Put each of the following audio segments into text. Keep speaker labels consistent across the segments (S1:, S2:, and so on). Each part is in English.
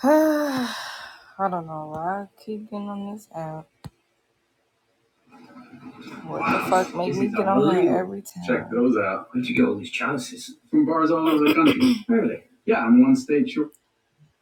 S1: I don't know why I keep getting on this app. What the fuck made me get on here every time? Check those out. Where'd you get all these chalices? From bars all over the country. really? Yeah, I'm one state short.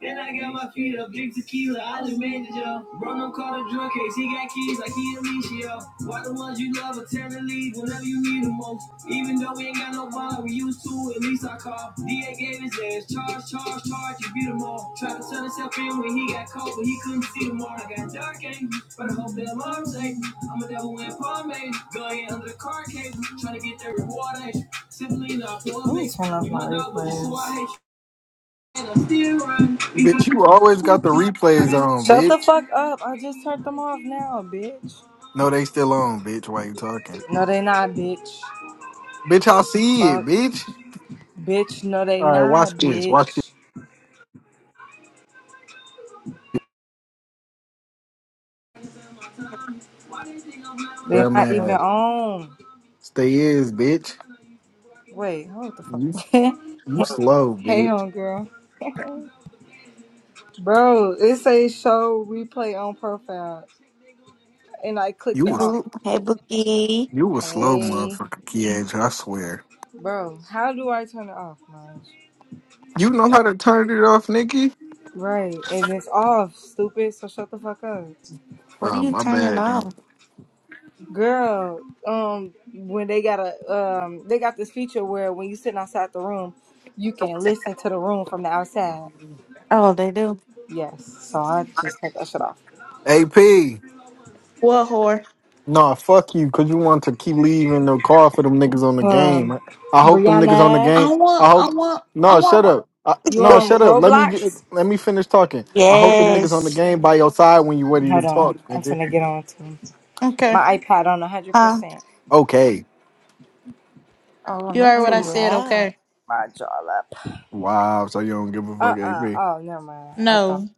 S1: And I got my feet up, drink tequila, I just made it, yo. Bro, don't call the drug case, he got keys like he Alicia. Why the ones you love are tend to leave whenever you need them most? Even though we ain't got no bond, we used to, at least I call. DA gave his ass, charge, charge, charge, you beat them all. Tried to turn himself in when he got caught, but he couldn't see them all. I got dark angry, but I hope that I'm arms ain't. I'm a devil in pomade, going under the car cable, trying to get that reward ain't. you? Simply not for me. Turn off my replays. Shut
S2: Bitch, you always got the replays on,
S1: the
S2: bitch.
S1: fuck up. I just turned them off now, bitch.
S2: No, they still on, bitch. Why you talking?
S1: No, they not, bitch.
S2: Bitch, I see it,
S1: Fuck.
S2: bitch.
S1: Bitch, no, they
S2: All right, watch
S1: not,
S2: this. Watch this.
S1: bitch. They
S2: Damn
S1: not even
S2: man,
S1: on.
S2: stay is, bitch.
S1: Wait, hold the fuck.
S2: You,
S1: hey,
S2: you slow, bitch.
S1: homegirl. Bro, it says show replay on profile. And I
S2: You
S1: clicked it
S2: was
S1: off.
S3: Oh, hey, Bookie.
S2: you was slow,
S1: Hey.
S2: motherfucker, Kiage. I swear.
S1: Bro, how do I turn it off, man?
S2: You know how to turn it off, Nikki?
S1: Right, and it's off, stupid, so shut the fuck up.
S3: What are
S2: Oh
S3: you
S2: my
S3: turning
S2: bad, man.
S3: off?
S1: Girl, um, when they got a um, they got this feature where when you sitting outside the room, you can listen to the room from the outside.
S3: Oh, they do.
S1: Yes, so I just take that shit off.
S2: AP.
S4: What whore?
S2: Nah, fuck you, cause you want to keep leaving the car for them niggas on the
S1: Um,
S2: game. I hope them niggas on the
S1: Brianna,
S4: I
S2: game.
S4: want,
S2: I
S4: I
S2: hope.
S4: want, I
S2: No, shut
S4: want.
S2: up. I,
S1: you
S2: no, shut
S1: on
S2: up. Let me get,
S1: Roblox?
S2: let me finish talking. I hope them
S4: Okay,
S2: niggas on the
S3: Yes.
S2: game by your side when you ready to
S1: Hold
S2: talk,
S1: on, I'm
S2: nigga.
S1: finna get on to
S4: okay.
S1: my iPad on hundred
S3: Huh?
S1: percent.
S2: Okay.
S3: Oh,
S4: You heard
S1: Let
S3: that's so
S4: what
S1: me
S4: I
S1: mod
S4: said,
S3: loud.
S4: okay?
S1: my jaw up.
S2: Wow. So you don't give a
S1: Uh
S2: fuck,
S1: uh.
S2: AP?
S1: Oh, never mind. I
S4: No.
S1: thought
S4: Baby,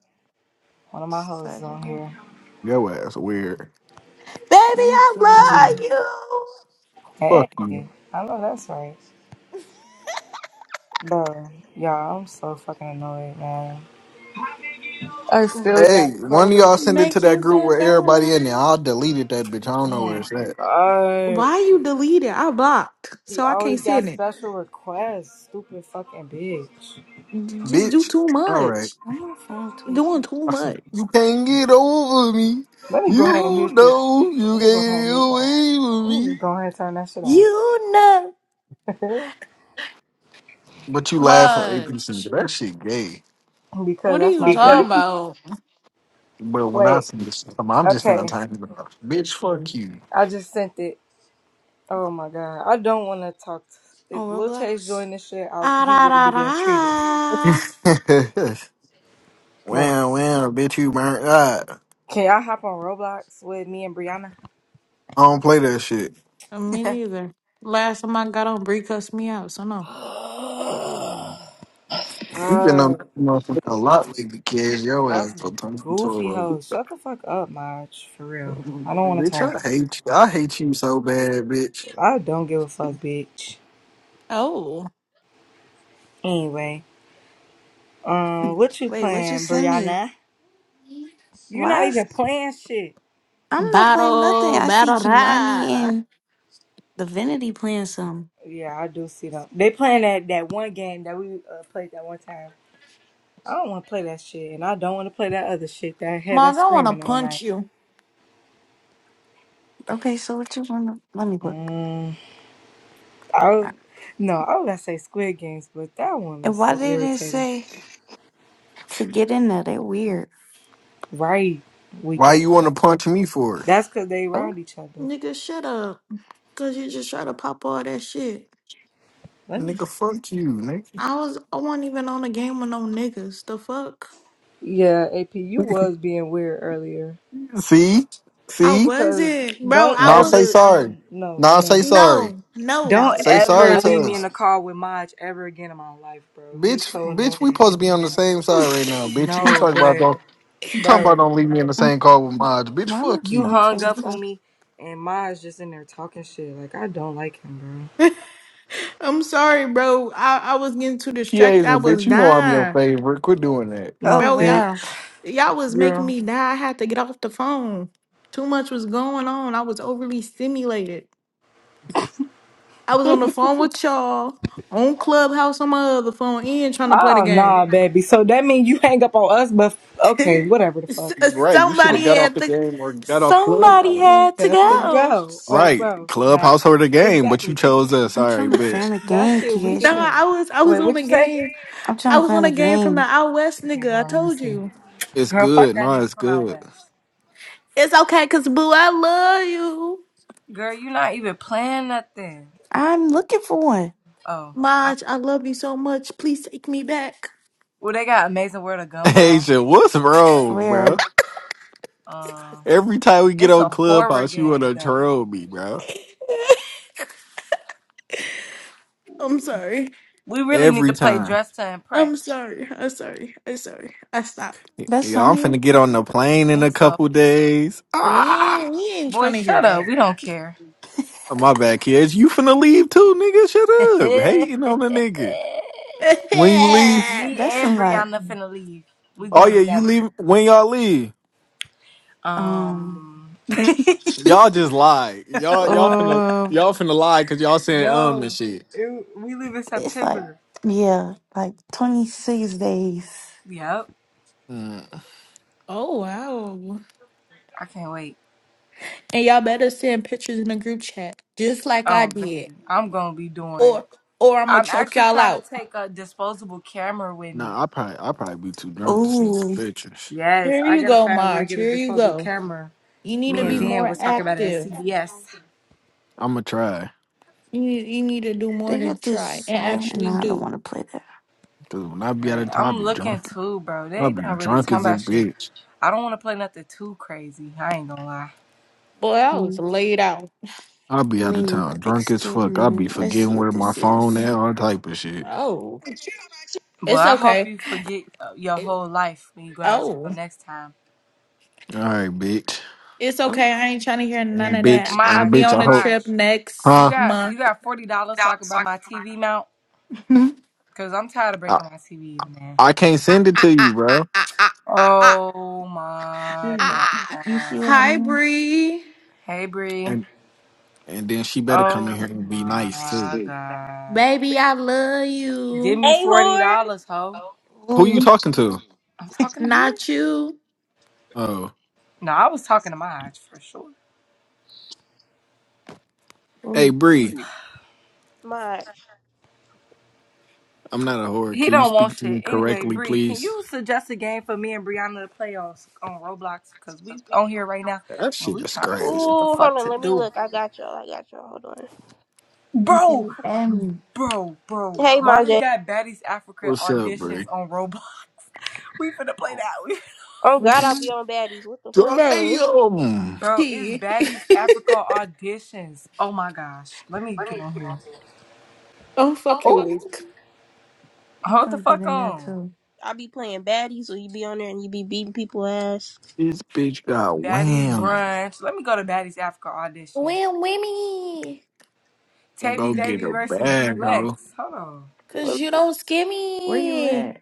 S1: one of my hoes was
S3: Start
S1: on
S3: it off.
S1: here.
S2: Your ass weird.
S3: Let me get on
S1: Gee,
S4: I love
S3: there.
S4: you.
S1: Hey,
S2: Fuck you.
S1: I know that's right, bro. Y'all, I'm so fucking annoyed, man. I
S3: Ooh,
S1: still
S2: Hey,
S1: got
S2: one of y'all
S1: codes.
S2: send it to
S4: Make
S2: that
S4: you
S2: group
S4: feel
S2: where everybody
S4: better.
S2: in there. I deleted that bitch. I don't
S1: Oh
S2: know where
S1: my
S2: it's at.
S1: god.
S4: Why you deleted? I blocked,
S1: He
S4: so I can't
S1: always got
S4: send it.
S1: special requests. Stupid fucking bitch.
S4: You just do
S2: Bitch.
S4: too
S2: All right.
S4: much.
S3: I'm on phone
S4: you doing
S3: tweaking.
S4: too
S2: I said,
S4: much.
S2: You can't get over me.
S1: Let me go ahead and
S2: You
S1: mute this.
S2: know you
S1: Let me go ahead
S2: can't
S1: and
S2: get
S1: mute that.
S2: away with
S1: Let me
S2: me.
S1: just go ahead and turn that shit off.
S4: You know.
S2: But you laugh on APC. but
S4: Much.
S2: That shit gay.
S1: because
S4: What are
S1: that's
S4: you
S1: my
S4: talking
S2: Because
S1: girl.
S4: about?
S2: but when I
S1: Wait.
S2: see this, I'm I'm just finna
S1: Okay.
S2: type it up. Bitch, fuck you.
S1: I just sent it. Oh my god. I don't want to talk. To, if
S3: On
S1: Lil Chase
S3: Roblox?
S1: joined this shit, I,
S4: Ah,
S1: he
S4: da,
S1: will be getting treated.
S4: da, da.
S1: But
S2: wow, wow, bitch, you burnt out.
S1: can y'all hop on Roblox with me and Brianna?
S2: I don't play that shit.
S4: Uh, Me neither. Last time I got on, Brie cussed me out, so no.
S2: You've been on
S1: Oh,
S2: that motherfucker a lot lately, kids. Your
S1: Y'all
S2: ass for
S1: some
S2: turn into a
S1: goofy
S2: robot.
S1: hoes. Shut the fuck up, Marge. For real. I don't want to
S2: Bitch, I
S1: talk.
S2: hate you. I hate you so bad, bitch.
S1: I don't give a fuck, bitch.
S4: Oh.
S1: Anyway, um, what you
S3: Wait, what you
S1: playing,
S3: send me?
S1: Brianna? You not
S3: Why? is-
S1: even playing shit.
S3: I'm not playing nothing.
S4: Battle,
S3: I see
S4: battle
S3: Kimani
S4: rap.
S3: and Divinity playing some.
S1: Yeah, I do see them. They playing that, that one game that we uh, played that one time. I don't want to play that shit, and I don't want to play that other shit that had
S4: Mog,
S1: us
S4: I wanna
S1: screaming all
S4: punch
S1: night.
S4: you.
S3: Okay, so what you want to... Let me look.
S1: Mm, I was, no, I was gonna say Squid Games, but that one
S3: And
S1: is
S3: why
S1: so
S3: they didn't
S1: irritating.
S3: say to get in there? They're weird.
S1: Right, weak
S2: Why
S1: ass.
S2: you want to punch me for it?
S1: That's because they
S3: Oh.
S1: around each other.
S4: Nigga, shut up. Cause you just try to pop all that shit.
S1: Let me
S2: Nigga, fuck you,
S4: I was I wasn't even on the game with no niggas. The fuck?
S1: Yeah, AP, you
S2: nigga.
S1: was being weird earlier.
S2: See?
S4: I
S2: See?
S1: Cause
S4: wasn't. Bro,
S1: don't
S4: I
S2: Now
S4: was
S2: say
S1: ever
S2: sorry.
S1: no no
S2: Now say
S1: no.
S2: sorry.
S4: no, no.
S1: Don't
S4: What
S2: Say
S4: the-
S2: sorry
S1: ever
S2: to
S1: leave me in
S2: us.
S1: the car with Maj ever again in my life, bro. He's
S2: Bitch,
S1: so
S2: bitch, we
S1: annoying.
S2: supposed to be on the same side right now, bitch. You
S1: No,
S2: talking about
S1: but
S2: don't you talking about
S1: bro,
S2: don't leave me in the
S3: Mm,
S2: same car with Maj. Bitch,
S3: Why am I
S2: fuck
S1: you
S2: you.
S3: still
S1: hung
S3: taking
S1: up on
S3: photos?
S1: me and Maj just in there talking shit. Like I don't like him,
S4: I'm sorry, bro. I, I was getting too
S2: He
S4: distracted. I
S2: Asia,
S4: was
S2: bitch, you know I'm your
S4: dying.
S2: favorite. Quit doing that.
S1: bro. No,
S3: Oh
S4: Bro, y'all
S3: wow,
S1: bitch,
S4: y'all was making
S1: girl.
S4: me die. I had to get off the phone. Too much was going on. I was overly stimulated. I was on the phone with y'all on Clubhouse on my other phone and trying to play the
S1: Oh
S4: game.
S1: nah, baby. So that mean you hang up on us, but okay, whatever the
S4: S-
S1: fuck.
S2: Right. You should
S4: Somebody
S2: have got off
S4: had
S2: the
S4: to.
S2: game or got off
S4: Somebody
S2: clubhouse.
S3: you
S4: had
S1: I
S4: to
S1: have to
S4: go.
S1: go.
S3: tits.
S1: Oh,
S2: Right.
S1: bro, not
S2: Clubhouse or the game, but you
S1: exactly.
S2: chose us.
S3: I'm
S2: All right,
S3: trying to
S2: bitch.
S3: find a
S1: That
S3: game,
S1: shit
S4: Nah,
S1: weak as
S3: Keisha.
S1: hell.
S4: I was I was
S1: Wait,
S4: on
S1: what
S4: a
S1: you say?
S4: game.
S3: I'm
S4: I
S3: trying to
S4: was on
S3: find
S4: a
S3: a
S4: game from the
S3: game.
S4: out west,
S1: Okay,
S4: nigga.
S1: hold
S4: I
S1: on, let me
S4: told
S1: see.
S4: you.
S2: It's
S1: Girl, fuck
S2: good.
S1: that
S2: No,
S1: nigga
S2: it's
S1: from out
S2: good.
S1: west.
S4: It's okay, cause boo, I love you,
S1: Girl, you not even playing nothing.
S3: I'm looking for one.
S1: Oh, I,
S4: Maj. I love you so much. Please take me back.
S1: well, they got Amazing World of Gumball.
S2: Asia, what's wrong, bro?
S3: Where
S1: Um,
S2: Every time we get
S1: it's a
S2: on
S1: horror
S2: Clubhouse, you
S1: game
S2: wanna
S1: though.
S2: troll me, bro.
S4: I'm sorry.
S1: We really need to
S2: Every
S1: play
S2: time.
S1: Dress to
S4: I'm
S1: Impress.
S4: sorry. I'm sorry. I'm sorry. I stopped.
S3: that's
S2: Yeah,
S3: on
S2: I'm
S3: here?
S2: finna get on the plane in a
S1: Think so?
S2: couple days.
S4: We ain't,
S2: Ah,
S4: we ain't trying
S1: Boy,
S4: to hear
S1: shut up. We don't care.
S2: my bad, kids. You finna leave too, nigga.
S1: Me
S2: Shut up. Hating on the nigga. When you leave,
S4: that.
S3: That's
S1: and
S3: in like
S1: Brianna finna leave. We
S2: oh
S1: going
S2: yeah, you
S1: together.
S2: leave. When y'all leave,
S3: um
S1: Um,
S2: y'all just lie. Y'all y'all finna
S3: uh
S2: y'all finna lie because y'all saying um and
S1: no,
S2: shit.
S1: it, we leave in
S3: it's like
S1: September.
S3: yeah, like twenty six days.
S1: Yep.
S2: Mm.
S4: oh wow.
S1: I can't wait.
S4: And y'all better send pictures in the group chat, just like I
S1: Oh, baby.
S4: did.
S1: I'm going to be doing.
S4: Or or I'm gonna
S1: I'm
S4: choke
S1: actually
S4: y'all
S1: trying to
S4: out.
S1: take a disposable camera with me.
S2: Nah, I probably I probably be too drunk to send some
S3: Ooh.
S2: pictures.
S1: Yes.
S4: Here
S1: I
S4: you
S1: got to
S4: go,
S1: find where to
S4: March.
S1: get a
S4: Here you
S1: disposable
S4: go.
S1: camera.
S4: You need
S2: For
S4: to
S1: Me and
S4: be
S2: real,
S1: Van
S4: more
S1: was talking about it at
S4: active.
S1: CVS.
S2: I'ma try.
S4: You need, you need to do more
S3: They
S4: than
S3: got this
S4: try and
S3: silent and
S4: actually
S3: I don't
S4: do.
S3: wanna play that.
S2: Cause when I be at the
S1: Right.
S2: top, I
S1: I'm
S2: be drunk.
S1: looking too, bro.
S2: I'll
S1: They
S2: be
S1: not really
S2: drunk
S1: talking
S2: as a
S1: about shit.
S2: bitch.
S1: I don't want to play nothing too crazy. I ain't gonna lie.
S4: Boy, I was
S3: Mm.
S4: laid out.
S2: I'll be out
S3: We
S2: of
S3: need
S2: town,
S3: the
S2: drunk as
S3: escape
S2: fuck. I'll be
S3: room. Let's see
S2: forgetting
S3: what
S2: where my
S3: this
S2: phone at,
S3: is.
S2: all type of shit.
S4: Oh,
S1: But
S4: it's
S1: I hope
S4: okay.
S1: you forget uh, your
S4: It-
S1: whole life when you go out of
S4: oh,
S1: town next time.
S2: All right, bitch.
S4: it's
S3: Oh
S4: okay. I ain't trying to hear none
S2: And
S4: of that.
S2: bitch,
S4: I'll
S2: and
S4: be
S1: March,
S2: bitch,
S4: on
S2: I
S4: a
S2: hope,
S4: trip
S1: March,
S4: next
S1: you
S2: huh?
S1: got you
S4: month.
S1: got forty dollars so I can buy my TV mount because I'm tired of
S2: I,
S1: breaking my TVs, man.
S2: I can't
S4: Ah,
S2: send it
S4: ah,
S2: to you,
S4: ah, ah,
S2: bro.
S4: ah, ah, ah, ah.
S1: Oh my
S3: Here's it.
S4: ah.
S3: You see what
S1: god.
S3: I
S4: Hi,
S3: mean?
S4: Bree.
S1: Hey Bree.
S2: And and then she better come in
S1: Oh
S2: here and be nice too.
S1: my god.
S4: Baby, I love you.
S1: Give me
S5: Hey,
S1: forty
S5: whore.
S1: dollars, ho.
S2: Who you
S3: Ooh.
S2: talking to?
S1: I'm talking to you.
S4: Not you,
S2: Oh,
S1: No, I was talking to Maj for sure.
S2: hey
S3: Oh,
S2: Bree,
S5: My.
S2: I'm not a whore.
S1: He
S2: Can you
S1: don't want
S2: speak to me
S1: shit. Anyway,
S2: correctly,
S1: Bree, can
S2: please?
S1: you suggest a game for me and Brianna to play on on Roblox? Cause we on here right now
S2: That
S1: and
S2: shit
S1: we
S2: is
S1: trying to see
S2: crazy.
S1: what the
S5: Ooh, hold
S1: fuck
S5: on.
S1: to
S5: Let me
S1: do.
S5: look. I got y'all. I got y'all. Hold on.
S3: okay.
S1: Bro,
S3: Add me.
S1: bro, bro.
S5: Hey,
S1: Why
S5: my
S1: did
S5: J.
S1: that Baddies Africa
S2: What's up,
S1: auditions
S2: Bree?
S1: on Roblox? We finna play that.
S5: Oh,
S3: Which
S5: God, I'll be
S3: one?
S5: on baddies. What the fuck?
S4: bro.
S2: Damn,
S1: Bro, it's
S4: Key.
S1: Baddies Africa auditions. Oh my gosh. Let me get on here.
S4: I'm fucking
S1: Oh,
S4: weak.
S3: I'm
S1: hold the
S3: gonna get
S1: fuck
S3: in there
S1: on.
S3: too.
S5: I be playing baddies, or you be on there and you be beating people ass.
S2: this bitch got
S1: Baddies
S2: wham.
S1: brunch. Let me go to Baddies Africa audition.
S4: Win Winnie.
S1: Tavy
S2: Go get
S1: Davy
S2: a
S1: versus Big
S2: bag, hoe.
S1: Lex. Hold on.
S4: Cause you don't scare
S3: Where you
S4: me.
S3: at?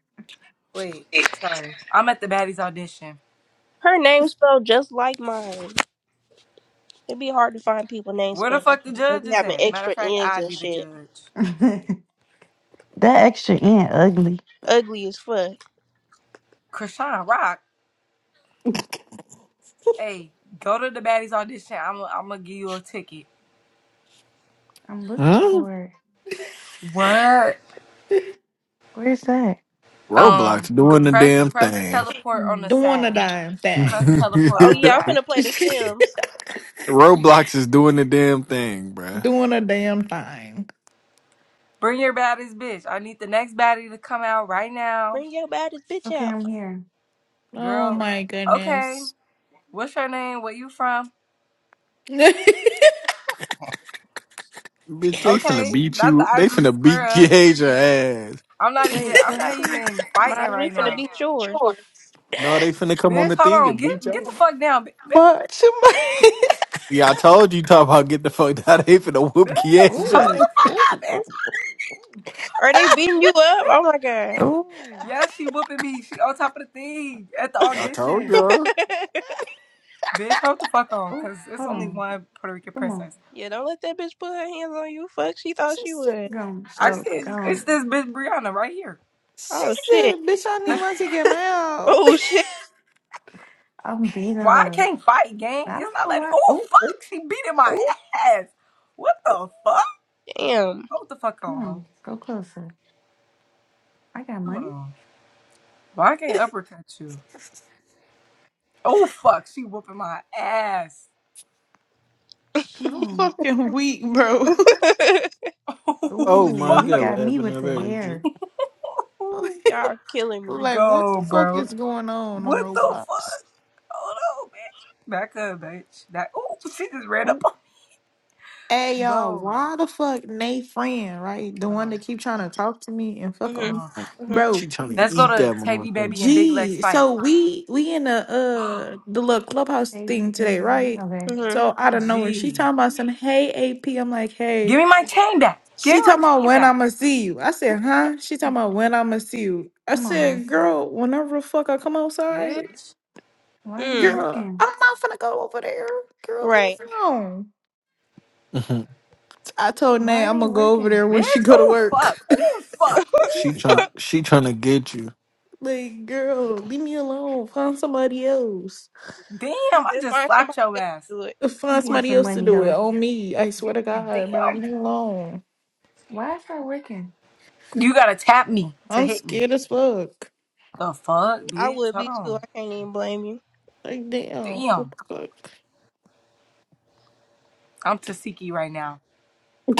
S1: Wait, sorry. I'm at the Baddies audition.
S5: Her name spelled just like mine. It'd be hard to find people names
S1: Where the
S5: spelled
S1: fuck the
S5: like that.
S1: judge
S5: They be
S1: is
S5: having
S1: at? Matter of
S5: extra
S1: fact,
S5: ends
S1: I
S5: and
S1: be the
S5: shit.
S1: judge.
S3: that extra ant ugly.
S5: Ugly as fuck.
S1: Krishan Rock. Hey, go to the Baddies audition. I'm I'm gonna give you a ticket.
S3: I'm looking
S2: Huh?
S3: for it.
S1: What?
S3: Where's that?
S1: Um,
S2: Roblox
S1: g-
S2: doing the
S1: press
S2: damn
S1: press
S2: thing.
S1: teleport on the
S4: Doing a
S1: side.
S4: damn
S1: Press
S4: thing.
S1: teleport
S5: Oh,
S1: on the
S5: yeah, I'm
S1: side.
S5: finna play The Sims.
S2: Roblox is doing the damn thing, bruh.
S4: Doing a damn thing.
S1: Bring your baddest bitch. I need the next baddie to come out right now.
S5: Bring your baddest bitch
S3: Okay,
S5: out.
S3: I'm here.
S4: Oh
S1: Girl,
S4: my
S1: okay.
S4: goodness.
S1: What's your name? Where you from?
S4: but
S2: Bitch, they finna
S1: Okay,
S2: beat
S1: not the
S2: you. They
S1: ivory
S2: finna beat your
S1: scrub.
S2: ass.
S1: I'm not even
S3: Wait,
S1: I'm
S3: so how
S1: not
S3: do we?
S1: even fighting
S5: Mine, we
S1: right
S5: finna
S1: now.
S5: beat yours.
S2: No, they finna come on
S1: Bitch,
S2: the
S1: hold
S2: thing
S1: on.
S2: and beat
S1: Get
S2: y'all.
S1: get the fuck down. bi- bi-
S4: she, might-
S2: Yeah, I told you, talk about get the fuck out. They finna
S1: Bitch,
S2: whoop Kia's
S1: hold
S3: Ooh,
S2: ass.
S1: the fuck up,
S3: ooh, ooh, ooh,
S1: bitch.
S3: ooh,
S5: Are they beating you up? Oh, my
S3: ooh.
S5: God.
S3: oh.
S1: Yeah, she whooping me. She on top of the thing at the
S2: I told
S1: audition.
S2: y'all.
S1: Bitch, hold the fuck on, cause it's
S3: Hold
S1: only
S3: on.
S1: one Puerto Rican
S3: Come on.
S1: princess.
S5: Yeah, don't let that bitch put her hands on you. Fuck, she thought
S4: she
S5: she
S4: said,
S5: would.
S3: Go, on,
S1: I
S4: she
S3: go,
S1: it,
S3: go.
S4: said,
S1: it's this bitch Brianna right here.
S4: she
S5: Oh
S4: said,
S5: shit.
S4: bitch, I
S3: On.
S1: Let
S4: need my ticket now.
S5: Oh shit.
S3: I'm beating
S1: Why I
S3: her.
S1: can't fight, gang?
S3: I
S1: It's
S3: don't
S1: not
S3: know
S1: letting.
S3: why.
S1: Oh
S3: Oh, oh,
S1: fuck! She beating my
S3: oh.
S1: ass. What the fuck?
S5: Damn.
S1: Hold the fuck
S3: Come
S1: on, ho.
S3: on. Go closer. I got
S1: Hold
S3: money.
S1: on. Why I can't uppercut you? Oh fuck! She whooping my ass.
S3: Come
S4: I'm
S3: on.
S4: fucking weak, bro.
S2: Oh
S1: Oh
S3: Ooh,
S2: my
S3: you
S2: god,
S1: fuck!
S2: what
S3: got me
S2: happened
S3: with
S2: to
S3: the
S2: her? Ju-
S3: hair.
S1: Ooh,
S5: Y'all are killing me.
S4: like, what
S1: Go,
S4: the fuck
S1: bro.
S4: is going on on
S1: What the
S4: Roblox?
S1: fuck? Hold on, bitch. Back up, bitch. That. Oh, she just ran up
S3: Oh,
S1: on
S4: Hey
S1: me,
S4: y'all,
S1: bro.
S4: why the fuck Nate friend, right? The
S1: Hold
S4: one
S1: on.
S4: that keep trying to talk to me and fuck on
S5: Mhm.
S4: me,
S1: Uh,
S5: Mhm.
S4: bro.
S2: She trying to
S1: let's go
S2: eat
S1: to
S2: that
S1: Tavy
S2: motherfucker.
S1: Baby and Big Legs
S4: Gee,
S1: fight.
S4: so we we in the uh the little clubhouse
S3: baby,
S4: thing today,
S3: baby.
S4: right?
S3: Okay,
S5: Mhm.
S4: So out of nowhere, she
S1: Gee,
S4: talking about some hey AP. I'm like,
S1: give
S4: hey.
S1: me my chain back. Give
S4: She
S1: me my
S4: talking about
S1: chain
S4: when
S1: back.
S4: I'ma see you. I said, huh? She talking about when I'ma see you. I
S3: come on, ho.
S4: said, girl, whenever the fuck I come outside,
S1: Bitch.
S3: Why it ain't
S5: Mm.
S4: girl,
S3: working?
S4: I'm not finna go over there. Girl, leave
S5: Right.
S4: me alone.
S2: Mhm.
S4: I told Nate
S3: Why it
S4: I'm gonna
S3: ain't
S4: go over
S3: working?
S4: there when
S1: Bitch.
S4: she go to
S1: Oh fuck.
S4: work.
S1: Oh fuck.
S3: Let
S1: Oh
S2: she trying.
S1: fuck.
S2: She trying to get you.
S4: Like, girl, leave me alone. Find somebody else.
S5: He
S1: Damn, I
S5: said
S1: just
S5: find
S1: slapped
S5: somebody
S1: your
S5: else
S1: ass.
S5: to do it.
S3: me
S4: Find
S3: give you
S1: Where
S4: somebody
S3: some
S4: else to
S3: money,
S4: do it
S3: ho.
S4: on me. I swear to God, bro, leave
S1: damn.
S4: me alone.
S3: Why it's not working?
S1: You gotta tap me to
S4: I'm
S1: hit me.
S4: scared as fuck.
S1: The fuck,
S5: I
S1: bitch?
S5: would
S1: Hold
S5: be too.
S1: on.
S5: I can't even blame you,
S4: Like, damn, what
S1: Damn.
S4: the
S1: I'm Tasiki right now.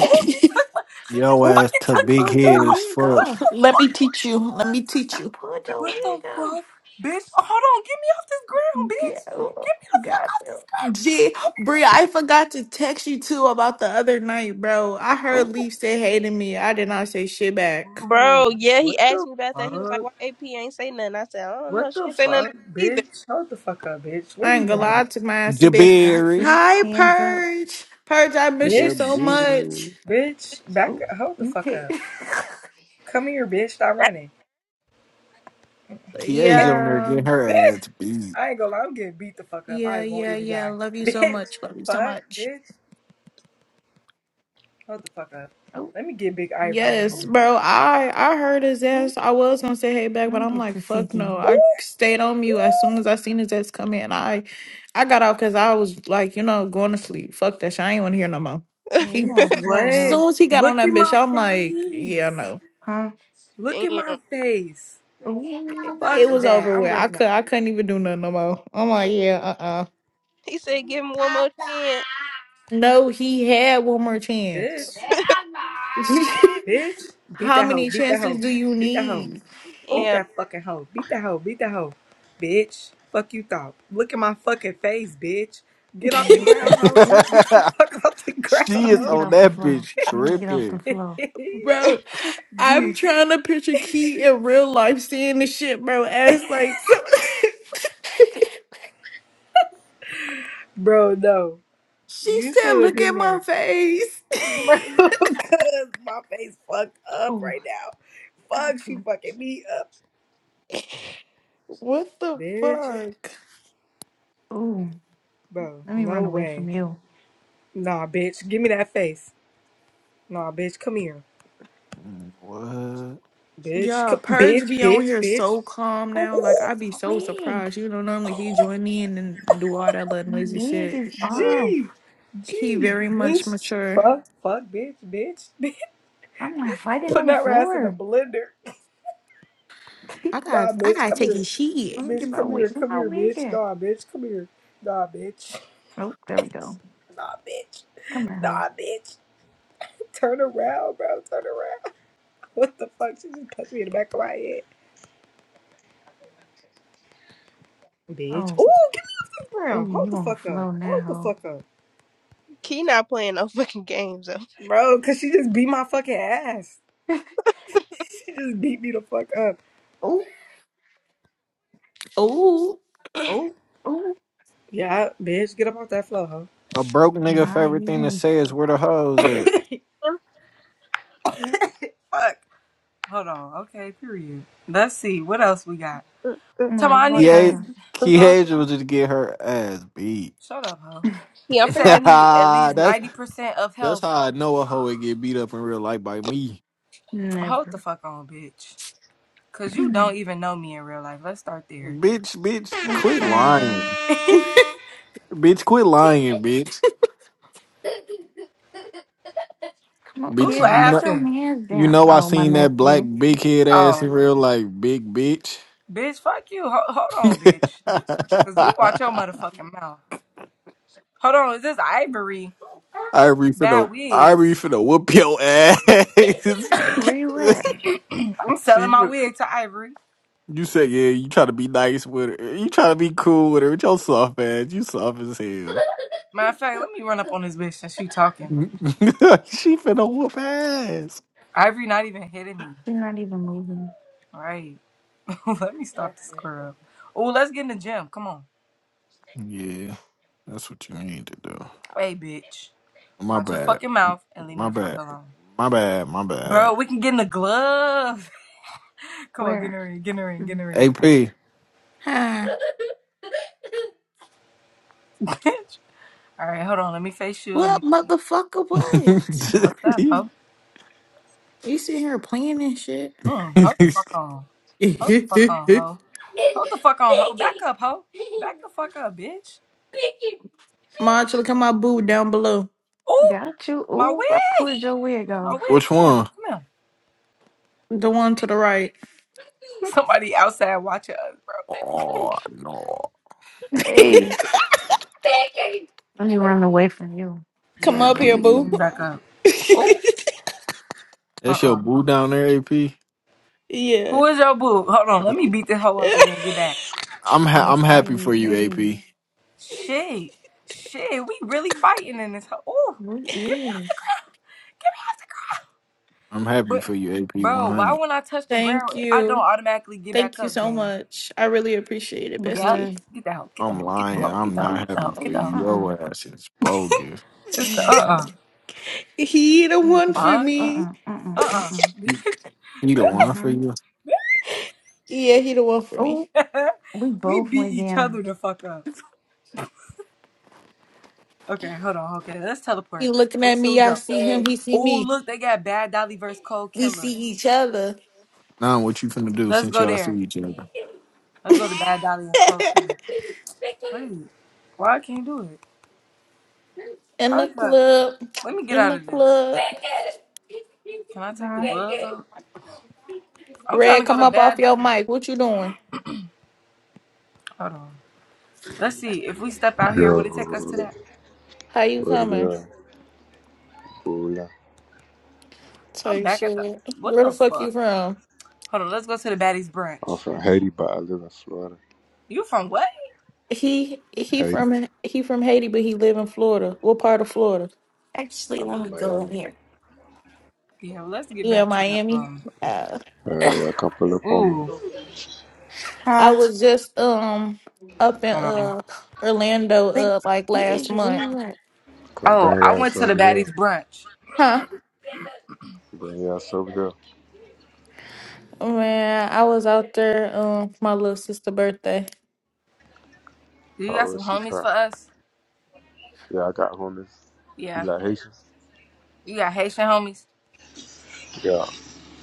S1: Oh she took my she
S2: Yo
S1: just
S3: Oh,
S2: ass
S1: fucking
S2: to
S3: I
S1: took my
S2: big
S3: pulled
S1: hair
S2: head
S3: your
S2: as
S1: off.
S3: wig
S2: fuck.
S1: What
S3: off.
S1: the
S4: Let me
S1: fuck?
S4: teach you. Let
S1: What
S4: me
S1: the,
S4: teach
S3: I
S4: you.
S3: pulled your
S1: what the
S3: wig off.
S1: fuck? Bitch, oh, hold on, get me off this ground,
S3: Yeah,
S1: bitch.
S3: oh,
S1: Get
S3: got you.
S4: Gee, Bri,
S1: me the fuck off this
S4: I forgot to text you too about the other night, bro. I heard
S3: Oh,
S4: Leaf say hey to me. I did not say shit back.
S1: ground.
S5: bro.
S1: Get me the Oh,
S5: Yeah,
S1: what
S5: he asked
S1: the
S5: me about that. He was like,
S1: fuck?
S5: "Why AP ain't say nothing?" I said, "I don't know.
S1: What
S5: She
S1: the
S5: ain't say nothing
S1: fuck,
S5: to me
S1: bitch? Hold the fuck up, bitch. Where
S4: I ain't
S1: you
S4: gonna
S3: yeah,
S1: going?
S4: lie to my ass a bit.
S3: got
S2: Jabari.
S3: you.
S4: Hi,
S3: Hands up.
S4: Purge. Purge, I miss you
S2: The
S4: so
S1: Bitch,
S4: much.
S2: bitch,
S1: bitch, back
S3: Oh,
S1: up. Hold the
S3: you
S1: fuck
S3: can't.
S1: up. Come here, bitch. Stop running.
S2: Kia's
S1: Bitch,
S2: on there
S4: Yeah.
S2: getting her
S1: bitch.
S2: ass beat.
S1: I ain't gonna lie. I'm getting beat the fuck up. I
S4: Yeah,
S1: won't
S4: yeah,
S1: even
S4: yeah.
S1: die.
S4: Love you so
S1: Bitch,
S4: much. Love you so
S1: fuck,
S4: much.
S1: bitch. Hold the fuck up.
S3: oh,
S1: Let me get Big Ivory in
S4: Yes,
S3: oh,
S1: here.
S4: bro. I I heard his
S3: oh.
S4: ass. I was gonna say hey back,
S3: Let
S4: but
S3: me
S4: I'm
S3: get
S4: like, fuck
S3: Tasiki.
S4: no.
S1: Ooh,
S4: I stayed on mute as soon as
S1: ooh.
S4: I seen his ass come in. I I got out because I was like, you know, going to sleep. Fuck that shit. I ain't wanna hear no more.
S5: either."
S3: Yeah, you
S4: He
S1: Bitch,
S3: want to flow,
S1: what?
S3: ho.
S4: soon as he got on
S1: Look
S4: that
S1: at
S4: bitch,
S1: my
S4: I'm like, yeah,
S1: face.
S4: no.
S3: Huh?
S1: Look at my
S5: Damn.
S1: face.
S3: Oh.
S1: Fuck
S4: It was
S1: that.
S4: over
S1: I'm
S4: with. I
S1: running
S4: could
S1: up.
S4: I couldn't even do nothing no more. I'm like, yeah, uh-uh.
S5: He said, "Give him one more chance."
S4: No, he had one more
S1: Bitch,
S4: chance.
S1: bitch. Beat
S4: How
S1: that hoe.
S4: many
S1: Beat that
S4: chances
S1: hoe.
S4: do you
S1: Beat that hoe.
S4: need?
S1: Beat
S3: Oh,
S5: Damn.
S1: that fucking hoe. Beat that hoe. Beat that hoe. Bitch. Fuck you thought. Look at my fucking face, bitch. Get
S3: yeah,
S1: off the
S3: you're
S1: ground,
S3: fake.
S1: hoe.
S3: Oh,
S1: Get the fuck off the ground,
S2: she
S3: let
S2: is
S3: me
S1: hoe.
S3: get
S2: on
S3: off the
S2: that
S3: floor.
S2: bitch
S3: Let me get off the
S2: tripping.
S3: floor.
S4: Bro, I'm
S1: Gee,
S4: trying to picture Key in real life seeing this shit, bro. As like, so
S1: bro, no.
S4: she
S1: You
S4: said,
S1: should have
S4: "Look at
S1: been
S4: my
S1: there.
S4: face."
S1: Bro, cuz my face fucked up
S3: Oh,
S1: right now.
S3: got
S1: Fuck, she
S3: you.
S1: fucking me up.
S4: what the
S1: Bitch.
S4: fuck?
S3: Oh,
S1: Bro,
S3: let me
S1: no
S3: run away
S1: way.
S3: from you.
S1: Nah, bitch. Give me that face. Nah, bitch. Come here.
S2: Mm, What?
S1: Bitch.
S4: Yeah,
S1: Come,
S4: Purge
S1: bitch,
S4: be on
S1: bitch,
S4: here so
S1: bitch.
S4: calm
S3: Oh,
S4: now.
S1: Ooh.
S4: Like I be
S3: my
S4: so
S3: wig.
S4: surprised. You know, normally he join in and do all that little
S3: My
S4: noisy
S3: wig
S4: shit.
S3: is
S5: Mm.
S3: off.
S1: Gee,
S4: He
S1: gee,
S4: very much
S1: bitch,
S4: mature.
S1: fuck, fuck, bitch, bitch, bitch.
S3: I'm not fighting on
S1: Put
S3: the
S1: that ass in a
S3: floor.
S1: blender.
S4: I got,
S1: Nah,
S4: I
S1: bitch,
S4: gotta
S1: come
S4: take
S1: here.
S4: his shit.
S3: let me get
S1: Bitch,
S3: my
S1: come
S3: wig.
S1: here,
S3: Where
S1: come
S3: my
S1: here,
S3: wig
S1: bitch.
S3: at?
S1: Nah, bitch, come here. Nah, bitch.
S3: Oh, there we go.
S1: Nah, bitch.
S3: Come on, hoe.
S1: Nah, bitch. Turn around, bro. Turn around. What the fuck? She just punched me in the back of my head. Bitch.
S3: Oh,
S1: Oh, give me off this ground.
S3: oh,
S1: Hold
S3: you
S1: the
S3: on the
S1: fuck up.
S3: floor
S1: Hold the
S3: now,
S1: fuck up.
S5: He not playing no fucking games though.
S1: Bro, cause she just beat my fucking ass.
S3: hoe.
S1: She just beat me the fuck up.
S3: Oh,
S4: Oh,
S1: Oh,
S3: oh,
S1: yeah, bitch. Get up off that floor, huh?
S2: A broke nigga
S3: nah,
S2: favorite
S3: you
S2: thing to
S3: didn't.
S2: say is where the hoes at.
S5: Mm,
S1: Fuck. Hold on. Okay, period. Let's see. What else we got?
S5: mm, mm.
S3: No,
S1: Tell me,
S3: let's
S1: I need
S3: walk
S1: at
S2: Kia
S1: least,
S3: out.
S1: huh?
S2: Kiasia was just get her ass beat.
S1: Shut up, ho.
S5: Yeah, I'm
S1: It say
S5: finna
S1: I
S5: get
S1: need at least
S2: that's
S1: 90% of
S2: that's how
S1: health.
S2: I know a hoe would get beat up in real life by me.
S1: Hold the
S3: Never.
S1: fuck on, bitch. Cause you don't even know me in real life. Let's start there.
S2: Bitch, bitch,
S3: Let's
S2: quit
S3: find them.
S2: lying. Bitch, quit lying, bitch.
S3: Come on,
S1: Who
S2: Bitch, you
S3: kids, put
S2: know
S3: your
S1: laughing?
S3: hands
S2: you
S3: down.
S2: know I
S3: Oh, my
S2: seen that black
S3: nephew.
S2: big head ass
S1: Oh,
S2: in real life, big bitch.
S1: bitch, fuck you. Ho- hold on, bitch. Cause you watch your motherfucking mouth. Hold on, is this Ivory?
S2: Ivory
S1: Bad
S2: finna, Ivory
S1: wigs.
S2: finna whoop your ass.
S3: Where you at?
S1: I'm
S2: she,
S1: selling my
S2: fin-
S1: wig to Ivory.
S2: you said, yeah, you try to be nice with her. You try to be cool with her. With your soft ass, you soft as hell.
S1: Matter of fact, let me run up on this bitch since she talking.
S2: she finna whoop ass.
S1: Ivory not even hitting me.
S3: She's not even moving.
S1: Right. Let me stop this girl. Oh, let's get in the gym. Come on.
S2: Yeah, that's what you need to do.
S1: Hey, bitch.
S2: My
S1: Watch your
S2: bad.
S1: fucking mouth and leave me
S2: My
S1: the fuck
S2: bad.
S1: alone.
S2: My bad. My bad.
S1: Bro, we can get in the glove. Come on, get in
S3: Where?
S1: the ring, get in the ring, get in
S3: Mm.
S1: the ring.
S2: AP.
S4: huh?
S1: Bitch. All right, hold on. Let me face you. Let
S4: What
S1: me.
S4: motherfucker? What?
S1: What's up, ho?
S4: You sitting here playing this shit?
S1: Mm, hold the fuck on. Hold the fuck on, ho. Hold the fuck on, ho. Back
S3: Piggy.
S1: up, ho.
S3: Piggy.
S1: Back the fuck up, bitch.
S3: Piggy.
S4: Ma, look at my boo down below.
S1: Ooh,
S3: Got you.
S1: my
S3: Ooh, I
S1: wig.
S3: pulled your wig
S1: My
S3: off.
S1: wig.
S2: Which
S1: Come here.
S2: one?
S1: Come here.
S4: The one to the right.
S1: Somebody outside watching us, bro.
S2: Oh no.
S3: Hey. Piggy. Let me run away from you.
S4: Come
S1: Yeah,
S4: up
S2: AP.
S1: let
S4: here,
S1: me let
S4: boo.
S1: me back up. Oh, uh
S2: That's
S1: uh
S2: your boo down there, AP.
S4: yeah.
S1: Who is your boo? Hold on, let me beat this hoe up and then get back
S2: I'm
S1: on
S2: ha-
S1: this
S2: I'm
S1: app.
S2: happy
S3: Hey,
S2: for you,
S3: hey.
S2: AP.
S1: Shit, shit, we really fighting in this hoe. Ooh,
S3: What
S1: get
S3: is?
S1: get off the
S2: I'm happy
S1: ground.
S2: for you,
S1: But
S2: AP. One
S1: bro, why
S2: hundred.
S1: when I touch the
S4: Thank
S1: ground, I don't
S4: you.
S1: automatically get back
S4: Thank you
S1: up,
S4: so
S1: gang?
S4: much. I really appreciate it,
S1: Yep,
S4: bestie.
S3: Because,
S1: get the hoe, get the
S2: I'm
S1: hoe, get the
S2: lying.
S3: oh,
S1: hoe, get
S2: I'm
S1: the hoe,
S3: oh,
S2: not
S1: get the
S2: happy
S1: hoe,
S2: for
S1: get
S3: oh,
S1: the hoe.
S2: you.
S3: uh-uh.
S2: Your ass is bogus.
S1: It's
S3: Let
S1: the
S3: me, hold
S1: uh
S3: on.
S4: he the
S3: Let me
S4: one
S3: get up.
S4: for
S1: uh, fuck,
S3: Uh
S4: me.
S3: uh-uh, uh
S1: uh
S3: uh uh
S1: uh,
S3: uh.
S2: You
S1: bitch,
S2: you the one
S1: bitch.
S2: for
S3: Uh-huh.
S2: you.
S4: Yeah, he the one for me.
S3: Oh, we
S1: we
S3: both
S1: beat
S3: went
S1: each
S3: down.
S1: other the fuck up. Okay, hold on. Okay, let's
S4: He
S1: teleport.
S4: looking at
S1: Where should we
S4: me, I
S1: go?
S4: see him,
S3: Huh?
S4: he see
S1: Oh,
S4: me.
S1: look, they got Bad Dolly versus Cold
S4: We
S1: Killer.
S4: see each other.
S2: Now what you finna do
S1: Let's
S2: since
S1: go
S2: y'all see
S1: there.
S2: each other?
S1: Let's go to Bad Dolly and Cold Killer. Wait, why I can't do it?
S4: In the
S1: Probably cause
S4: club.
S1: let me get
S4: In
S1: out
S4: the
S1: of this.
S4: club.
S1: Can I take the gloves off? I'm trying to
S4: Red,
S1: go
S4: come
S1: to
S4: up off
S1: Bad
S4: your
S1: Dolly.
S4: mic. What you doing?
S1: Hold on. Let's see if we step out here.
S6: Yo,
S1: Would it take us to that?
S4: How you
S6: what it
S4: coming?
S6: is? Hola.
S1: I'm
S4: Type
S1: back at the.
S4: shit.
S1: What
S4: Where the
S1: the
S4: fuck you
S1: fuck?
S4: from?
S1: Hold on. Let's go to the Baddies
S6: I'm
S1: brunch.
S6: from Haiti, but I live in Florida.
S1: You from what?
S4: He he
S6: Haiti.
S4: from he from Haiti, but he live in Florida. What part of Florida?
S3: Actually,
S6: I'm
S3: let me
S6: in
S3: go in
S6: Miami.
S3: here.
S1: Yeah. Well, let's get
S4: You in
S1: back to the
S4: Miami?
S1: um.
S4: Uh,
S6: Uh, y'all come pull up on me.
S1: Ooh.
S4: I
S3: Huh?
S4: was just um up in
S1: Hold on.
S4: uh Orlando
S3: Think
S4: uh like
S3: he
S4: last
S3: is
S4: month.
S3: real.
S6: Come
S1: Oh,
S6: bring
S1: I
S6: your
S1: went
S6: ass
S1: to
S6: over
S1: the
S6: here.
S1: Baddies brunch.
S4: Huh?
S6: Bring your ass over here.
S4: Man, I was out there um for my little sister birthday.
S1: Do you got
S6: How
S1: some
S6: is she
S1: homies for
S6: pop?
S1: us?
S6: Yeah, I got homies. You
S1: Yeah.
S6: like Haitians?
S1: You got Haitian homies?
S6: Yeah,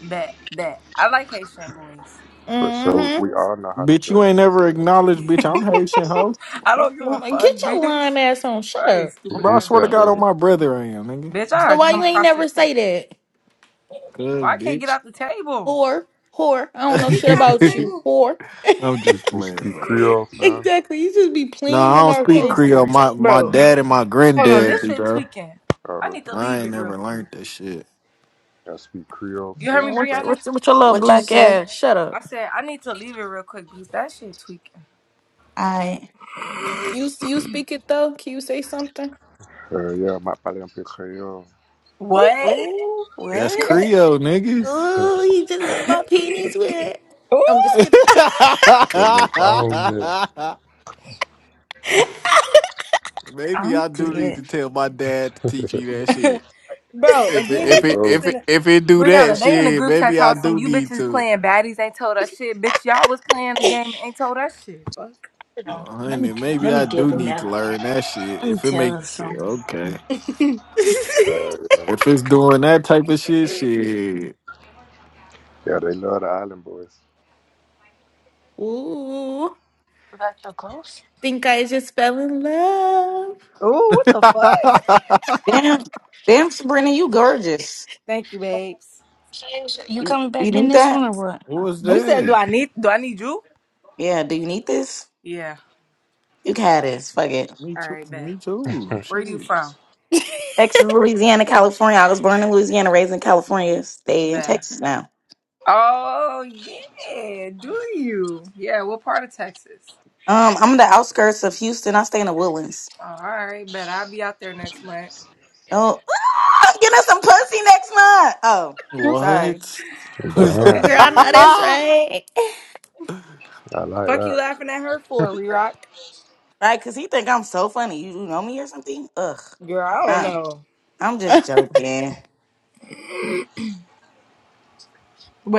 S1: Bet, bet. I like Haitian boys.
S6: for sure.
S4: Mm-hmm.
S6: We all know how to
S2: Bitch, you
S6: dress
S2: ain't
S6: and
S2: never
S6: stuff.
S2: acknowledged, bitch. I'm Haitian, ho.
S1: I don't give a
S4: Mm,
S1: fuck,
S4: Get your lying
S1: bitch.
S4: ass on. Shut
S1: Right,
S4: up.
S6: Who,
S1: stupid
S2: Bro, I
S6: who
S1: ass
S2: swear to
S6: said
S1: bitch.
S2: God on
S6: that?
S2: my brother I am, nigga.
S1: Bitch, I
S4: So
S1: gotta
S4: why
S1: come
S4: you ain't
S1: across this
S4: never say
S1: table.
S4: that?
S2: Cuz,
S1: Why I can't get
S2: bitch.
S1: out the table?
S4: Whore. Whore. I don't know shit about you. Whore.
S2: I'm
S6: You,
S2: just
S6: you
S2: playing,
S6: speak
S2: bro.
S6: Creole, fam?
S4: Exactly. You just be
S2: No,
S4: playing
S2: I
S4: in
S2: don't
S4: our
S2: speak
S3: Oh,
S2: Creole.
S4: faces.
S2: My my
S1: Bro,
S2: dad and my
S1: Hold on,
S2: granddad
S1: this
S2: do,
S1: shit
S2: bro.
S1: tweaking.
S6: Oh,
S1: I need to
S6: okay.
S2: I
S1: leave
S2: ain't
S1: it real
S2: never
S1: quick.
S2: learned that shit.
S6: I speak Creole,
S1: You heard me,
S6: French,
S4: What's
S6: Spanish,
S1: Brianna?
S4: what's with your
S6: shit
S4: little
S6: like
S3: what
S6: that.
S3: you
S4: black
S3: say?
S4: ass? Shut up.
S1: I said I need to leave it real quick because that shit tweaking.
S3: I.
S4: You you speak it though. Can you say something?
S6: Uh, yeah, my palais un peu Creole.
S4: Oh,
S1: What?
S3: Ooh,
S2: That's
S3: what?
S2: Creole, nigga.
S6: Yo,
S4: oh, you just made my panties wet.
S1: Ooh,
S4: I'm just kidding.
S6: no problem.
S2: Maybe
S3: I'm
S2: I do need
S3: dead.
S2: to tell my dad to teach me that shit.
S1: bro,
S2: If
S1: and
S2: it
S1: then
S2: if
S6: Oh,
S1: these
S2: it
S1: bitches
S6: go.
S2: if
S1: in
S2: it
S1: the
S2: if it do that
S1: Brianna, they in the
S2: shit,
S1: group chat
S2: maybe I
S1: talking some
S2: do
S1: you
S2: need
S1: bitches
S2: to.
S1: playing baddies ain't told us shit. Bitch, y'all was playing the game and ain't told us shit. Fuck.
S3: Hold on.
S2: Well,
S3: Let
S2: honey,
S3: me
S2: maybe
S3: let me
S2: I
S3: get
S2: do
S3: it
S2: need
S3: now.
S2: to learn that shit.
S3: Let me
S2: If it
S3: tell
S2: make
S3: her
S2: yeah,
S3: something.
S2: okay.
S6: Uh, yeah.
S2: If it's doing that type of shit, shit.
S6: yeah, they love the Island Boys.
S4: Ooh,
S3: about your clothes?
S4: think I just fell in love.
S1: Ooh, what the fuck?
S7: Damn, damn, Sabrina, you gorgeous.
S1: Thank you, babes.
S3: changed? You
S7: You,
S3: coming
S7: you
S3: back in
S7: need
S3: this one
S7: that?
S3: or what?
S2: what was
S1: You
S4: Oh,
S1: said, do
S2: that?
S1: I need do I need you?
S7: Yeah. Do you need this?
S1: Yeah.
S7: You can have this. Fuck it.
S2: Me
S1: All
S2: too.
S1: right,
S2: Me
S1: bet.
S2: too.
S1: Where you
S2: Shit.
S1: from?
S7: Texas, Louisiana, California. I was born in Louisiana, raised in California. Stay in
S1: Bet.
S7: Texas now.
S1: Oh yeah. Do you? Yeah. What part of Texas?
S7: Um, I'm in the outskirts of Houston. I stay in the Woodlands.
S1: All right, bet. I'll be out there next month.
S7: Oh, ah, I'm getting us some pussy next month. Oh,
S3: Mm,
S7: sorry.
S2: What? See,
S4: oh, girl,
S6: Damn,
S4: I know
S1: Hey.
S4: that's right.
S6: I like
S1: Fuck you
S6: that.
S1: laughing at her for, Rock.
S7: Right? Cause he think I'm so funny. You know me or something? Ugh.
S1: Girl, I don't
S7: Nah,
S1: know.
S7: I'm just joking.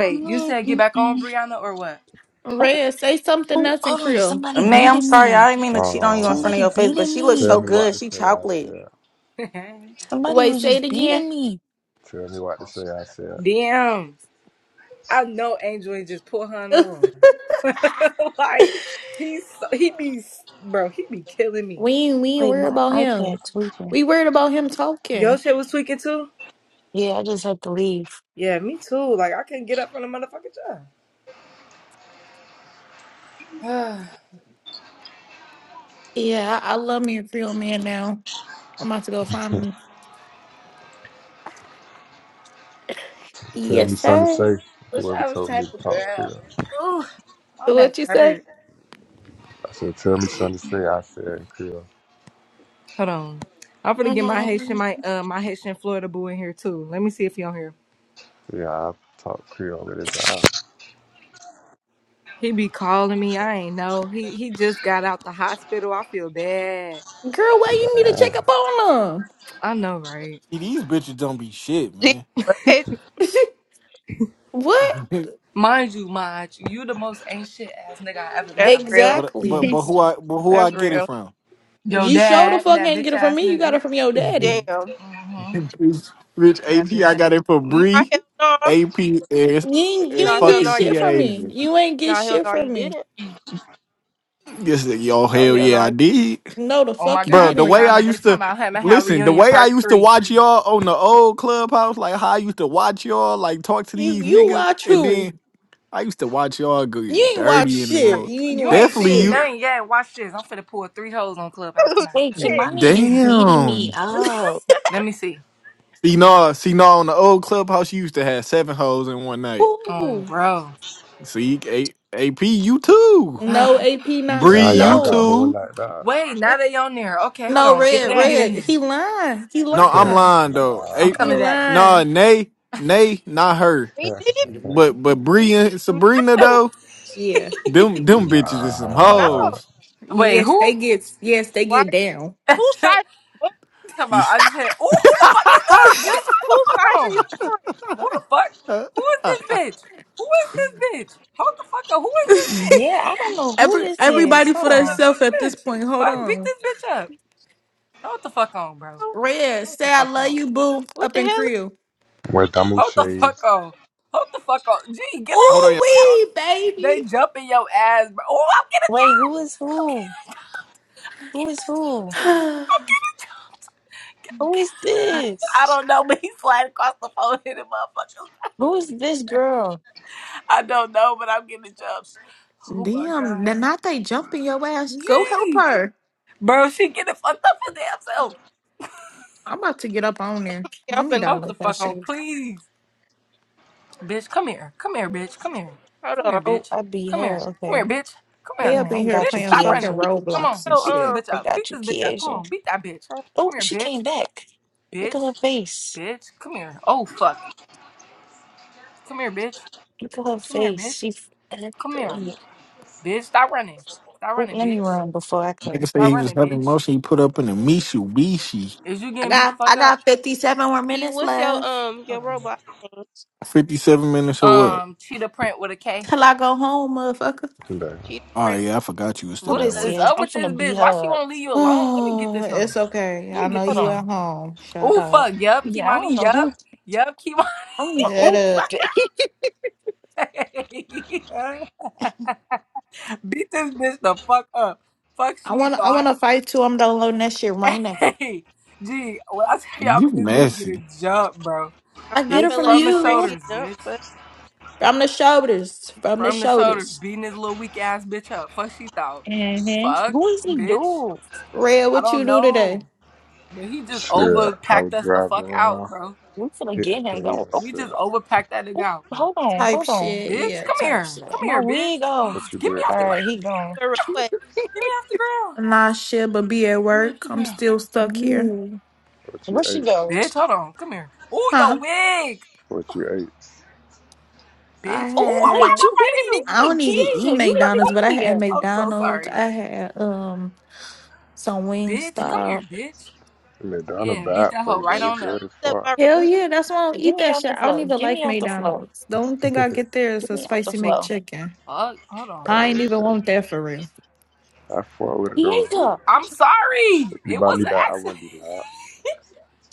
S3: I'm
S1: you
S3: not.
S1: said get back
S3: Mm-mm.
S1: on Brianna or what?
S3: Oh,
S4: Rhea, say something
S3: oh,
S4: else in
S3: hold on.
S4: Creole.
S3: Somebody
S7: May, I'm
S3: beating
S7: sorry.
S3: me.
S7: I didn't mean to cheat on you in
S6: Um,
S7: front of
S3: Somebody
S7: your face, but
S3: beating
S7: she looks
S6: tell
S7: so
S3: me.
S6: me what
S7: good.
S6: to
S7: She
S6: say. I
S7: chocolate.
S6: said.
S3: Somebody
S4: Wait,
S3: was
S4: say it
S3: just
S4: again.
S3: beating me.
S6: Tell me what to say. I said.
S1: Damn. I know Angel ain't just put her in the room. like he's so, he be bro, he be killing me.
S4: we ain't we ain't
S3: Wait,
S4: worried
S3: my
S4: about him.
S3: iPad tweaking.
S4: We worried about him
S1: Your
S4: talking.
S1: shit was tweaking too?
S3: Yeah, I just have to leave.
S1: Yeah, me too. Like I couldn't get up from the motherfucking job.
S4: Yeah, I, I love me a Creole man now. I'm about to go find me.
S6: Tell me
S4: Yes,
S6: something to
S4: sir.
S6: say.
S1: Wish
S6: Whoever
S1: I was
S6: told me to
S1: type of
S6: talk
S1: girl.
S6: Creole.
S1: Ooh, my
S4: So What
S1: back
S4: you say?
S1: hurt.
S6: I said, tell me something to say. I said in Creole.
S1: Hold on. I'm gonna get my Haitian,
S4: Mhm.
S1: my uh, my Haitian Florida boo in here too. Let me see if he on here.
S6: Yeah, I talk Creole with his eye.
S1: He be calling me. I ain't know. He he just got out the hospital. I feel bad.
S4: Girl, why you need to check
S6: Damn,
S4: up on them?
S1: I know, right?
S2: these bitches don't be shit,
S5: Gee,
S2: man.
S5: what?
S4: what?
S1: Mind you, Maj, you the most ain't shit ass nigga I ever met
S5: That's
S1: in my
S5: real.
S1: life.
S2: but but
S4: Exactly.
S2: but who I but who I
S5: That's
S2: get it
S5: real.
S2: from?
S1: Yo,
S4: You show the
S1: dad,
S4: fuck
S1: that
S4: ain't get
S1: bitch
S4: it from
S1: ass
S4: me. You got
S1: nigga.
S4: it from your daddy.
S5: Damn.
S1: Mm-hmm.
S2: bitch, bitch,
S1: That
S2: AP,
S1: bitch
S2: I
S1: ass.
S2: got it for
S5: Nah,
S2: Bree,
S5: hell no.
S2: AP, and,
S4: You ain't, you
S2: and
S5: Nah,
S4: ain't
S5: hell
S4: get
S5: no,
S2: fucking PA
S5: you
S4: shit
S5: didn't.
S4: from me.
S2: agent.
S4: You ain't get
S5: Nah, hell
S4: shit
S5: no, you
S4: from me.
S5: didn't.
S2: This is- yo
S5: Nah,
S2: hell
S5: hell
S2: yeah, I
S5: no.
S2: did,
S4: No, the
S1: Oh my
S4: fuck you
S2: bro.
S1: God,
S2: The
S4: didn't.
S2: way I
S1: Brianna, they
S2: used
S1: talking
S2: to
S1: about him and how
S2: listen, the
S1: reunion
S2: way I
S1: part
S2: used to
S1: three.
S2: watch y'all on the old clubhouse, like how I used to watch y'all, like talk to
S4: You
S2: these
S4: you
S2: niggas,
S4: watch
S2: and
S4: who?
S2: then I used to watch y'all go
S4: You
S2: get
S4: ain't watch
S2: dirty in the
S4: shit.
S2: room.
S4: You ain't
S1: You ain't
S4: watch
S2: Definitely
S1: seen
S2: you.
S4: shit.
S1: nothing yet. Watch this. I'm finna pull three hoes on Clubhouse tonight.
S3: Hey,
S5: Shit.
S3: Kimani is beating me
S2: Damn.
S3: up.
S1: Let me see.
S2: See nah, see nah. on the old clubhouse, you used to have seven hoes in one night.
S1: Um,
S4: Ooh.
S1: bro.
S2: See, A- AP, you too.
S4: No AP not sh-
S2: Bree,
S6: Damn
S5: Why?
S6: y'all
S2: you
S6: got
S4: no.
S6: hold
S2: too.
S6: like that.
S1: Wait,
S5: We,
S1: now they on there. Okay, hold
S5: we
S4: No
S1: on. Get,
S5: do
S4: red
S1: let me
S5: that.
S1: get in
S4: red. He
S1: here.
S4: lying. He
S2: No, I'm
S4: lying.
S2: lying though.
S1: I'm
S2: A-
S4: He
S1: coming
S6: nah.
S1: back.
S2: nah,
S4: lying.
S2: Nay, Nay, not her.
S5: We didn't.
S2: But but Bree and Sabrina
S5: No.
S2: though,
S4: Yeah.
S2: them them bitches is some
S5: No.
S6: nah.
S2: hoes.
S1: Wait,
S4: Yes,
S1: who?
S4: they get yes, they
S5: Why?
S4: get down.
S1: Talk
S5: Whose side? What,
S2: You
S1: about
S2: s-
S1: I just had. Ooh, who the fuck is this, bitch? Hold the
S5: whose
S1: fuck
S5: side are you
S1: on. Who the fuck? Who is this bitch? Who is this bitch? Hold the fuck on. Who is this bitch?
S3: Yeah, I don't know who
S4: Every
S3: this
S1: Who is
S3: is.
S4: everybody for
S1: who
S3: Hold on.
S1: is
S4: themselves
S1: this
S4: at this
S1: bitch?
S4: point. Hold
S1: Fuck, beat
S4: on.
S1: this bitch up. Hold the fuck on, bro.
S5: on?
S4: Red,
S1: Hold the
S4: say I
S1: fuck
S4: love
S1: on.
S4: you, boo.
S5: What
S4: Up
S5: the
S4: in
S5: hell?
S4: Creole.
S6: Where Damu
S1: Hold the fuck
S6: Shades.
S1: on. Hold the fuck on. Gee, get off
S2: Hold
S1: the
S2: on,
S4: Ooh
S2: yeah.
S1: fuck.
S4: wee,
S1: They
S4: baby.
S1: jumping your ass, bro. Oh, I'm getting a job.
S3: Wait, who is
S1: I'm
S3: who?
S1: getting a job.
S3: Who is who?
S1: I'm
S3: Who is
S1: getting a job. I
S3: this?
S1: don't know, but he slide across the phone hitting motherfuckers.
S3: Who is this girl?
S1: I don't know, but I'm getting jobs. Oh my
S4: Damn,
S1: god.
S4: the not they jumping your ass. Go help
S1: Gee.
S4: her.
S1: Bro, she getting fucked up for damn self.
S4: I'm about to get up on there.
S5: yeah, I'm
S4: Let me
S5: finna
S1: Hold the
S4: download that
S1: fuck
S5: get
S1: on,
S5: her.
S4: shit.
S1: please. Bitch, come here. Come here, bitch. Come here.
S5: Hold
S1: Come
S5: on.
S1: here,
S3: Oh,
S1: bitch.
S3: I beat
S1: Come here.
S3: her.
S1: Come here,
S3: Okay.
S1: bitch. Come
S4: They
S1: here.
S4: up
S3: Yeah,
S4: in
S3: I
S4: here
S3: got
S1: Bitch,
S3: you,
S4: playing
S1: stop
S5: He,
S4: fucking
S1: running.
S3: Kiesha.
S5: he sent
S1: Come
S4: Roblox
S1: on.
S5: me
S4: and
S1: Beat this
S4: shit.
S5: your
S1: bitch
S3: I
S1: up.
S3: got
S1: Beat
S3: you,
S1: this bitch up. Come
S3: Kiesha.
S1: on. Beat that bitch.
S5: um.
S3: Oh,
S1: Come here,
S3: she came
S1: bitch.
S3: back. Look at her
S1: Bitch.
S3: face.
S1: Bitch. Come here. Oh, fuck. Come here, bitch.
S3: Look at her
S1: Come here,
S3: face.
S1: bitch.
S3: She.
S1: Come here. Bitch, stop running. Stop
S3: Oh,
S1: running,
S3: let me
S1: bitch.
S3: run before I can.
S2: nigga say
S1: Stop
S2: he was
S1: running,
S2: having
S1: bitch.
S2: motion. He put up in a Mitsubishi.
S1: Is you
S4: I
S1: getting beat the
S4: got
S1: fuck
S4: I
S1: up?
S4: got 57 more
S5: He,
S4: minutes
S5: what's your
S4: left
S5: um
S1: Hold
S5: your
S1: on.
S5: robot thing?
S2: Fifty-seven minutes or what?
S1: Um, cheetah print with a K.
S4: till I go home, motherfucker.
S6: Damn.
S5: She the
S2: Oh
S5: friend.
S2: yeah, I forgot you was
S3: Who
S2: still
S1: What
S2: at
S3: this
S2: work.
S1: is
S3: is?
S1: up
S3: I'm
S1: with this
S3: finna beat
S1: bitch? Why she
S3: her up.
S1: won't leave you alone? Let me get
S4: Oh,
S1: this hoe.
S4: it's okay.
S1: Let
S4: I
S1: me
S4: know
S1: get
S3: Hold
S1: this
S4: you
S1: hoe.
S4: at
S3: on.
S4: home. Shut
S1: Oh,
S4: up.
S1: fuck. Yup,
S3: Yeah, I don't
S1: Kimani.
S3: know who.
S1: Yup. Yup, Kimani.
S3: I don't know.
S4: Shut
S3: Oh,
S4: up.
S1: Beat this bitch the fuck up. Fuck
S4: I
S1: she
S4: want I want
S1: thought.
S4: to fight too. I'm downloading that shit right now.
S1: Hey, gee, when I tell y'all,
S2: You
S1: but this bitch get a
S2: messy.
S1: jump, bro.
S5: I'm
S4: I get
S5: not
S1: Bitch
S4: it
S5: gonna
S4: from
S5: let my
S1: from the
S5: friend
S4: you.
S5: get
S1: shoulders,
S5: dumped
S1: bitch.
S5: for
S4: From the shoulders. From the
S1: From the shoulders,
S4: shoulders.
S1: beating this little weak ass bitch up. Fuck she thought.
S3: hmm
S1: Fuck,
S3: Who is he
S1: bitch.
S3: dude?
S4: Red,
S1: I
S4: what you
S1: don't
S4: do today?
S1: know. But he just
S6: Shit, I
S1: overpacked
S6: was
S1: us the
S6: driving
S1: fuck out,
S6: around
S1: bro.
S3: We finna
S6: hitting
S3: get him going. Oh,
S1: We
S6: plays.
S1: just overpacked that nigga
S3: oh,
S1: out, bro.
S3: hold on,
S4: Type
S3: hold on.
S4: shit,
S1: Bitch,
S4: yeah,
S1: come
S4: type
S1: here. Come
S4: shit.
S3: My
S1: here,
S3: wig
S1: bitch.
S3: off.
S6: What you
S1: Get me
S6: did
S1: off
S3: All
S1: the
S6: today?
S3: right,
S1: ground.
S3: he gone.
S5: the request.
S1: Get me off the ground.
S4: Nah, shit, but be at
S1: Get me off
S4: work.
S1: the
S4: I'm
S1: ground.
S4: still stuck here.
S3: Ooh.
S6: What you
S3: Where she
S6: ate?
S3: go?
S1: Bitch, hold on. Come here. Ooh, your
S4: Huh?
S1: wig.
S6: What you ate?
S4: I
S1: Bitch.
S3: Oh,
S1: Ooh, why
S3: wait,
S1: am
S4: had
S1: I
S3: you
S1: fighting
S3: beating
S1: you?
S4: I
S3: me.
S4: don't even eat
S3: Kiesha, you beating
S4: McDonald's, but I
S3: me
S4: had
S3: here.
S1: I'm so
S4: McDonald's.
S1: sorry.
S4: I had um some
S1: Bitch, come
S4: Wingstop.
S1: here, bitch.
S6: McDonald
S1: Yeah, beat
S6: bad
S1: that
S6: for
S1: hoe
S6: you,
S5: Can
S1: right
S6: but
S5: you
S6: it
S1: on up.
S6: good as
S5: accept
S6: fuck.
S5: my request?
S4: Hell
S3: Oh,
S4: yeah, that's why I don't
S3: Get
S4: eat
S3: me
S4: that
S3: out
S4: shit.
S3: the
S4: I don't
S3: flow.
S4: even
S3: Get
S4: like
S3: me out the flow.
S4: McDonald's. The only thing I get there is
S3: Get
S4: a
S3: me out the
S4: spicy
S3: flow.
S4: McChicken.
S1: Fuck, hold on.
S6: Oh,
S4: I ain't even
S6: Okay.
S4: want that for real.
S6: I fought with it though.
S1: Ooh,
S3: Kiesha,
S1: I'm
S6: If
S1: sorry.
S6: you
S1: It
S6: buy
S1: was
S6: me
S1: an
S6: that, I
S1: accident.
S6: wouldn't be loud.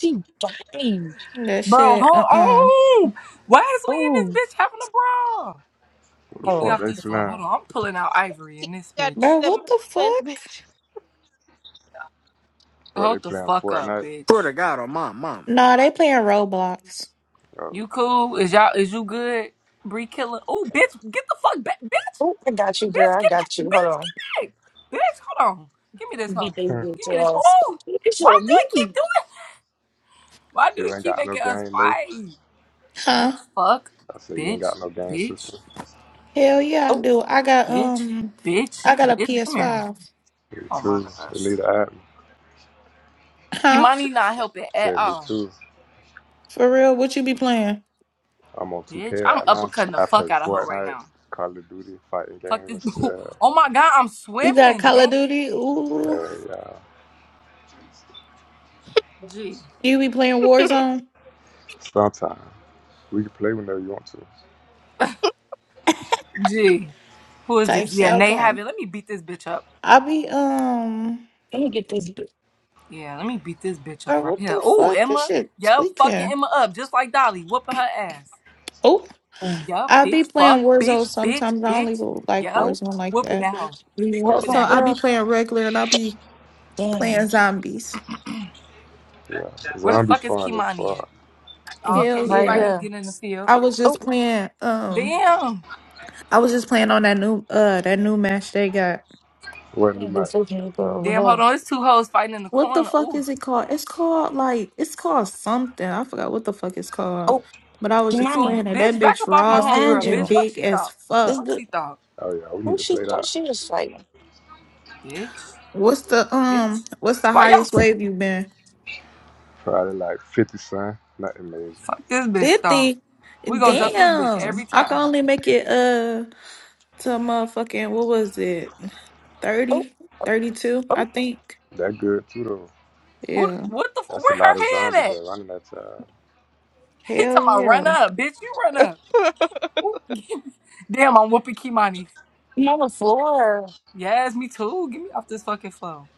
S3: she dying.
S4: that
S1: Bro,
S4: shit. Uh
S1: hold
S4: uh
S1: on. Why is we in this
S3: Oh,
S1: bitch having a brawl?
S6: What the
S1: Get me
S6: fuck
S3: oh,
S1: off
S6: they
S1: this floor. Hold
S6: playing?
S1: on. I'm pulling out ivory
S5: You
S1: in this
S5: gotta
S1: bitch.
S4: Bro,
S5: accept
S4: what the
S5: my request,
S4: fuck?
S5: bitch.
S6: What they
S1: Hold the
S6: playing
S1: fuck up,
S6: Fortnite?
S8: Swear
S1: bitch.
S8: to God on my mama.
S4: Nah, they playing Roblox.
S6: Oh,
S1: You cool? Is y'all is you good? Bree killer. Oh, bitch, get the fuck back, bitch.
S3: oh, I got you,
S1: Bitch,
S3: girl. I
S1: get back.
S3: got you. Hold
S1: Bitch,
S3: on.
S1: get back. Bitch, hold on. Give me this
S3: Beat
S1: hoe.
S3: these
S6: Okay.
S1: Give
S3: bitch
S1: me this.
S3: ass.
S1: Oh, why
S3: Kiesha,
S1: do I
S3: me.
S1: keep doing? Why do
S6: you
S1: they
S6: ain't
S1: keep
S6: got no
S1: making us
S6: game, Nate.
S1: fight?
S4: Huh?
S1: Bitch, fuck,
S6: I said you ain't
S1: bitch,
S6: got no game
S1: bitch,
S6: system.
S4: Hell yeah, I
S3: Oh,
S4: do. I got
S1: bitch,
S4: um,
S1: bitch,
S4: I got a
S1: bitch. Come here.
S4: PS5.
S6: Me
S1: Oh my
S6: too. They
S1: gosh.
S6: need to add me.
S4: Huh?
S1: Kimani not helping
S6: I
S1: at
S6: Said me
S1: all.
S6: too.
S4: For real? What you be playing?
S6: I'm on
S1: Bitch,
S6: 2K
S1: I'm
S6: right now.
S1: uppercutting the
S6: I play
S1: fuck out of her right
S6: Fortnite,
S1: now.
S6: Call of Duty, fighting
S1: Fuck this.
S6: games and shit.
S1: oh my god, I'm
S4: You got
S1: swimming,
S4: Call of
S1: gang.
S4: Duty? Ooh,
S6: Hey, uh,
S1: G.
S4: you be playing Warzone
S6: sometime we can play whenever you want to.
S1: G. Who is
S4: type
S1: this?
S4: shit?
S1: Yeah, Nay
S4: Okay.
S1: have it. Let me beat this bitch up.
S4: I be um,
S3: let me get this. bit-
S1: Yeah, let me beat this bitch up
S4: bro,
S1: right
S4: what
S1: here.
S4: the
S1: Oh,
S4: fuck? This
S1: Emma.
S4: shit
S1: Yup, fucking
S4: tweaking.
S1: Emma up, just like Dolly, whooping her ass.
S4: Oh,
S3: mm.
S1: Yup,
S4: I be
S1: bitch, fuck,
S4: playing Warzone
S1: bitch, bitch,
S4: sometimes. I don't
S1: bitch.
S4: even like
S3: Oh,
S1: Yup,
S4: Warzone like
S1: whooping
S4: that.
S1: that hoe.
S3: you need
S6: Oh,
S3: help,
S1: Whooping
S4: So
S3: my
S1: that
S4: I
S6: Okay.
S1: hoe.
S4: be
S3: girl?
S4: playing regular and I be playing
S3: Damn.
S4: zombies.
S6: Yeah,
S1: Where the
S6: zombie
S1: fuck is
S6: fun is
S1: Kimani
S6: fun.
S1: at? Oh,
S3: Mm,
S1: okay,
S4: Hell
S1: she
S3: Right
S1: right
S4: yeah.
S1: here
S3: here.
S1: getting in the field.
S4: I was just
S3: Oh,
S4: playing um,
S1: Damn.
S4: I was just playing on that new uh that new match they got.
S6: What do
S3: let me get this
S6: night?
S3: nigga
S1: Damn,
S3: over
S1: hold
S3: here.
S1: on. It's two hoes fighting in the
S4: What the
S1: corner.
S4: fuck
S1: Ooh,
S4: is it called? It's called like it's called something. I forgot what the fuck it's called.
S3: Oh,
S4: But I was
S1: you
S4: just
S3: Kimani,
S1: cool.
S4: playing it. That
S1: Bitch, back
S4: bitch
S1: up off my
S4: Ross Hill
S3: behind
S1: homegirl.
S4: and
S3: you.
S1: Bitch, fuck
S4: big
S1: she
S4: as
S1: thought.
S3: This
S1: Fuck
S4: fuck.
S3: bitch,
S1: she thought.
S6: Oh yeah, we need
S3: who
S6: to
S3: she
S6: play
S3: thought
S6: that.
S3: she was fighting?
S1: Bitch,
S4: What's the
S1: bitch.
S4: um what's the
S1: Why
S4: highest
S1: y'all?
S4: wave you been?
S6: Probably like fifty cent. Not amazing.
S1: Fuck this bitch thought.
S4: 50.
S1: We gonna
S6: Hell
S1: jump this
S6: yeah,
S1: bitch every
S4: Damn. I can
S1: time.
S4: only make it uh to motherfucking what was it?
S3: Oh,
S4: 30? 32,
S3: oh,
S4: I think.
S6: that good too though.
S1: Who? the-
S4: Yeah.
S1: What the? f-
S6: That's a
S1: Where
S6: lot of
S1: her
S6: zombies
S1: head at?
S6: that running that
S1: He
S4: Hell
S1: talking about run
S4: yeah.
S1: up, bitch. You run up. Ooh, Damn, I'm whooping Kimani.
S3: I'm on the floor.
S1: Yes, me too. Get me off this fucking phone.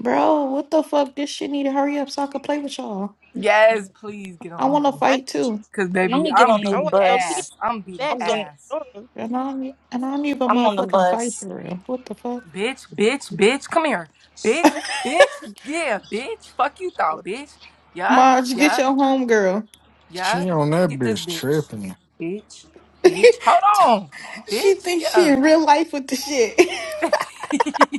S4: Bro, what the fuck? This shit need to hurry up so I can play with y'all.
S1: Yes, please get
S4: I
S1: on here.
S4: wanna
S5: I
S4: fight too.
S1: Cause
S3: Let
S1: baby,
S3: me get
S1: I'm
S3: on this
S5: I
S1: beating
S5: wait on Key to
S3: bus.
S1: ass. I'm beating
S5: back
S3: I'm
S5: so I
S3: getting.
S1: ass.
S5: can join.
S4: And I am and I am even
S3: I'm on the
S4: motherfucking fight
S3: bus
S4: for real. What the fuck?
S1: Bitch, bitch, bitch, come here. Bitch, bitch, yeah, bitch. Fuck you
S5: Well,
S1: thought, bitch. Yup,
S4: Marge, get
S1: yup,
S4: your home girl.
S2: She
S1: yup.
S2: on that
S1: Get this
S2: bitch
S1: bitch.
S2: tripping.
S1: Bitch, bitch. Hold on.
S4: she
S1: Bitch,
S4: thinks she
S1: yeah.
S4: in real life with the shit.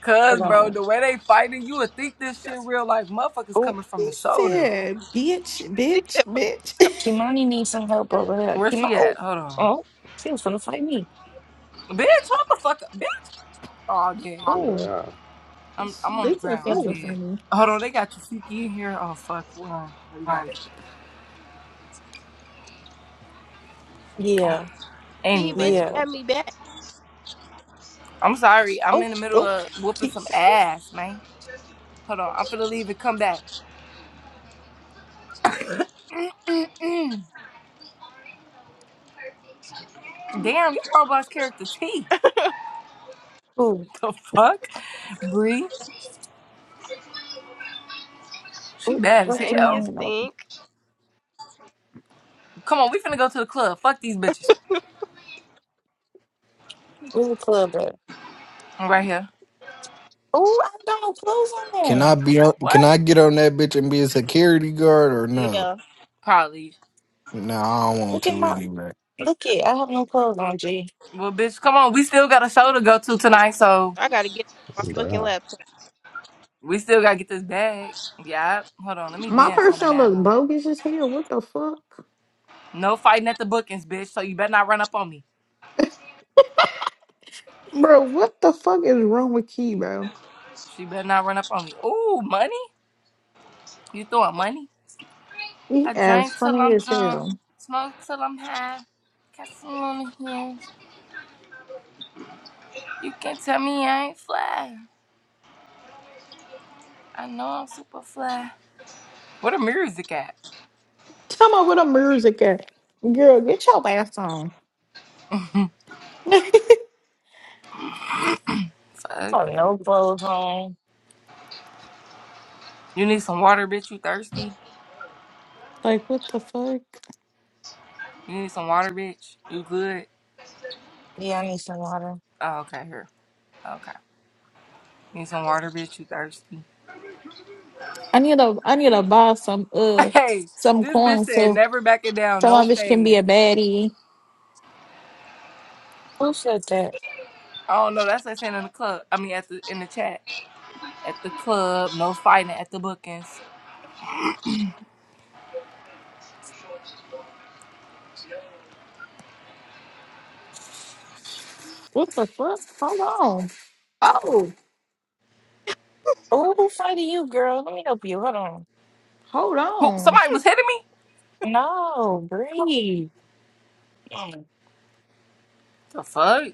S1: Cause bro,
S3: alone.
S1: the way they fighting, you would think this shit real life. Motherfuckers
S3: Oh,
S1: coming from
S4: She
S1: the shoulders.
S4: said, bitch,
S5: stick
S4: bitch,
S5: that
S4: bitch.
S5: motherfucker.
S3: Kimani needs some help over there.
S1: Where
S3: Kimani.
S1: she at?
S3: Oh,
S1: Hold on.
S3: oh, she was gonna fight me.
S1: Bitch, hold the fuck up. Bitch. Oh, yeah.
S6: time.
S3: Oh,
S6: Yeah,
S1: I'm
S4: This
S1: I'm on the
S4: is
S1: ground. I'm
S4: fucking
S3: oh,
S1: dead.
S4: funny.
S1: Hold on, they got Tasiki in here. Oh fuck, run, everybody.
S3: yeah,
S5: Key, bitch,
S1: Anyway,
S3: yeah.
S5: add me back.
S1: I'm sorry. I'm
S3: Oh,
S1: in the middle
S3: oh,
S1: of whooping
S3: Ki-
S1: some ass, man. Hold on, I'm finna leave and come back. Mm-mm. Damn, your robot's character T.
S3: oh,
S1: The fuck, Bree? She
S3: oh.
S1: bad as
S3: What's
S5: Thank you,
S1: hell.
S3: Kimani? on?
S5: stink.
S1: Come on, we finna go to the club. Fuck these bitches.
S3: Where's the club at?
S1: I'm right here.
S3: Oh, I got no clothes
S2: Can I
S3: on.
S2: be on?
S1: What?
S2: Can I get on that bitch and be a security guard or no?
S5: Yeah,
S1: Probably.
S2: No, I don't want
S3: Look at
S2: to
S3: my.
S2: anyway.
S3: Look at. I have no clothes on. G.
S1: Well, bitch, come on. We still got a show to go to tonight, so
S5: I gotta get on my fucking
S6: yeah.
S5: laptop.
S1: we still gotta get this bag. Yeah. Hold on, let me
S4: My
S1: dance on the
S4: person look
S1: manhole.
S4: bogus as hell. What the fuck?
S1: No fighting at the bookings, bitch. So you better not run up on me.
S4: Bro, what the fuck is wrong with Key, bro?
S1: She better not run up on me. Ooh, money? You throwing money? I
S4: He
S1: drink
S4: ass
S1: till
S4: funny
S1: I'm
S4: as
S1: drunk,
S4: hell.
S1: smoke till I'm high, got some on the heels. You can't tell me I ain't fly. I know I'm super fly. Where the music at?
S4: Tell me what the music at. Girl, get your ass on.
S3: I
S1: Fuck.
S3: have no clothes on.
S1: You need some water, bitch. You thirsty?
S4: Like, what the fuck?
S1: You need some water, bitch. You good?
S3: Yeah, I need some water.
S1: Oh, okay, here. Okay. You need some water, bitch. You thirsty?
S4: I need to I need to buy some uh
S1: Hey,
S4: some
S1: this bitch
S4: coins
S1: said
S4: so
S1: never backing down,
S4: some
S1: no
S4: of it can be
S1: fade.
S4: a baddie.
S3: Who said that?
S1: I don't know. that's what they saying in the club. I mean, at the in the chat at the club, no fighting at the bookings.
S4: What the fuck? Hold on. Oh,
S3: Oh, who fighting you, girl? Let me help you. Hold on.
S4: hold
S1: Who?
S4: on.
S1: Somebody was hitting me.
S3: No, breathe. Mm.
S1: The fuck?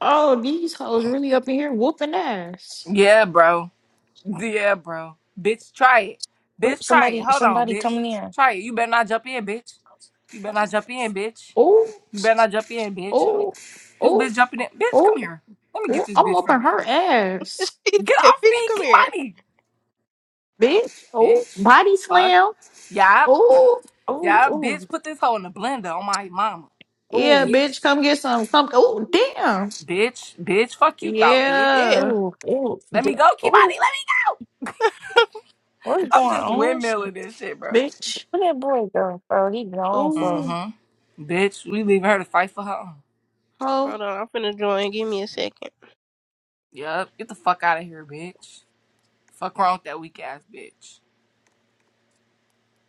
S4: Oh, these hoes really up in here whooping ass.
S1: Yeah, bro. Yeah, bro. Bitch, try it.
S3: Oop,
S1: Bitch, try it.
S3: somebody,
S1: Hold on,
S3: somebody
S1: bitch.
S3: coming in.
S1: Try it. You better not jump in, bitch. You better not jump in, bitch.
S4: Oh,
S1: You better not jump in, bitch. Huh?
S4: oh,
S1: This
S4: oh,
S1: bitch jumping in. Bitch, come
S4: oh,
S1: here. Let me
S4: oh.
S1: get this
S4: I'm
S1: bitch
S4: whooping
S1: from.
S4: her ass,
S5: she
S1: Get
S5: said,
S1: off of
S5: "Bitch,
S1: me.
S5: come
S1: Keep
S5: here."
S1: money,
S4: bitch. Oh,
S1: bitch.
S4: body
S1: Fuck.
S4: slam.
S1: Yeah.
S4: Oh,
S3: Ooh,
S1: Yeah, bitch.
S3: ooh,
S1: Put this hoe in the blender on my mama,
S4: yeah,
S3: ooh,
S1: bitch.
S4: bitch. Come get some. Come. Oh, damn.
S1: Bitch, bitch, fuck you thought, bitch.
S5: Shit.
S4: Yeah,
S3: ooh, ooh,
S1: Let
S3: d-
S1: me go,
S3: ooh.
S1: Kimani, let me go.
S3: What's going
S1: I'm just
S3: on?
S1: windmilling this shit, bro.
S4: bitch.
S3: Where that boy go, Oh, He gone for.
S4: Oh,
S1: Mm-hmm. Bitch, we leaving her to fight for her own.
S4: ho.
S5: Hold on, I'm finna join. Give me a second.
S1: Yup, get the fuck out of here, bitch. Fuck wrong with that weak ass bitch.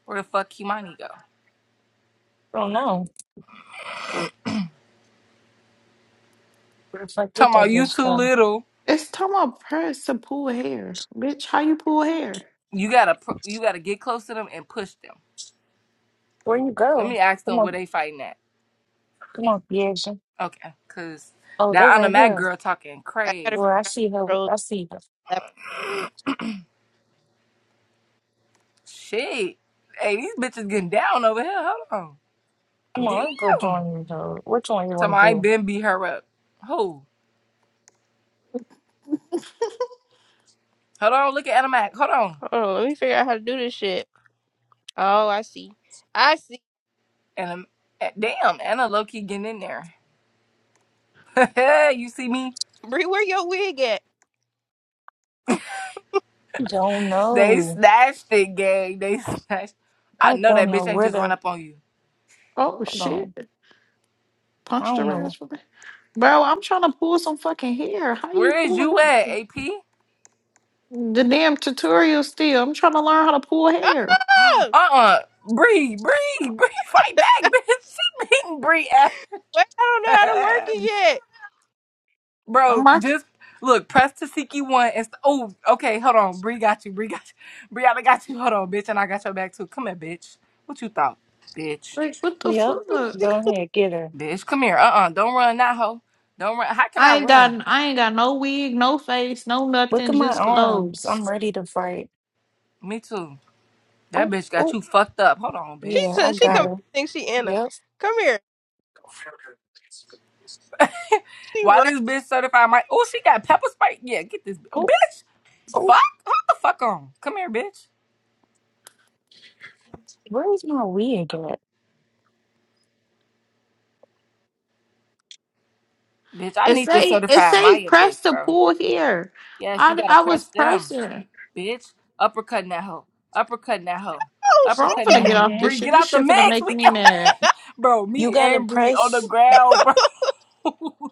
S1: Where the fuck Kimani go?
S3: I don't know. Where the fuck did
S1: Talking
S3: that
S1: about you
S3: bitch
S1: too
S3: go?
S1: little.
S4: It's talking about press to pull hair. Bitch, how you pull hair?
S1: You gotta pr- you gotta get close to them and push them.
S3: Where you
S1: Let
S3: go?
S1: me ask
S3: Come
S1: them where
S3: on,
S1: they fighting at.
S3: come on, Piaja.
S1: Okay, cause
S3: Oh, they
S1: that on the
S3: right
S1: mat
S3: here.
S1: girl talking
S5: I gotta
S3: Well,
S5: figure
S1: crazy.
S3: I
S5: out how
S3: see her.
S5: to control
S3: I see her.
S5: the laptop.
S1: Shit. Hey, these bitches getting down over here. Hold on.
S3: Come on, I'll go
S1: Damn.
S3: join you, though. Which one you
S1: Tell me
S3: want to
S1: I ain't
S3: do?
S1: been beat her up. Who? Hold on, look at Anna Mac. Hold on.
S5: Hold on, let me figure out how to do this shit. Oh, I see. I see.
S1: Anna, eh, damn, Anna low key getting in there. you see me?
S5: Brie, where your wig at?
S3: Don't
S1: They
S3: know.
S1: snatched it, gang. They snatched. I
S3: I
S1: know
S3: don't
S1: that
S3: know
S1: bitch ain't
S3: where
S1: just run
S3: the.
S1: up on you.
S4: Oh
S3: Hold
S4: shit.
S3: on. I
S4: Punched
S3: don't
S4: her
S3: know.
S4: ass for me. Bro, I'm trying to pull some fucking hair. How you
S1: Where is you
S4: pulling
S1: at, AP?
S4: the damn tutorial still? I'm trying to learn how to pull hair.
S1: Uh
S5: Oh,
S1: uh Bree, Bree, Bree, fight back, bitch. She beating Bree
S5: wait, I don't know how to work
S1: ass.
S5: it
S4: I'm
S1: Bro,
S4: like,
S1: just look, press Tasiki one and st- oh, okay, hold on. Bree got you. Bree got you. Brianna got you. Hold on, bitch, and I got your back too. Come here, bitch. What you thought? Bitch.
S4: like what the
S3: Yep.
S5: yet. She
S4: fuck?
S3: Go ahead, get her.
S1: Bitch, come here. Uh-uh. Don't run that hoe. Don't run. How can I
S4: I ain't
S1: run?
S4: got I ain't got no wig, no face, no
S3: Look
S4: nothing,
S3: at my
S4: just
S3: arms. I'm
S4: clothes.
S3: ready to fight.
S1: Me too. That
S3: Oh,
S1: bitch got
S3: oh,
S1: you fucked up. Hold on,
S5: she
S3: yeah,
S1: bitch.
S3: I
S5: took, she
S1: Come
S3: got
S5: come
S1: here.
S3: her.
S5: think she Anna.
S3: Yep.
S5: Come here. She
S1: Why
S5: ran.
S1: this bitch certified my Oh, she got pepper spray? Yeah, get this bi-
S3: Oh,
S1: bitch.
S3: oh,
S1: Fuck. Hold the fuck on. Come here, bitch.
S3: where's my wig at?
S1: Bitch, I
S4: It
S1: need this
S4: say it
S1: certified
S4: say
S1: Maya
S4: press
S1: bitch,
S4: to
S1: bro.
S4: pull hair.
S1: Yes, you
S4: I
S1: gotta
S4: I was
S1: press them.
S4: pressing.
S1: bitch. Uppercutting that hoe. Uppercutting that hoe.
S5: Oh
S4: Bro,
S1: Uppercutting
S4: I'm
S1: that
S4: finna get
S5: shit.
S1: hoe.
S4: off
S3: Mm-hmm.
S4: this
S1: Bree,
S4: shit.
S1: get
S4: This
S1: out the
S4: shit finna
S1: mix.
S4: make
S1: We
S4: me
S1: can,
S4: mad.
S1: bro.
S3: You
S1: Me
S3: gotta
S1: and Bree on the
S3: press.
S1: ground, bro.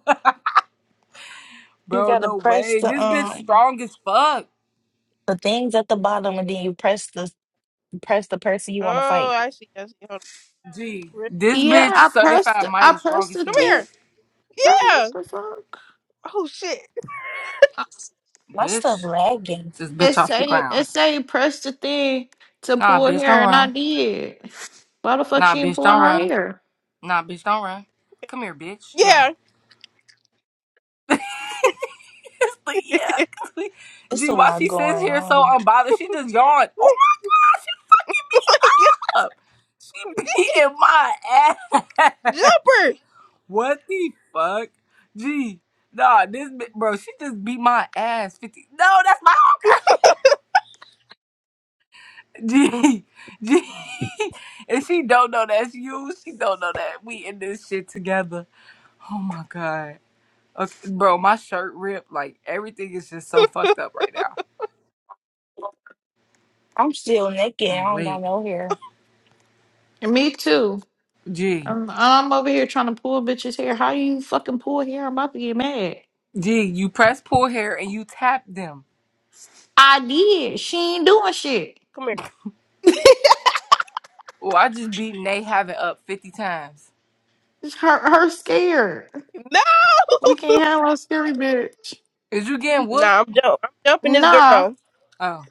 S3: You
S1: bro,
S3: gotta
S1: no
S3: press
S1: way.
S3: the
S1: This bitch
S3: um
S1: strong as fuck.
S3: the things at the bottom, and then you press the Press the person you want to
S5: oh,
S3: fight.
S5: I see. I see.
S1: Gee,
S5: Hold
S1: this
S4: Yeah,
S1: bitch
S5: on.
S4: I pressed
S1: certified
S4: I
S1: Maya strong
S4: pressed
S1: as
S4: the
S5: Come
S1: him.
S4: thing.
S5: here.
S4: Bro, what
S5: Yeah.
S4: the fuck?
S5: Oh shit.
S4: I-
S3: My stuff
S1: Bitch,
S3: lagging.
S1: this
S4: It
S1: bitch off the
S4: say
S1: ground.
S4: it say press the thing to
S1: Nah,
S4: pull
S1: bitch, don't
S4: hair and I
S1: run.
S4: did. Why the fuck
S1: Nah,
S4: she ain't
S1: bitch,
S4: pulling
S1: don't
S4: her
S1: run.
S4: hair?
S1: Nah, bitch, don't run. Come here, bitch. Yeah.
S5: Yeah.
S1: But yeah, 'cause we-
S3: It's
S1: gee,
S3: a
S1: why
S3: lot
S1: she sits
S3: going
S1: here so
S3: on.
S1: unbothered? She just yawned. Oh
S5: oh
S1: my
S5: my god.
S1: god, she fucking me up. She beating my ass.
S5: Jumper.
S1: What the fuck? Gee, nah, this bi- bro, she just beat my ass. Fifty. No, that's my homegirl. Gee, gee, and she don't know that's you. She don't know that we in this shit together. Oh my god. Okay, bro, my shirt ripped. Like everything is just so fucked up right now.
S3: I'm still naked.
S1: I'm
S3: I don't got
S1: awake.
S3: no hair.
S4: And me too.
S1: G.
S4: I'm, I'm over here trying to pull bitches hair. How you fucking pull hair? I'm about to get mad.
S1: G, you press pull hair and you tap them.
S4: I did. She ain't doing shit.
S5: Come here.
S1: Well, I just beat Nate having up 50 times.
S4: It's her her scared.
S5: No.
S4: We can't handle a scary bitch.
S1: Is you getting whooped?
S5: Nah, I'm jump. I'm jumping this
S4: Nah.
S5: girl.
S1: Oh,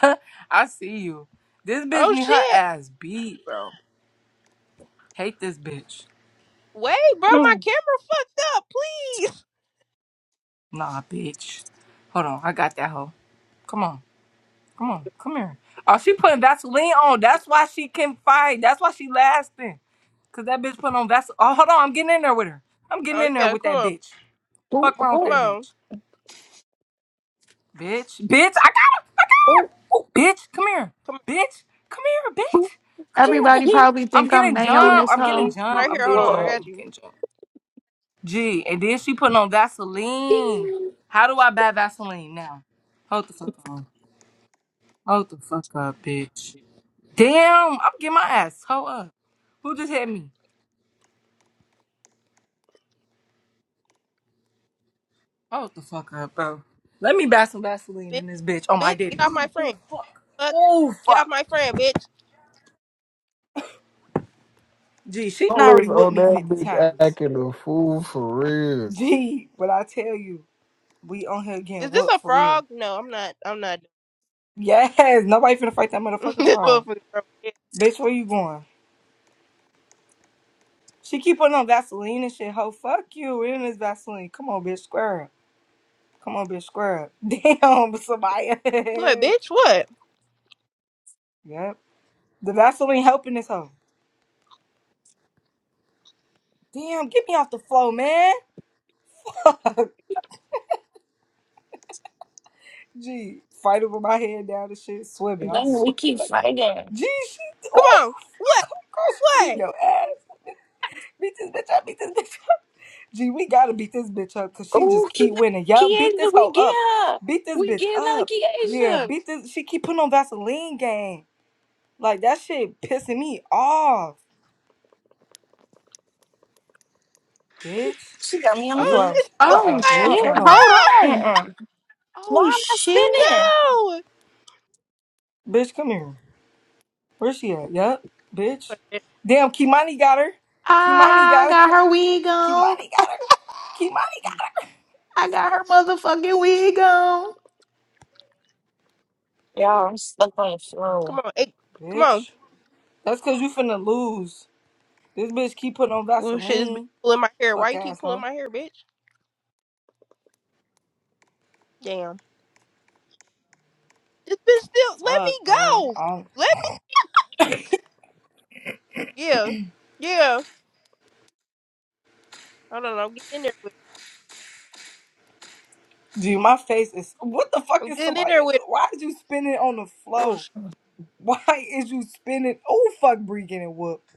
S1: I see you. This bitch
S5: Oh
S1: need her
S5: shit.
S1: ass beat, bro. Hate this bitch.
S5: Wait, bro, my
S3: Mm.
S5: camera fucked up. Please.
S1: Nah, bitch. Hold on, I got that hoe. Come on, come on, come here. Oh, she putting Vaseline on. That's why she can fight. That's why she lasting. Cause that bitch put on Vaseline. Oh, hold on, I'm getting in there with her. I'm getting
S5: Oh
S1: in there
S5: yeah.
S1: with
S5: Come
S1: that
S5: on.
S1: bitch.
S3: Ooh,
S1: Fuck wrong with
S5: Come
S3: ooh,
S1: that
S5: on. Come
S1: bitch. Bitch, bitch, I got her.
S3: ooh,
S1: Oh, bitch, come here.
S5: on.
S1: Bitch, come here,
S3: ooh.
S1: bitch. Come here.
S4: Everybody probably
S1: I'm
S4: think I'm
S1: getting
S3: You want
S1: jumped.
S4: Naomi's
S1: I'm getting
S3: me
S4: hoe.
S3: on
S5: Right
S1: jumped.
S3: the
S1: I'm
S5: here, hold
S1: getting
S5: on, I
S1: jumped.
S3: floor.
S5: got
S1: I'm
S5: you.
S1: getting jumped. Gee, and then she putting on Vaseline.
S3: Mm.
S1: How do I buy Vaseline now? Hold the fuck on. Hold the fuck up, bitch. Damn, I'm getting my ass. Hold up. Who just hit me? Hold the fuck up, bro. Let me buy some Vaseline
S5: Bitch,
S1: in this bitch. Oh my
S5: bitch, get
S1: daddy.
S5: off my friend.
S1: Oh fuck.
S5: Fuck,
S1: Oh
S5: get off
S1: fuck.
S5: my friend, bitch.
S1: Gee, she done
S2: Always
S1: already whooped
S2: on
S1: me
S2: that
S1: 50
S2: bitch
S1: times.
S2: acting a fool for real.
S1: Gee, what I tell you. We on here getting
S5: Is this
S1: whooped
S5: a
S1: for real.
S5: frog? No, I'm not. I'm not.
S1: Yes, nobody finna fight that motherfucker
S5: this
S1: frog.
S5: motherfucker. frog. Yeah.
S1: Bitch, where you going? She keep putting on Vaseline and shit. Ho, fuck you. It is Vaseline. Come on, bitch, square up. Come on, bitch, square up. Damn, Samaya.
S5: What, bitch? What?
S1: yep. The Vaseline helping this hoe. Damn, get me off the floor, man. Fuck. Gee, fighting with my head down and shit, swimming. I'm
S3: Then we
S1: swimming.
S3: keep fighting.
S1: Gee, she. Oh,
S5: Come on. What?
S1: girl, she beat
S5: What?
S1: your ass. Beat this bitch up. Beat this bitch up. Gee, we gotta beat this bitch up because she just
S3: Ooh,
S1: keep winning. Yup, beat
S3: Asia,
S1: this
S3: we
S1: hoe
S3: get
S1: up.
S3: her.
S1: Beat this
S3: We
S1: bitch
S3: get
S1: up.
S3: Lucky
S1: Yeah,
S3: Asia.
S1: beat this. She keep putting on Vaseline game. Like that shit pissing me off. Bitch.
S3: She got me on the
S5: Oh
S3: floor.
S5: shit! she
S1: Bitch.
S4: Oh
S5: Whooping
S3: Uh-uh,
S5: my ass.
S1: Bitch.
S4: shit.
S1: Hold
S3: uh-uh,
S1: on.
S5: Ah!
S4: Hold on.
S3: uh-uh. Why
S4: Oh
S3: am I
S4: shit.
S3: spinning?
S5: No.
S1: Bitch, come here. Where's she at? Yup. Bitch.
S5: What, bitch?
S1: Damn, Kimani got her. Kimani
S4: I
S1: got
S4: got
S1: her.
S4: her wig on.
S1: Kimani got her. Kimani got
S4: I got her motherfucking wig on.
S3: Y'all, I'm stuck on the
S5: Come
S3: floor.
S5: on. Hey,
S1: her.
S5: come on.
S1: Bitch. That's cause you finna lose. This bitch keep putting on
S5: Oh shit! This bitch
S1: Vaseline.
S5: pulling my hair. Why
S1: Fuck
S5: you keep pulling
S1: asshole.
S5: my hair, bitch? Damn. This bitch still. Let
S1: Fuck,
S5: me
S1: bro. I'm
S5: go. Let me. Yeah. Yeah. Hold on. I'm getting in there with.
S1: Gee, my face is. What the fuck
S5: Her. I'm
S1: is
S5: getting in
S1: somebody
S5: there with.
S1: doing? Why is you spinning on the
S5: Her. Oh
S1: floor?
S5: shit.
S1: Why is you spinning? Oh fuck, Bree getting whooped.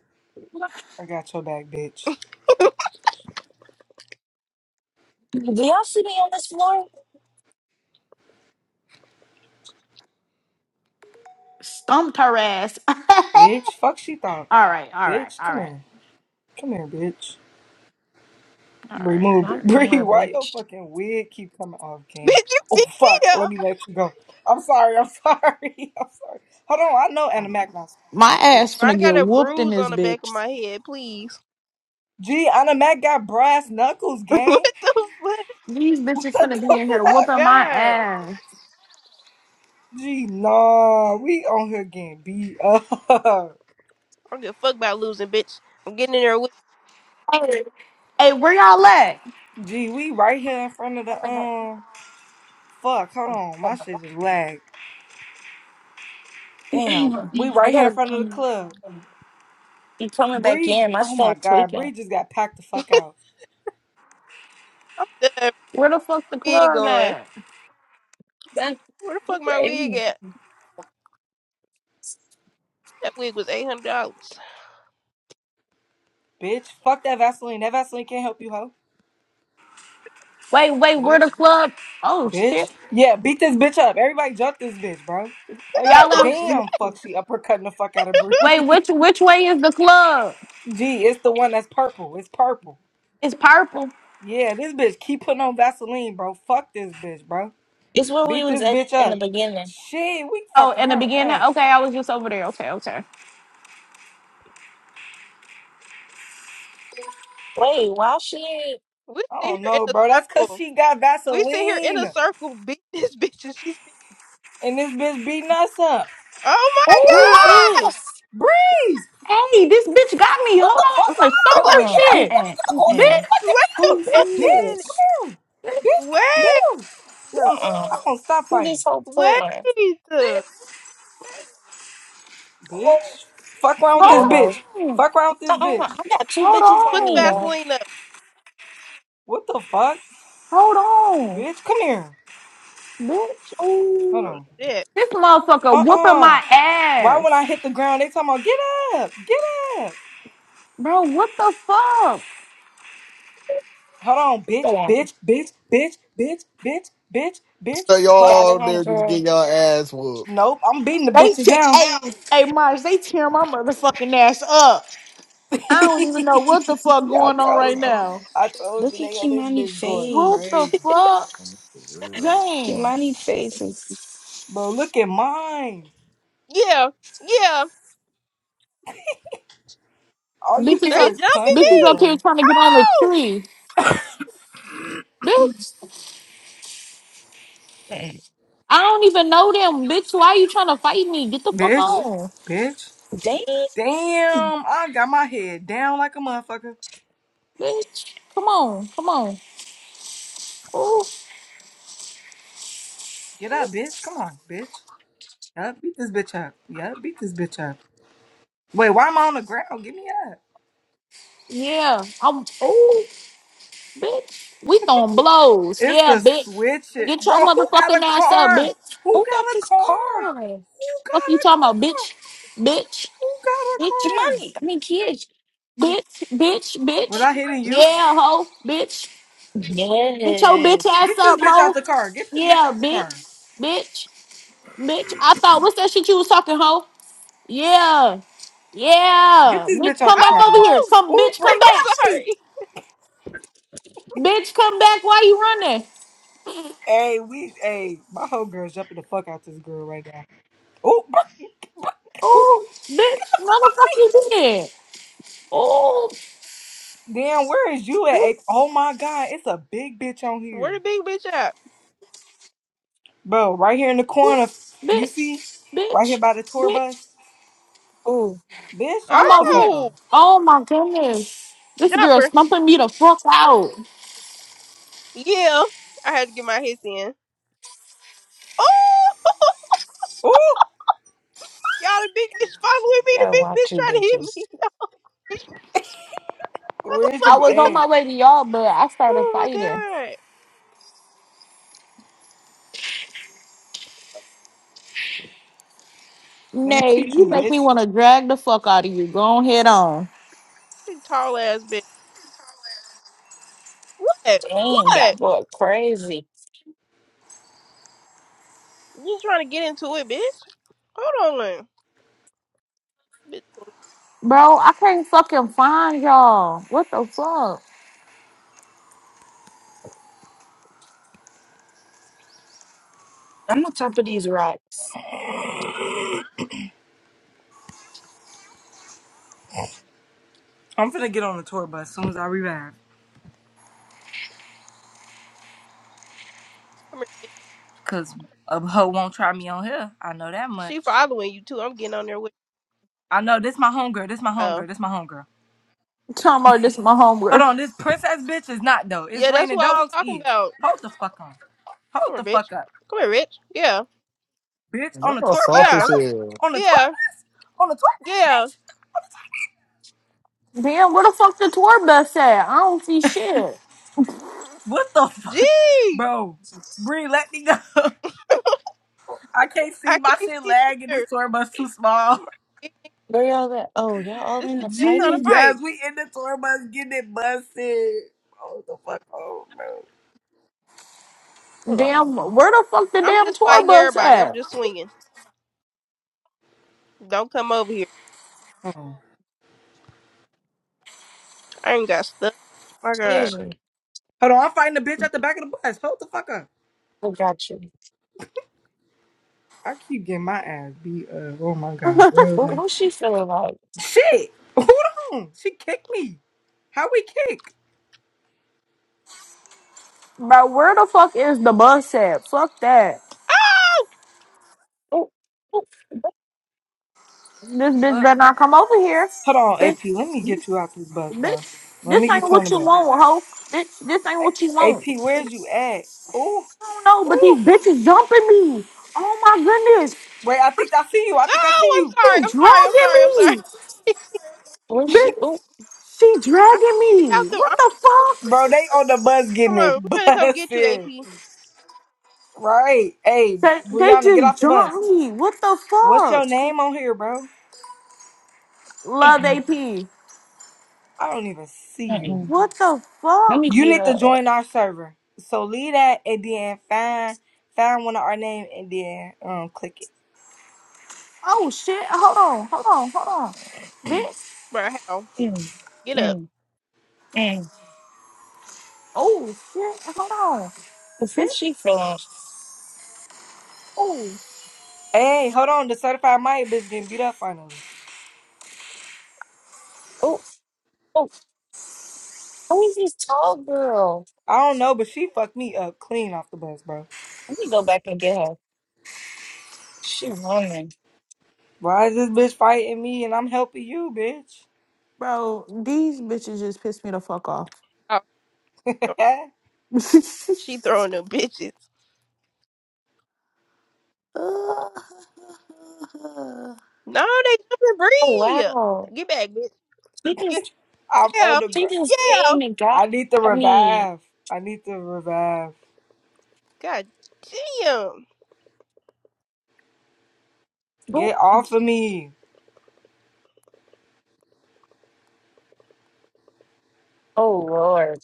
S1: I got your back, bitch.
S3: Do y'all see me on this floor?
S4: Stumped her ass. all
S1: Bitch, fuck she thought.
S4: right, all right,
S1: Bitch,
S4: all
S1: come
S4: right.
S1: here, come here, bitch.
S4: All
S1: Bree,
S4: right,
S1: move,
S4: all
S3: I'm coming,
S1: Bree. Why your
S3: bitch.
S1: fucking wig keep coming off, King?
S5: Bitch, you
S1: Oh
S5: beat me
S1: fuck,
S5: up.
S1: let me let you go. I'm sorry, I'm sorry, I'm sorry. Hold on, I know Anna
S4: right.
S1: Mac now.
S4: My ass
S5: I
S4: finna get
S5: got a
S4: whooped in
S5: bruise
S4: this
S5: on the back of
S4: bitch.
S5: my head, please.
S1: Gee, Anna Mac got brass knuckles,
S5: what
S1: gang.
S5: the fuck?
S4: These bitches
S1: What
S4: finna be
S1: the
S4: in here
S1: fuck?
S4: whooping my
S5: God. I
S4: ass.
S1: Gee, nah, we on here getting beat up.
S5: don't give a fuck about losing, bitch. I'm getting in there with
S4: Hey, hey, where y'all at?
S1: Gee, we right here in front of the um. Fuck, hold on, my shit just lagged.
S3: Hang
S1: Damn,
S3: on,
S1: we
S3: hang on. I
S1: right here in
S3: gotta
S1: front of the
S3: come.
S1: club.
S3: You coming back
S1: Bree,
S3: in? My
S1: oh my
S3: stuff
S1: god,
S3: tweaking.
S1: Bree just got packed the fuck out,
S5: I'm done
S4: Where the fuck the
S5: wig
S4: club
S5: on.
S4: at?
S3: That-
S5: Where the fuck my wig at? That wig was eight hundred dollars.
S1: bitch. Fuck that Vaseline. That Vaseline can't help you, hoe.
S4: Wait, wait, where the
S1: Bitch,
S4: club? Oh
S1: bitch.
S4: shit.
S1: Yeah, beat this bitch up. Everybody jump this bitch, bro. Everybody,
S5: oh
S4: Y'all
S5: shit.
S4: in
S1: damn, fuck, she uppercutting the fuck out of Bree.
S4: wait, which which way is the club?
S1: Gee, it's the one that's purple. It's purple.
S4: It's purple.
S1: Yeah, this bitch keep putting on Vaseline, bro. Fuck this bitch, bro.
S3: It's where we
S1: Beat
S3: was
S1: this
S3: at
S1: bitch
S3: in the
S1: up.
S3: beginning.
S1: Shit, we
S4: Oh,
S1: fucking
S4: in the
S1: her
S4: beginning?
S1: up.
S4: Okay, I was just over there. Okay, okay.
S3: Wait, why she?
S5: We
S1: I
S5: sit
S1: don't
S5: here in
S1: know,
S5: a
S1: bro. That's cause
S5: circle.
S1: she got
S5: We sit here in a
S1: Vaseline.
S5: circle beating this bitch and she's
S1: And this bitch beating us up.
S5: Oh
S3: What is
S4: Oh,
S5: my
S4: hold on.
S3: this?
S1: Bree!
S4: Hey, this bitch got me.
S1: What
S4: Hold on.
S1: the fuck?
S5: god!
S4: I'm gonna
S1: Hold
S5: Oh
S1: on.
S4: stomp
S1: Let
S5: my
S1: me
S4: her
S5: god.
S3: Uh-uh,
S1: get up.
S4: shit.
S1: Let me
S3: uh-uh,
S1: get the horse.
S3: uh-uh.
S1: She
S4: Bitch,
S1: fucking
S5: Wait a
S1: beat
S3: What
S1: up.
S3: is
S4: bitch,
S5: fucking
S1: Bitch,
S5: minute.
S1: come
S3: this?
S1: here.
S4: bitch,
S1: Bitch, come
S4: bitch,
S5: Wait.
S1: here. Bitch.
S3: Uh-uh.
S1: I'm gonna stop
S3: Who this
S1: fighting.
S3: hoe
S5: Wait.
S3: fooling?
S4: bitch. Oh,
S1: Bitch. Fuck around
S3: I'm
S1: with
S3: not
S1: this
S3: a
S4: Hold
S3: hoe.
S1: bitch.
S4: on.
S1: Fuck around with this
S3: Uh-uh. I
S1: bitch.
S3: got two
S4: Hold
S3: bitches on
S5: Put the
S3: me,
S4: on.
S3: y'all.
S5: Vaseline up.
S1: What the fuck?
S4: Hold on.
S1: Bitch, come here.
S4: Bitch.
S1: Hold
S3: Ooh.
S5: Oh
S1: on.
S5: shit.
S4: This motherfucker whooping
S1: Uh-uh.
S4: my
S1: Why when
S4: ass.
S1: I hit the ground, they talking about get up. Get up.
S4: Bro, what the fuck?
S1: Hold on, bitch,
S3: Hold on.
S1: bitch, bitch, bitch, bitch, bitch, bitch, bitch.
S2: So y'all
S1: Fuck.
S3: Got it
S2: all
S3: on,
S2: there just get
S3: girl.
S2: y'all ass whooped.
S1: Nope, I'm beating the
S4: They
S1: bitches
S4: te-
S1: now.
S4: hey, hey Mars, they tear my motherfucking ass up. I don't even know what the fuck
S1: I
S4: going on right
S1: told you.
S4: now.
S1: I told you
S3: Look at
S1: they on this
S3: Kimani
S1: bitch going
S3: Faye.
S4: What the
S1: crazy.
S4: fuck?
S2: For real.
S4: Dang.
S3: Kimani face is...
S1: Bro, look at mine.
S5: Yeah. Yeah.
S1: All you
S4: Bitches
S5: They
S1: hear
S4: up,
S1: is
S5: jumping
S4: bitches
S1: punches,
S4: up
S5: me.
S4: here
S1: bro.
S4: trying to get on the
S5: Oh,
S4: tree. Bitch,
S3: Mm-mm.
S4: I don't even know them. Bitch, why you trying to fight me? Get the fuck
S1: Bitch,
S4: on.
S1: bitch.
S3: Dang.
S1: Damn, I got my head down like a motherfucker.
S4: Bitch, come on, come on. Oh,
S1: Get up, bitch. Come on, bitch. Yup, beat this bitch up. Yup, beat this bitch up. Wait, why am I on the ground? Get me
S4: yeah. I'm, oh, bitch. We throwing blows.
S1: It's
S4: Yeah,
S1: the
S4: bitch.
S1: switch it.
S4: Get your
S1: Bro, who got
S4: motherfucking
S1: a
S4: ass up,
S1: car?
S4: bitch.
S1: Who
S3: Who got
S1: got a
S3: this
S1: car?
S3: car?
S1: Who got
S4: Fuck you
S1: a
S4: talking about,
S1: car?
S4: bitch. Bitch,
S1: Who got a
S4: bitch,
S1: car?
S3: Kimani. I mean, kids.
S4: bitch, bitch,
S1: Was
S4: bitch.
S1: I hitting you?
S4: Yeah, ho, bitch. Get your bitch
S3: Yes.
S4: ass
S1: Get this
S4: up,
S1: bitch out
S4: ho.
S1: the car. Get this bitch
S4: Yeah,
S1: out the car.
S4: bitch, bitch. Bitch, I thought what's that shit you was talking, hoe? Yeah,
S1: Get
S4: yeah.
S1: this
S4: Bitch,
S1: bitch out
S4: come
S1: the
S4: back
S1: car,
S4: over
S1: bro.
S4: here.
S5: oh!
S4: Come,
S1: Ooh,
S4: bitch, come
S1: Bree, get
S5: I'm
S4: back.
S1: off me.
S5: sorry.
S4: Bitch, come back. Why you running?
S1: Hey, we, hey, my whole girl's jumping the fuck out this girl right now. Ooh, Bree,
S3: Who
S4: Oh, bitch, motherfucker, you did. Oh,
S1: damn, where is you at?
S4: ooh,
S1: Hey, oh my God, it's a big bitch on
S5: Where
S1: here.
S5: the big bitch at?
S1: Bro, right here in the
S4: ooh,
S1: corner. You see?
S4: bitch,
S1: Right here
S4: bitch,
S1: by the tour
S4: bitch.
S1: bus.
S3: Oh,
S1: Bitch,
S4: I'm
S1: hold the
S4: over
S1: fuck
S4: here.
S1: on.
S5: Oh,
S4: Oh my goodness, this girl's
S5: jumper.
S4: pumping me the fuck out.
S5: Yeah, I had to get my hits in. Oh,
S1: Ooh!
S5: y'all, the big bitch following me. The big bitch trying to hit me. Oh
S1: Where's
S4: I
S1: you
S5: my
S4: was
S5: god.
S4: on
S1: at?
S4: my way to y'all, but I started
S5: Oh
S4: fighting.
S5: my god.
S1: Let me
S4: Nay,
S1: teach
S4: you
S1: you,
S4: make me
S1: bitch.
S4: want to drag the fuck out of you. Go on head on.
S5: Big tall ass bitch. What?
S3: dang, that
S5: What?
S3: boy crazy.
S5: You trying to get into it, bitch? Hold on. Bitch,
S4: Bro, I can't fucking find y'all. What the fuck?
S3: I'm on top of these rocks.
S1: I'm finna get on the tour bus as soon as I revive.
S5: come here.
S1: Cause a hoe won't try me on here. I know that
S5: She
S1: much.
S5: following you too. I'm getting on there with.
S1: I know this my homegirl. This my
S5: Oh,
S1: homegirl. This my homegirl.
S4: You Talking about this my
S1: Hold
S4: homegirl.
S1: on, this princess bitch is not though. It's
S5: yeah, that's
S1: raining
S5: what I was
S1: dogs
S5: talking
S1: is.
S5: about.
S1: Hold the fuck on. Hold
S5: Come
S1: the
S5: here, bitch.
S1: fuck up.
S5: Come here, bitch. Yeah,
S1: Bitch, on the
S2: Y'all
S1: tour
S2: soft
S1: bus
S2: as
S5: yeah,
S2: hell.
S1: though? On the tour
S5: yeah.
S1: bus? On the tour bus,
S5: Yeah.
S1: bitch? On the
S4: Damn,
S1: tour
S4: where
S1: bus?
S4: the fuck the tour bus at? I don't see shit.
S1: What the fuck?
S5: Gee,
S1: Bro, Bree, let me go. I can't see
S5: I
S1: my
S5: can't
S1: shit
S5: see
S1: lag and this
S5: either.
S1: tour bus too small.
S5: This
S3: Where y'all at? Oh, y'all all in
S5: bitch
S3: the
S5: still trying to
S3: fighting?
S1: Jesus,
S5: fight.
S1: we in the tour bus getting it busted. Hold the fuck on, bro.
S3: Hold on.
S4: Damn, where the fuck the
S5: I'm
S4: damn
S5: just
S4: tour
S5: fighting
S4: bus
S5: everybody. I'm
S4: at?
S5: just swinging. Don't come over here.
S1: Oh.
S5: I ain't got stuck. My God.
S3: Here's you.
S1: Hold on, I'm fighting the bitch at the back of the bus. Hold the fuck up.
S3: I got you.
S1: I keep getting my ass beat up. Oh my god,
S3: What,
S1: really?
S3: what's she feeling like?
S1: Shit. Hold on. She kicked me. How we kick?
S4: Bro, where the fuck is the bus at? Fuck that.
S3: Oh, oh,
S4: This bitch
S1: Fuck.
S4: better not come over here.
S1: Hold on,
S4: Bitch,
S1: AP. Let me get you out this bus, bro.
S4: bitch,
S1: Let
S4: this
S1: me
S4: ain't
S1: get you on
S4: what
S1: the
S4: you
S1: bus.
S4: want, hoe. Bitch, this ain't what you
S1: A-
S4: want.
S1: AP, where's you at? Ooh,
S4: I don't know, but
S1: ooh.
S4: these bitches jumping me. Oh my goodness.
S1: Wait, I think I see you. I
S5: No,
S1: think I see
S5: I'm
S1: you.
S5: sorry. I'm
S4: She
S5: sorry. I'm sorry. I'm sorry.
S4: dragging me.
S3: where's she?
S4: Bitch,
S3: Oh,
S4: she
S5: I can't get
S4: dragging
S5: out
S4: me.
S5: the.
S4: What
S5: i
S4: the fuck?
S1: Bro, they on the bus
S5: come
S1: getting it
S5: on. We're gonna come get you,
S1: busted.
S5: AP.
S1: Right. Hey,
S4: They, they
S1: Brianna, get off
S4: just
S1: the bus.
S4: jumped me. What the
S1: What's your
S4: fuck?
S1: name on here, bro?
S4: Love
S3: mm-mm,
S4: AP.
S1: I don't even see you.
S3: mm-mm.
S4: What the
S3: Let me
S4: fuck?
S1: You
S3: be
S1: need
S3: her.
S1: to
S3: uh,
S1: join our server. So leave that and then find find one of our name and then um click it.
S4: Oh shit. Hold on. Hold on. Hold on. Bitch.
S5: Bro, how?
S3: Mm,
S5: Get up.
S3: mm, mm.
S4: Oh shit. Hold on.
S3: What's this
S4: Bitch.
S3: she feeling?
S4: Oh.
S1: Hey, hold on. The certified Maya bitch getting beat up finally.
S3: Oh, oh, who is this tall girl?
S1: I don't know, but she fucked me up clean off the bus, bro.
S3: Let me go back and get her. She running.
S1: Why is this bitch fighting me and I'm helping you, bitch?
S4: Bro, these bitches just pissed me the fuck off.
S5: Oh, th- she throwing them bitches. No, they jumping
S3: Oh
S5: Bree.
S3: wow.
S5: Get back, bitch.
S3: She
S5: Yeah,
S3: just
S1: I'm on
S5: yeah,
S1: the gr-
S3: she just
S5: yeah.
S3: came
S1: I need to
S3: at me.
S1: revive. I need to revive.
S5: God damn.
S3: Go-
S1: Get off of me.
S3: Oh,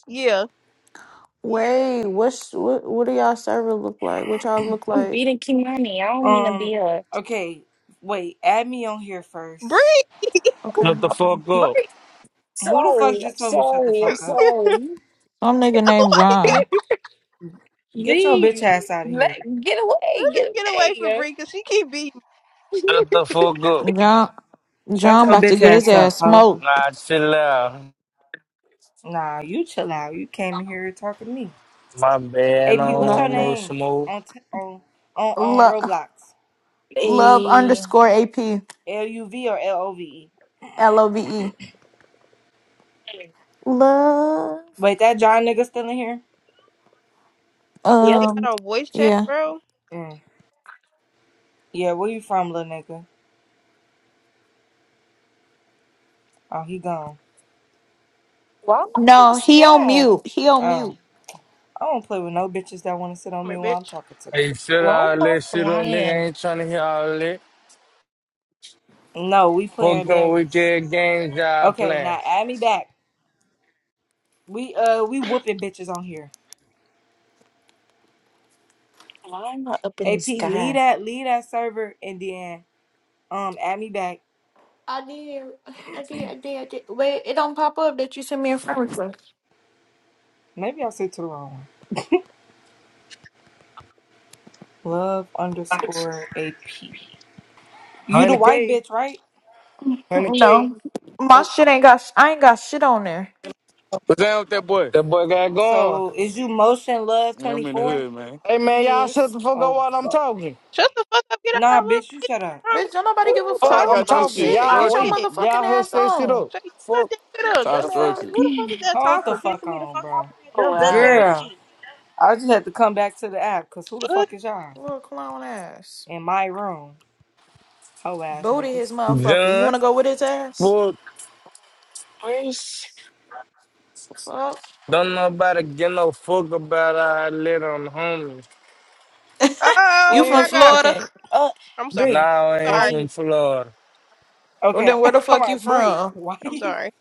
S5: Yeah,
S4: Wait, what's what? What do y'all server look like? What y'all look
S3: I'm
S4: like?
S3: beating my knee. I don't mean to be
S1: Um.
S3: a
S1: Okay. Wait. Add me on here
S5: Bree.
S1: first.
S4: Okay,
S9: Let the
S4: hold on.
S9: fuck
S3: what?
S9: go.
S1: Who the fuck
S3: Sorry, I'm
S1: just told me shut the
S3: sorry, I'm
S1: fuck up?
S3: sorry.
S4: Some nigga named
S5: Oh
S4: John.
S1: Get your bitch
S3: Gee,
S1: ass out of here.
S3: let get away, get
S5: Get away from
S3: away.
S5: Bree, cause she keep beating.
S9: Let the fuck go.
S4: John.
S1: Shut
S4: John
S1: your
S4: about to
S1: bitch
S4: get his
S1: ass up,
S4: ass
S1: ho.
S4: smoked.
S9: Nah, chill out.
S1: Nah, you chill out. You came in here talking to me.
S9: My band
S1: AP, what's your
S9: on, no
S1: name
S9: smoke.
S1: on t- on on on
S4: Love,
S1: Roblox?
S4: love
S3: Eh,
S4: underscore AP.
S1: L U V or L O V E?
S4: L O V E. Love.
S1: Wait, that John nigga still in here?
S5: they
S3: yep.
S4: Um,
S5: got on voice chat,
S4: yeah.
S5: bro.
S1: Mm. Yeah, where you from, little nigga? Oh, he gone.
S3: Why am I in the
S4: No, he on
S3: sky?
S4: mute. He on
S1: Oh,
S4: mute.
S1: I don't play with no bitches that want to sit on
S5: Come
S1: me
S5: here,
S1: while I'm
S5: bitch.
S1: talking to them.
S9: Hey, shut
S3: Why am
S9: all
S3: I
S9: that shit up, nigga.
S3: flying?
S9: ain't tryna hear all that.
S1: No, we
S9: Fuck
S1: playing
S9: them
S1: baddies.
S9: weekend games y'all
S1: Okay,
S9: playing.
S1: now add me back. We uh we whooping bitches on here.
S3: Why am I up in the
S1: AP, lead
S3: sky?
S1: that lead that server and then um add me back.
S4: I did. I did. I did. I did. Wait, it don't pop up that you sent me a friend request.
S1: Maybe I said to the wrong one. Love underscore AP. You the white
S9: 100K,
S1: bitch, right?
S9: 100K.
S4: No. My
S1: Oh,
S4: shit ain't got, I ain't got shit on there.
S10: What's down with that boy?
S9: That boy got going.
S1: so is you motion love
S10: Man,
S1: twenty
S10: I'm in the
S1: four?
S10: hood, man.
S9: Hey, man, y'all shut
S4: Yes.
S9: the fuck up
S1: Oh
S9: while I'm
S1: fuck.
S9: talking.
S5: Shut the fuck up. Get out of our
S1: Nah,
S5: room.
S1: bitch, you
S5: Get
S1: shut up.
S5: wrong
S4: Bitch,
S5: with
S4: don't nobody give a
S10: Ooh,
S5: the
S9: Fuck,
S10: Ty
S4: fuck
S5: hoe.
S9: I'm
S10: got
S4: about
S10: this
S9: talking.
S10: shit
S5: It's
S4: shit.
S9: Y'all
S4: Get your
S5: our
S10: structured.
S9: wait.
S5: shit.
S4: motherfucking
S9: Y'all hush
S4: ass
S9: that shit
S4: on.
S9: up.
S5: So you shut
S9: Fuck.
S5: that shit up,
S10: Ty
S4: The
S5: dumbass nigga.
S10: structured.
S4: fuck?
S5: Who the fuck is that
S1: Hold the
S5: talking?
S1: fuck
S5: Pissing me the
S1: on,
S5: fuck off
S1: bro.
S5: with that
S3: Oh
S5: dumb duck
S3: wow.
S5: ass
S1: Girl,
S5: shit.
S1: I just had to come back to the app because who the
S5: Fuck.
S1: fuck is y'all
S4: Little clown ass.
S1: in my room? Ho ass
S4: Booty his
S1: niggas.
S4: motherfucker. You
S9: Done.
S4: wanna go with his ass?
S9: fuck.
S3: Where's
S4: Fuck.
S9: Don't nobody get no fuck about our little homies.
S4: You
S5: Oh
S4: from
S5: my
S3: where
S5: god.
S4: Florida?
S3: okay. Uh
S5: I'm sorry.
S3: Bree,
S9: Nah, I
S5: I'm
S9: ain't
S3: why
S5: sorry.
S9: from
S3: you
S9: Florida.
S4: Well,
S1: Okay,
S4: then where the
S1: come
S4: fuck you
S1: on, Bree.
S4: from?
S1: Why
S5: I'm
S1: you?
S5: sorry.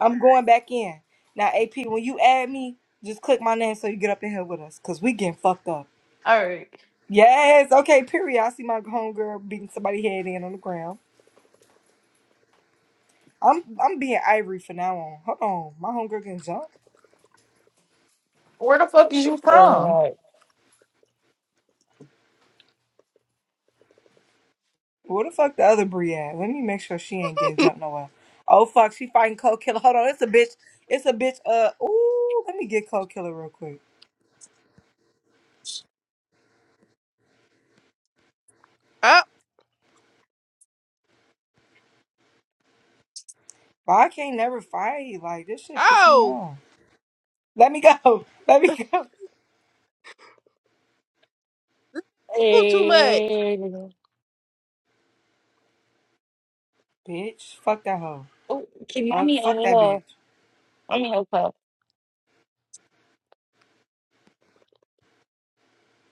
S1: I'm going back in. Now, AP, when you add me, just click my name so you get up in here with us, because we getting fucked up.
S4: All right.
S1: Yes, okay, period. I see my homegirl beating somebody head in on the ground. I'm I'm being ivory for now on. Hold on. My homegirl getting jumped?
S4: Where the fuck is
S3: what's your
S4: you
S3: phone
S4: from?
S3: like?
S1: Where the fuck the other Brie at? Let me make sure she ain't getting jumped nowhere. Oh fuck, she fighting Cold Killer. Hold on, it's a bitch. It's a bitch. Uh, ooh, let me get Cold Killer real quick.
S5: Oh.
S1: But I can't never fight. Like this shit piss me
S5: Oh.
S1: off. Let me go. Let me go,
S5: Move too much.
S3: Hey.
S1: bitch. Fuck that hoe.
S3: Oh, keep
S1: Uh,
S3: mommy on
S1: fuck that bitch.
S3: her. Let me help her.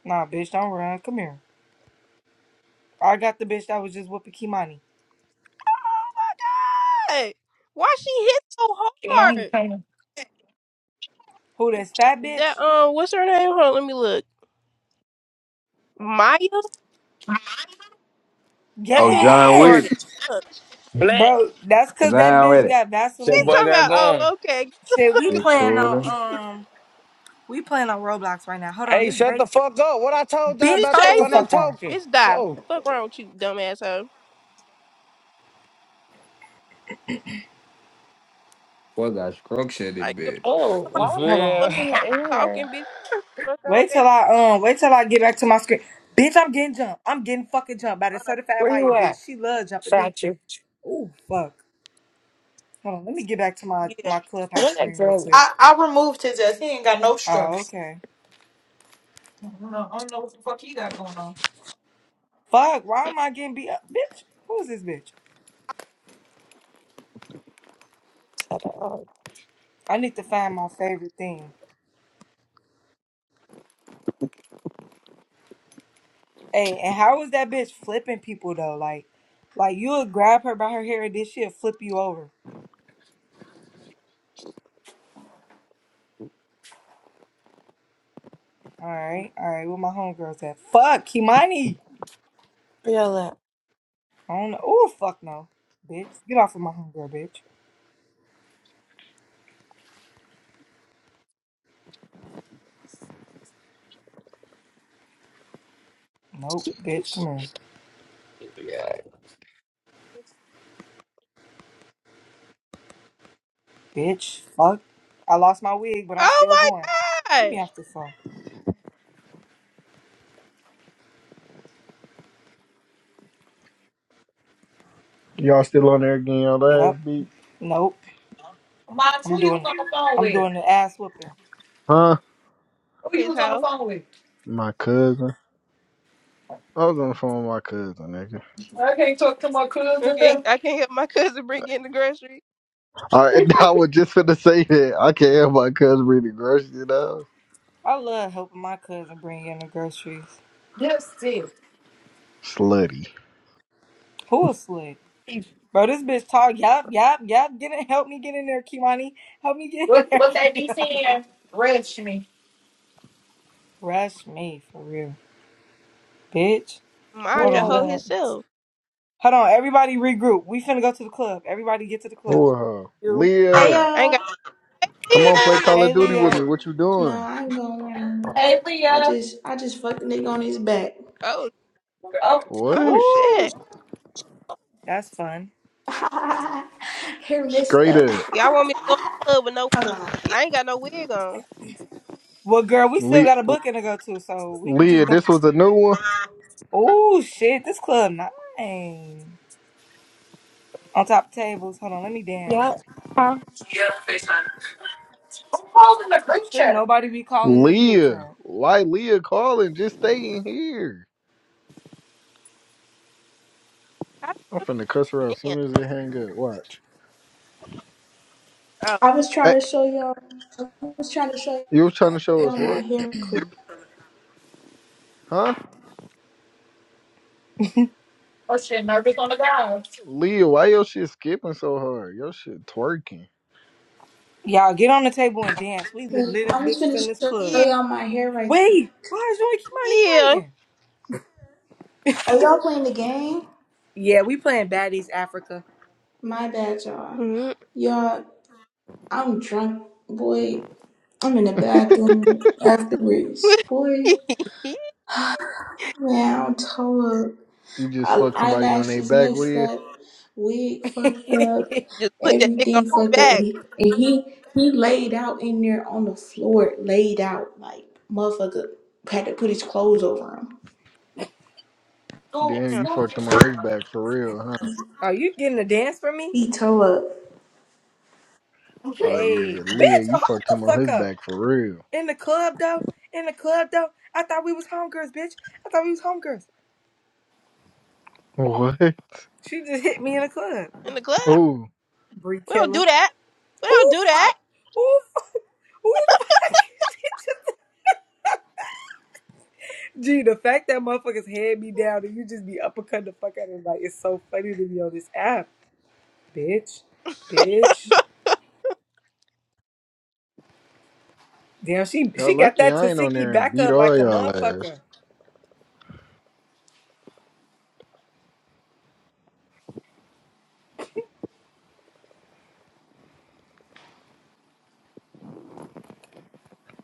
S1: Nah, bitch, don't run. Come here. I got the bitch that was just whooping Kimani.
S5: God. Why she hit so
S3: Keep mommy
S5: hard?
S3: coming.
S1: Who, that's fat
S5: That
S1: bitch?
S5: um, what's her name? Hold on, let me look. Maya. That
S11: Oh,
S5: bitch hit
S11: John
S1: Yes!
S11: Wick.
S5: hard as fuck.
S9: Black.
S1: Bro, that's cause that
S11: Down
S1: bitch
S11: with it.
S1: got
S9: That
S5: She
S1: Vaseline.
S9: boy
S5: talking
S9: got
S5: about,
S9: gone.
S5: oh, okay, get the
S1: Shit, we
S5: fuck away
S11: Get
S1: playing
S5: from
S11: cooler.
S5: me.
S1: on, um, we playing on Roblox right now. Hold on,
S9: Hey,
S1: this
S9: shut
S1: ba-
S9: the fuck up. What I told y'all
S5: She
S1: bitch,
S9: about
S1: hold
S9: that
S1: the
S9: when
S5: chasing
S9: I'm
S1: fuck on.
S5: me.
S9: talking?
S5: Bitch, die.
S9: Fuck.
S5: Fuck wrong with you, dumb asshole.
S11: Fuck, I structured it,
S5: I give
S11: bitch.
S3: Oh,
S5: a fuck
S3: why
S9: You
S3: was
S1: Hold on.
S3: I
S9: feel?
S3: in the air?
S5: talking, bitch. Fuck on
S1: Wait
S5: that.
S1: till
S5: bitch.
S1: I, um, wait till I get back to my screen. Bitch, I'm getting jumped. I'm getting fucking jumped by the
S5: Hold on.
S1: certified
S3: Where
S1: Maya
S3: you at?
S1: bitch. She love jumping me.
S3: Found you.
S1: Ooh, fuck. Hold on, let me get back to my,
S5: Yeah.
S1: my clubhouse
S3: Where that
S1: screen real
S3: girl is
S1: quick.
S4: I, I removed his ass. He ain't got no
S1: Oh,
S4: structure.
S1: okay.
S4: I don't know I don't know what the fuck he got going on.
S1: Fuck, why am I getting beat up? Bitch, who's this bitch?
S3: at all?
S1: I need to find my favorite thing. Hey, and how is that bitch flipping people though? Like, like you'll grab her by her hair and then she'll flip you over. All right, all right, where my homegirls at? Fuck, Kimani.
S3: Where y'all at?
S1: I don't know. Oh, fuck no. Bitch, get off of my homegirl, bitch. Nope, bitch, come on. Bitch, fuck. I lost my wig, but I'm
S5: Oh
S1: still going.
S5: my
S1: Get me
S5: gosh.
S1: off the phone.
S2: Y'all still on there getting you ass
S1: Yep,
S2: beat?
S1: nope.
S4: Mine's
S1: I'm
S4: who you was
S1: doing
S4: on the phone
S1: I'm
S4: with?
S1: doing the ass whooping.
S2: Huh?
S4: Who you
S5: His
S4: was on the
S5: hoe.
S4: phone with?
S2: My cousin. I was on the phone with my cousin, nigga.
S4: I can't talk to my cousin
S5: Okay,
S4: them.
S5: I can't help my cousin bring in the grocery.
S2: Uh, and I was just gonna say that I can't have my cousin reading grocery now.
S1: I love helping my cousin bring in the groceries.
S4: Yes, it.
S2: Slutty.
S1: Who asleep? Bro, this bitch talk. Yup, yup, yup. Get in. Help me get in there, Kimani. Help me get in
S4: What
S1: there,
S4: what that DC
S1: Kimani.
S4: in? Rush me.
S1: Rush me for real, bitch.
S5: Mind
S3: Where
S1: Hold
S5: your
S1: on,
S5: hoe
S1: let.
S3: y'all at?
S5: himself.
S1: Hold on, everybody regroup. We finna go to the club. Everybody get to the club.
S2: Oh, uh,
S5: You.
S12: Hey
S2: Leah,
S5: I ain't
S12: y'all.
S5: got
S2: come on, play
S5: yeah.
S2: Call of
S1: Hey,
S2: Duty with me.
S1: Leah.
S2: What you
S12: No,
S2: doing?
S12: I'm going.
S4: Hey
S12: I
S4: Leah.
S12: just I just fucked a nigga on his back.
S5: Oh,
S4: Oh,
S5: oh
S2: What?
S5: shit.
S1: Ooh, that's fun.
S12: Hair messed
S2: Straight
S12: up.
S2: up,
S5: Y'all want me to go to the club with no?
S12: Hold on.
S5: I ain't got no wig on.
S1: Well, girl, we still
S2: Le-
S1: got a booking to go to, so we can just
S2: Leah.
S1: go.
S2: This was a new one.
S1: Ooh, shit, this club nine on top of tables. Hold on, let me dance.
S4: I'm holding the group
S1: Should not
S4: chat.
S1: nobody be calling this group
S2: Leah,
S1: chat?
S2: why Leah calling? Just stay in here.
S5: I
S2: I'm finna cuss her out as soon
S5: dance.
S2: as it hang up. Watch.
S5: Oh,
S12: I was
S2: Hey,
S12: trying to show y'all I was trying to show
S2: you was trying to show us
S12: y'all my
S2: what?
S12: hair quick.
S2: Huh?
S4: Oh shit, nervous on the ground.
S2: Leah, why your shit skipping so hard? Your shit twerking.
S1: Y'all get on the table and dance. We the
S12: Wait, I
S1: littest
S12: was
S1: bitches
S12: gonna
S1: in this
S12: show
S5: yeah,
S1: club.
S12: y'all my hair right
S1: Wait, why is Roy Kimani
S5: yeah.
S1: fighting?
S12: Are y'all playing the game?
S1: Yeah, we playing Baddies Africa.
S12: My bad y'all.
S5: Mhm.
S12: Y'all I'm drunk, boy. I'm in the bathroom afterwards. Boy, man, I'm tore up.
S2: You just fuck somebody on their
S12: eyelashes
S2: back,
S12: messed
S2: Leah.
S12: up, wig fucked up,
S5: Just put that nigga on
S12: everything
S5: his
S12: fucked up, and
S5: back.
S12: he, and he he laid out in there on the floor, laid out like motherfucker had to put his clothes over him.
S4: School,
S2: Damn,
S5: Damn,
S2: you
S4: school,
S2: fucked
S4: you
S2: him on
S4: talking
S2: his
S4: about?
S2: back for real, huh?
S1: Are you getting a dance for me?
S12: He tore up.
S2: Oh yeah,
S1: Hey, bitch,
S2: Leah, you
S1: hold
S2: fucked
S1: the
S2: him on
S1: fuck
S2: his
S1: up.
S2: back for real.
S1: In the club though, in the club though, I thought we was homegirls, bitch. I thought we was homegirls.
S2: What?
S1: She just hit me in the club.
S5: in the club.
S2: Oh,
S1: Bree
S5: We don't do
S1: Killer.
S5: that. We don't
S1: Ooh
S5: do that.
S1: fuck. Ooh fuck. Ooh fuck. She just- Gee, the fact that motherfuckers hand me down and you just be uppercut the fuck out of me, like it's so funny to be on this app, bitch, bitch. Damn, she
S2: y'all
S1: she got
S2: lucky
S1: that
S2: I ain't on
S1: Tasiki
S2: there and
S1: back
S2: beat
S1: up
S2: all
S1: like a
S2: y'all ass.
S1: motherfucker.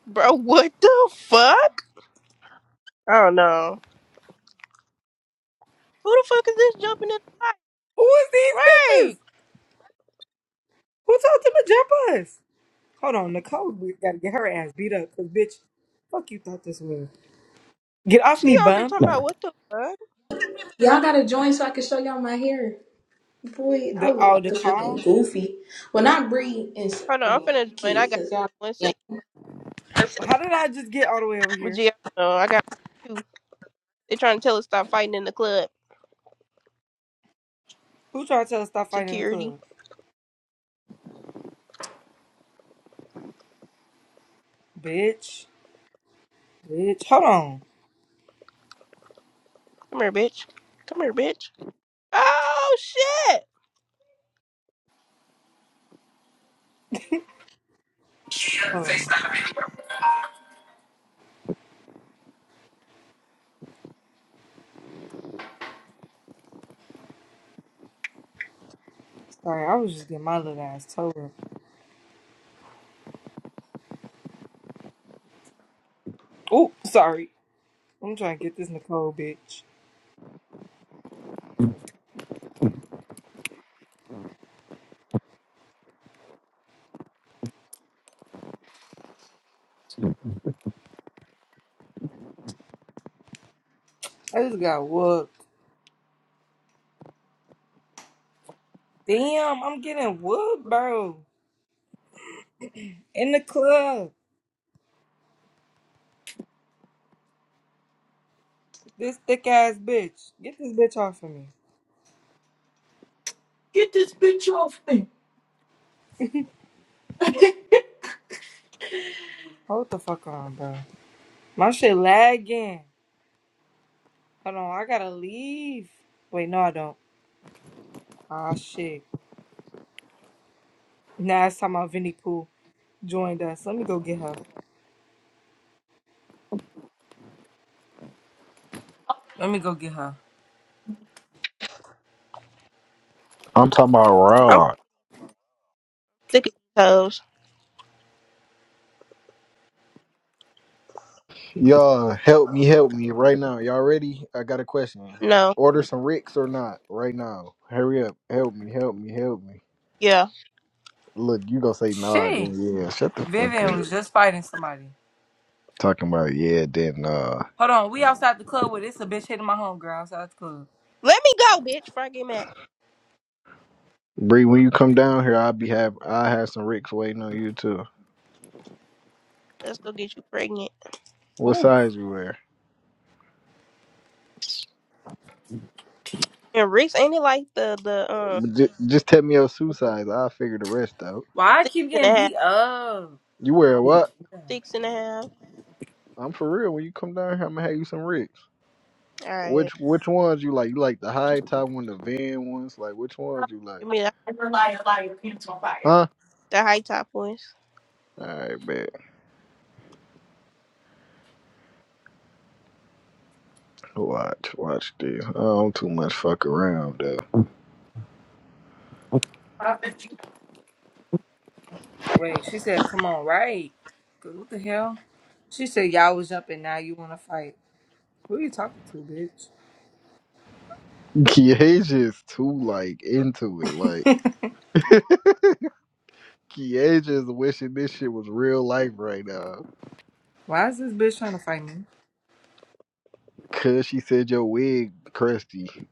S5: Bro, what the fuck? Oh no. Who the fuck is this jumping in the fight?
S1: Who is these
S5: Right.
S1: bitches? Who told them to jump us? Hold on, Nicole, we gotta get her ass beat up, cause bitch, fuck you thought this was. Get off
S5: She
S1: me,
S5: out here
S1: bum.
S5: talking about what the fuck?
S12: Y'all gotta join so I can show y'all my hair. Boy, I
S1: The
S12: look
S1: oh
S12: like
S1: the
S12: a fucking
S1: call.
S12: goofy. Well, not Bree and s-
S5: Hold on, I'm
S12: mm,
S5: finna join. I
S12: Kid,
S5: got
S12: cause y'all.
S5: one second.
S1: How did I just get all the way over
S5: But
S1: here?
S5: yeah, I don't know. I got two. They trying to tell us to stop fighting in the club.
S1: Who tried to tell us to stop fighting in the
S5: Security.
S1: club? Bitch, bitch. Hold on,
S5: Come here, bitch. Come here, bitch. Oh shit.
S1: hold on. Sorry, I was just getting my little ass told. Oh, sorry. I'm trying to get this Nicole bitch. I just got whooped. Damn, I'm getting whooped, bro. In the club. This thick ass bitch. Get this bitch off of me.
S4: Get this bitch off me.
S1: Hold the fuck on, bro. My shit lagging. Hold on, I gotta leave. Wait, no, I don't. Ah, shit. Now it's time out Vinnie Pooh joined us. Let me go get her. Let me go get her.
S2: I'm talking about
S5: I'm
S2: Rod.
S5: sick of these toes.
S2: Y'all help me, help me right now. Y'all ready? I got a question.
S5: No.
S2: Order some Ricks or not right now. Hurry up. Help me, help me, help me.
S5: Yeah.
S2: Look, you gonna say nah, then
S1: Shit.
S2: yeah. Shut the fuck
S1: Vivian
S2: up.
S1: was just fighting somebody.
S2: Talking about yeah, then nah.
S1: Hold on, we outside the club with this a bitch hitting my homegirl outside the club.
S5: Let me go, bitch, before I get mad.
S2: Bree, when you come down here, I'll be have I have some Ricks waiting on you too.
S5: Let's go get you pregnant.
S2: What
S1: Ooh.
S2: size you wear?
S5: And Reese, ain't it like the the um
S2: Just, just tell me your shoe
S5: the
S2: size. I'll figure the rest out.
S1: Why I
S5: six
S1: keep
S5: and
S1: getting
S5: a half,
S1: beat up?
S2: You
S1: I
S2: wear
S1: don't like
S2: what?
S1: that.
S5: six and a half?
S2: I'm for real. When you come down here, I'm gonna have you some rigs.
S5: All right,
S2: Which which ones you like? You like the high top one, the van ones? Like which ones you like?
S5: give me the,
S2: Huh?
S5: the high top ones,
S2: All right, bet. Watch, watch this. I don't too much fuck around though.
S1: Wait, she said, come on, right? 'Cause What the hell? She said, y'all was jumping, now you want to fight. Who you talking to, bitch?
S2: Kiesha is too like into it. Like Kiesha is wishing this shit was real life right now.
S1: Why is this bitch trying to fight me?
S2: Cause she said your wig crusty.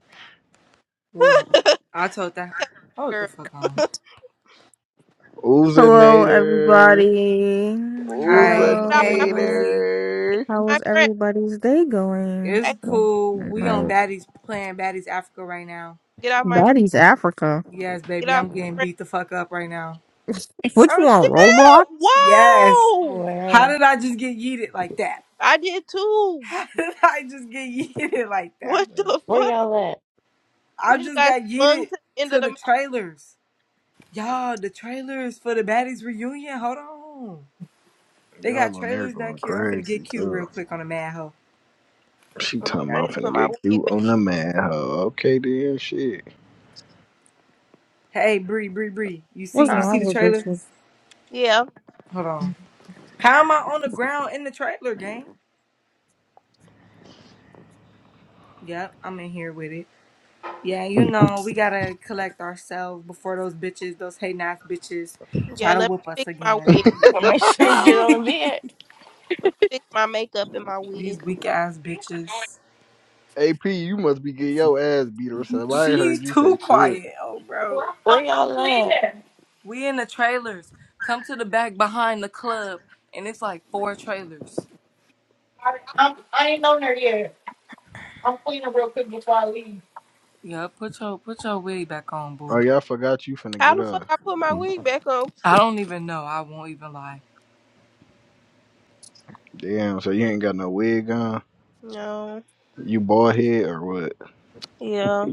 S1: Well,
S5: Tell
S1: I told that.
S5: me,
S1: Hold the
S5: girl.
S1: fuck on.
S5: get
S13: Hello,
S2: Uzinator.
S13: everybody.
S1: Hi.
S5: off my
S1: Hey,
S13: Hello.
S1: Uzi.
S5: get
S2: Uzanator.
S5: off
S13: How
S5: my
S13: was
S5: friend.
S13: everybody's day going?
S1: It's
S5: Hey,
S1: cool. We on
S13: Like,
S1: Baddies, playing Baddies Africa right now.
S5: get off my
S13: Daddy's Africa.
S1: Yes,
S5: get
S1: baby,
S5: off
S1: I'm getting
S5: my friend.
S1: beat the fuck up right now.
S13: What you
S5: Oh
S13: want, Roblox?
S5: shit!
S1: Yes.
S3: Oh,
S5: Whoa!
S1: How
S3: wow.
S1: did I just get yeeted like that?
S5: I did too.
S1: How did I just get yeeted like
S5: What
S1: that, bro?
S5: the
S3: Where
S5: fuck?
S3: y'all at?
S1: I
S5: We just
S1: just
S5: got
S1: got
S5: slung
S1: yeeted
S5: to the end
S1: to
S5: of the
S1: the trailers. Y'all, the trailers for the baddies reunion. Hold on. They got
S2: Y'all on there
S1: trailers
S2: going
S1: back here. I'm finna get
S2: crazy
S1: cute real
S2: too.
S1: quick on a mad hoe.
S2: She
S5: mountain.
S2: talking
S5: I need to
S2: about I'm
S5: put
S2: finna
S5: my
S2: get
S5: wig
S2: cute
S5: back.
S2: on the man. Huh? Okay then, shit.
S1: Hey, Bree, Bree, Bree. You see
S13: What's
S1: you
S5: Huh?
S1: see
S13: wrong
S1: the
S13: with
S1: trailer?
S13: bitches?
S5: Yeah,
S1: Hold on. How am I on the ground in the trailer, gang? Yep, I'm in here with it. Yeah, you know, we gotta collect ourselves before those bitches, those hate ass bitches,
S5: yeah.
S1: try to
S5: Let
S1: whoop
S5: me
S1: us
S5: fix my
S1: again.
S5: wig,
S3: I'm gonna make sure you get on the bed.
S5: fix my makeup and my
S1: These
S5: wig.
S1: weak ass
S3: You can do it.
S1: bitches.
S2: AP, you must be getting your ass beat or something. I ain't
S1: She's
S2: heard you say
S1: too
S2: shit.
S1: quiet. Oh, bro.
S4: I'm,
S3: Where
S4: I'm
S3: y'all at?
S4: cleaning.
S1: We in the trailers. Come to the back behind the club, and it's like four trailers.
S4: I, I'm, I ain't on there yet. I'm cleaning real quick before I leave.
S1: Yeah, put your put your wig back on,
S2: Oh
S1: boo.
S2: yeah, I forgot you finna
S5: How
S2: get
S5: the fuck
S2: up.
S5: I put my wig back on?
S1: I don't even know. I won't even lie.
S2: Damn, so you ain't got no wig on?
S5: No.
S2: You bald head or what?
S5: Yeah.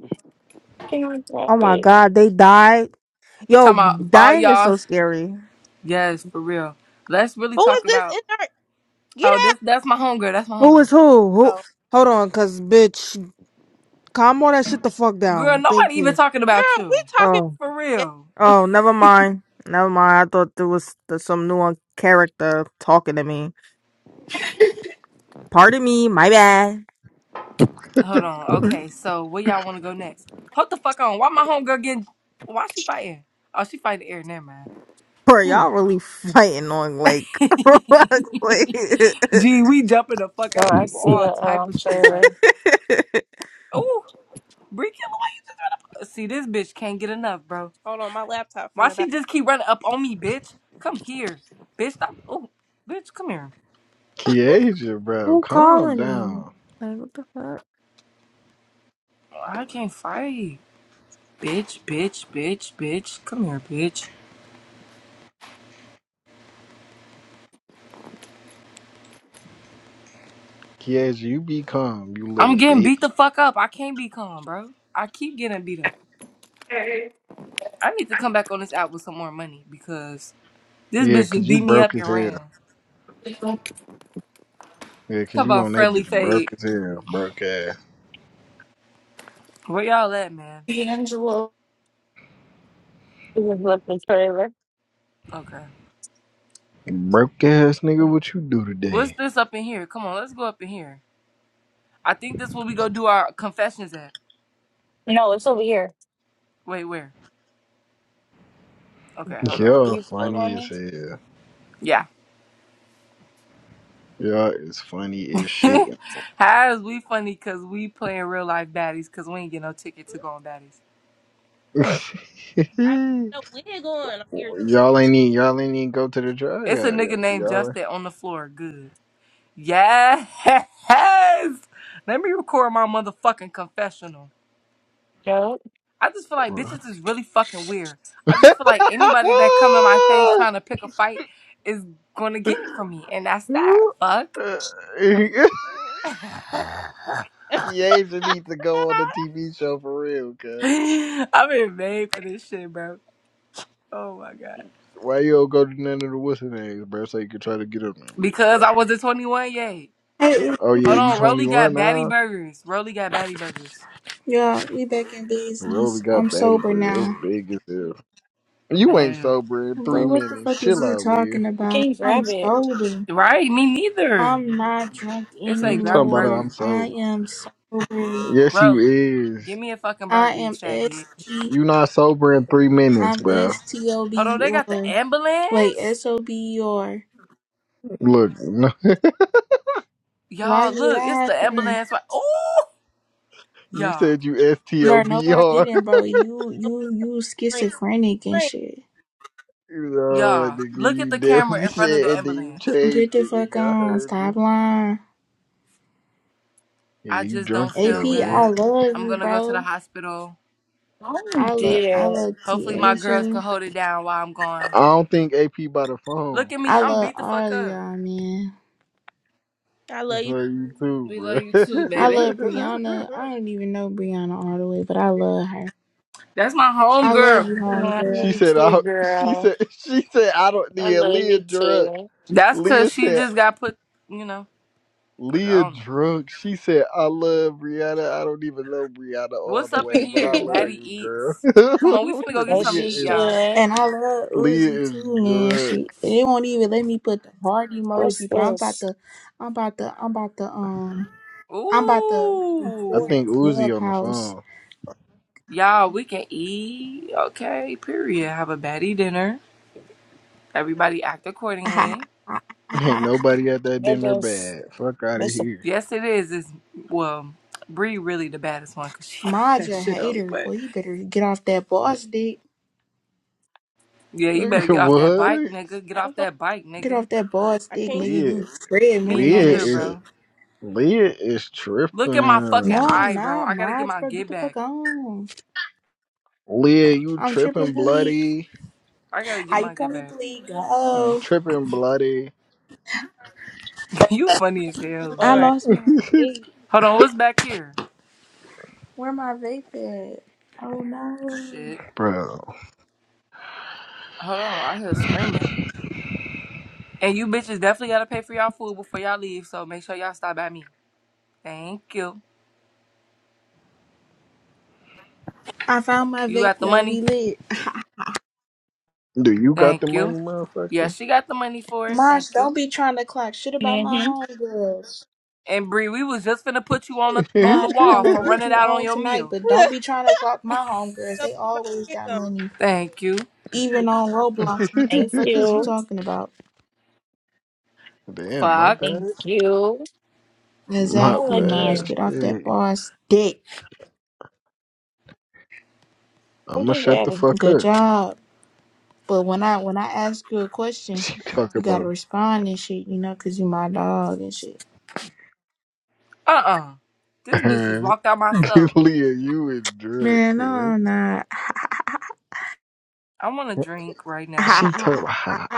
S3: Can I grab
S13: Oh my
S3: it?
S13: God, they died. Yo,
S1: Talking about all
S13: dying is
S1: y'all.
S13: so scary.
S1: Yes, for real. Let's really
S5: Who is
S1: talk
S5: this
S1: about.
S5: in there? Get
S1: Oh,
S5: out.
S1: this that's my homegirl. That's my
S13: Who
S1: homegirl.
S13: is who? Who?
S5: Oh,
S13: Hold on, cause bitch, calm all that shit the fuck
S1: Girl,
S13: down. Thank
S1: nobody even
S13: you.
S1: talking about
S5: girl, we
S1: you.
S5: talking
S13: Oh,
S5: about
S1: For
S5: games.
S1: real.
S13: oh, never mind. Never mind. I thought there was th- some new character talking to me. Pardon me. My bad.
S1: Hold on. Okay, so where y'all want to go next? Hold the fuck on. Why my homegirl getting? Why she fighting? Oh, she fighting air. Never
S13: Bro,
S1: mind.
S13: y'all really fighting on like Roblox. Like,
S1: Gee, we jumping the fuck
S3: Oh,
S1: out of
S3: I
S1: people
S3: see
S1: all
S3: the
S1: type
S3: um
S1: of shit, bro.
S3: trailer.
S1: Ooh, Brie Killer, why you just run up? See, this bitch can't get enough, bro.
S5: Hold on, my laptop
S1: Why
S5: finna die.
S1: she just keep running up on me, bitch? Come here, bitch. Stop. Oh, bitch, come here.
S2: Kieja, bro,
S13: Who
S2: calm
S13: calling me?
S2: down.
S13: Like what the fuck?
S1: I can't fight, bitch, bitch, bitch, bitch. Come here, bitch.
S2: Kieja, you be calm, you
S1: I'm
S2: little
S1: getting
S2: bitch.
S1: beat the fuck up. I can't be calm, bro. I keep getting beat up. I need to come back on this app with some more money because this
S2: Yeah,
S1: bitch
S2: 'cause
S1: just
S2: you
S1: beat me
S2: broke
S1: up
S2: as
S1: and
S2: hell.
S1: ran.
S2: Yeah, 'cause
S1: Talk
S2: you
S1: about
S2: on that
S1: friendly
S2: bitch broke
S1: fade.
S2: as hell, broke ass.
S1: Where y'all at, man?
S4: D'Angelo.
S3: You just look the trailer.
S1: Okay.
S2: Broke ass nigga, what you do
S1: What's
S2: today?
S1: this up in here? Come on, let's go up in here. I think this where we go do our confessions at.
S3: No, it's over here.
S1: Wait, where? Okay, hold on.
S3: Are
S2: Y'all
S3: you
S2: funny
S3: following
S2: as
S3: me?
S2: hell.
S1: Yeah.
S2: Y'all is funny as shit.
S1: How is we funny because we playing real life baddies because we ain't get no ticket to go on baddies.
S5: I don't have no wig on. I'm irritated.
S2: y'all ain't need y'all ain't need go to the drive.
S1: It's a
S2: Yeah,
S1: nigga named
S2: y'all.
S1: Justin on the floor. Good. Yes. Let me record my motherfucking confessional.
S3: No.
S1: I just feel like bitches is really fucking weird. I just feel like anybody that come in my face trying to pick a fight is gonna get it from me, and
S2: y'all-
S1: that's that. Fuck. i
S2: Kiesha needs to go on the TV show for real, cuz.
S1: am been made for this shit, bro. Oh my god.
S2: Why you don't go to none of the what's names, bro? So you can try to get up there, bitch, bro.
S1: Because I wasn't 21 yet.
S12: Hey,
S2: Oh yeah,
S1: Hold
S2: you
S1: on, Rolly
S2: 21
S1: got batty
S2: now?
S1: burgers. Rolly got batty burgers.
S12: y'all, we back in
S2: Rolly
S12: business.
S2: got
S12: I'm
S2: Batty
S12: sober
S2: Bird. That's
S12: now.
S2: big as hell. You ain't
S1: Damn.
S2: sober in three
S12: But what the
S2: minutes.
S12: fuck is
S2: Chill
S12: you
S2: out, Liz.
S12: talking
S3: Can
S12: about?
S3: you
S12: I'm
S3: grab it?
S12: sober.
S1: Right? Me neither.
S12: I'm not drunk
S1: It's like
S2: You
S1: grab a
S2: talking about
S12: anymore.
S2: I'm
S1: burger.
S12: I
S2: sober.
S12: am sober.
S2: Yes, you
S1: Rolly,
S2: is.
S1: give me a fucking
S12: I
S1: burger, you
S12: am
S1: fat
S12: S
S1: bitch.
S12: T
S2: You not sober in three minutes,
S12: I'm
S2: bro.
S12: S T O B
S1: Hold on,
S12: E
S1: they got the
S12: R. Wait,
S1: ambulance?
S12: S O B E R.
S2: Look,
S12: Why
S1: Y'all,
S12: you
S1: look, it's the
S12: laughing?
S1: ambulance. Oh!
S2: you
S1: Y'all,
S2: said you
S12: Bro, no I
S2: S-T-O-B-R.
S12: didn't, bro.
S5: Yeah,
S12: You you you
S5: Ring,
S12: schizophrenic and
S5: ring.
S12: shit.
S2: No,
S1: y'all,
S2: nigga,
S1: look at
S2: you
S1: the camera
S2: definitely
S1: in front of
S2: said
S1: the
S2: it, then you
S1: ambulance.
S12: Get
S2: changed
S12: the
S2: it,
S12: fuck
S2: nigga. I
S12: on.
S2: heard
S12: Stop
S2: you.
S12: lying.
S2: Yeah,
S1: I
S2: you
S1: just
S2: drunk
S1: don't
S12: AP,
S1: feel
S2: still, man.
S12: I
S1: good.
S12: love
S1: I'm
S12: you,
S1: gonna go to the
S12: bro.
S1: hospital.
S3: Oh,
S12: I love I
S3: dear.
S12: love
S1: Hopefully my girls can
S12: Tasia.
S1: hold it down while I'm gone.
S2: I don't think AP by the
S1: Look
S2: phone.
S1: at me,
S12: I
S1: I'm
S12: love
S1: beat the
S12: all
S1: fuck
S12: of
S1: up.
S12: y'all, man.
S5: I love
S2: It's
S5: you.
S2: like you too,
S1: We love
S2: bro.
S1: you too,
S12: I
S1: baby.
S12: love Brianna. I don't even know Brianna all the way, but I love her.
S1: That's my home
S12: I love
S1: girl.
S12: you,
S3: Oh, I love
S2: She
S12: homegirl.
S3: you
S2: said,
S3: too,
S2: I, she
S3: girl.
S2: said, she said, I don't
S3: I
S2: need
S3: love
S2: Leah
S3: you
S2: drunk.
S3: too.
S1: That's cause
S2: Leah
S1: she
S2: said,
S1: just got put, you know, put
S2: Leah
S1: on.
S2: drunk. She said, I love Brianna. I don't even know Brianna all
S1: What's
S2: the
S1: up in
S2: way, but I
S1: here?
S2: love
S1: Batty
S2: you, girl.
S1: eats. Come on, we finna go get
S3: As
S1: something
S2: Leah
S3: you
S1: to eat,
S2: is,
S1: y'all.
S3: should.
S12: And I love
S2: Leah
S12: Uzi
S2: is
S12: too, man.
S2: drunk.
S12: She they won't even let me put the heart
S3: What's
S12: emoji, bro. I'm about
S3: this?
S12: to I'm about to I'm about to um I'm about to
S2: I
S12: report
S2: think
S1: Ooh.
S2: Uzi on the
S12: Clubhouse.
S2: phone.
S1: Y'all, we can eat. Okay, period. Have a batty dinner. Everybody act accordingly.
S2: Ain't nobody at that
S3: What
S2: dinner
S3: this?
S2: bad. Fuck out of
S3: This a
S2: here.
S1: Yes, it is. It's well, Bree really the baddest one because she got that
S12: Maja
S1: shit on,
S12: hater,
S1: but
S12: boy, you better get off that boss dick.
S1: Yeah, you better get off that bike,
S2: what?
S1: nigga. Get
S5: I
S1: off
S5: don't fuck.
S1: that bike,
S12: Get
S1: nigga.
S12: off that boss
S5: I
S12: dick,
S5: can't
S12: nigga. You
S2: Leah,
S1: Me
S12: treadmilling on
S2: Leah
S12: that
S1: either,
S2: is,
S12: shit.
S1: bro.
S2: Leah is
S1: Look at my fucking
S12: No,
S2: tripping.
S12: I'm
S1: eye, bro.
S12: not,
S1: I gotta get
S12: Maj,
S1: my
S12: bro. Get
S1: get
S12: the
S1: back.
S12: fuck on.
S2: Leah, you
S12: I'm tripping
S2: tripping
S12: bleed.
S2: bloody.
S1: I gotta get
S12: How you
S1: my get
S12: coming
S1: back.
S12: bleed? Go.
S2: Tripping bloody.
S1: you funny as hell,
S5: All
S12: I
S1: yeah.
S5: right.
S12: lost my way.
S1: Hold on, what's back here?
S12: Where my vape at? Oh no.
S1: Shit.
S2: Bro.
S1: Hold on, I hear screaming. And you bitches definitely gotta pay for y'all food before y'all leave, so make sure y'all stop at me. Thank you.
S12: I found my
S1: You
S12: vape,
S1: got the
S12: y'all.
S1: money?
S12: We lit.
S2: Do you got
S1: Thank
S2: the
S1: you.
S2: money,
S1: Yeah,
S2: motherfucker?
S1: she got the money for it.
S12: Mosh,
S1: Thank
S12: don't
S1: you.
S12: be trying to clock shit about my
S3: mm-hmm.
S12: homegirls.
S1: And Bree, we was just finna put you on the on the
S12: Mosh, I don't
S1: wall
S12: know
S1: for
S12: what
S1: running
S12: you
S1: out on
S12: own
S1: your
S12: tonight,
S1: meal.
S12: but don't be trying to clock my homegirls.
S5: Go
S12: They
S5: put my
S12: always
S5: wig
S12: got
S5: on.
S12: money.
S1: Thank you.
S12: Even on Roblox,
S3: Thank
S12: nigga. Fuck is you
S3: you.
S12: talking about?
S2: Damn, my
S1: Fuck.
S2: bad.
S3: Thank you.
S2: My
S3: Oh
S12: Exactly, Maj.
S2: bad.
S3: again.
S12: Get off that
S2: Shit.
S12: boss dick.
S3: What
S2: I'ma
S3: is
S2: shut
S3: that
S2: the fuck
S3: again?
S12: Good
S2: up.
S12: job. But when I when I ask you a question,
S2: She talk
S12: you gotta
S2: about
S12: respond and shit, you know, cause you my dog and shit.
S1: Uh-uh. This bitch just
S2: her.
S1: walked out my stove.
S2: Leah, you is drunk,
S12: Man, no,
S2: cuz.
S12: I'm not.
S1: I want a drink right now.
S2: She talk
S12: I
S2: about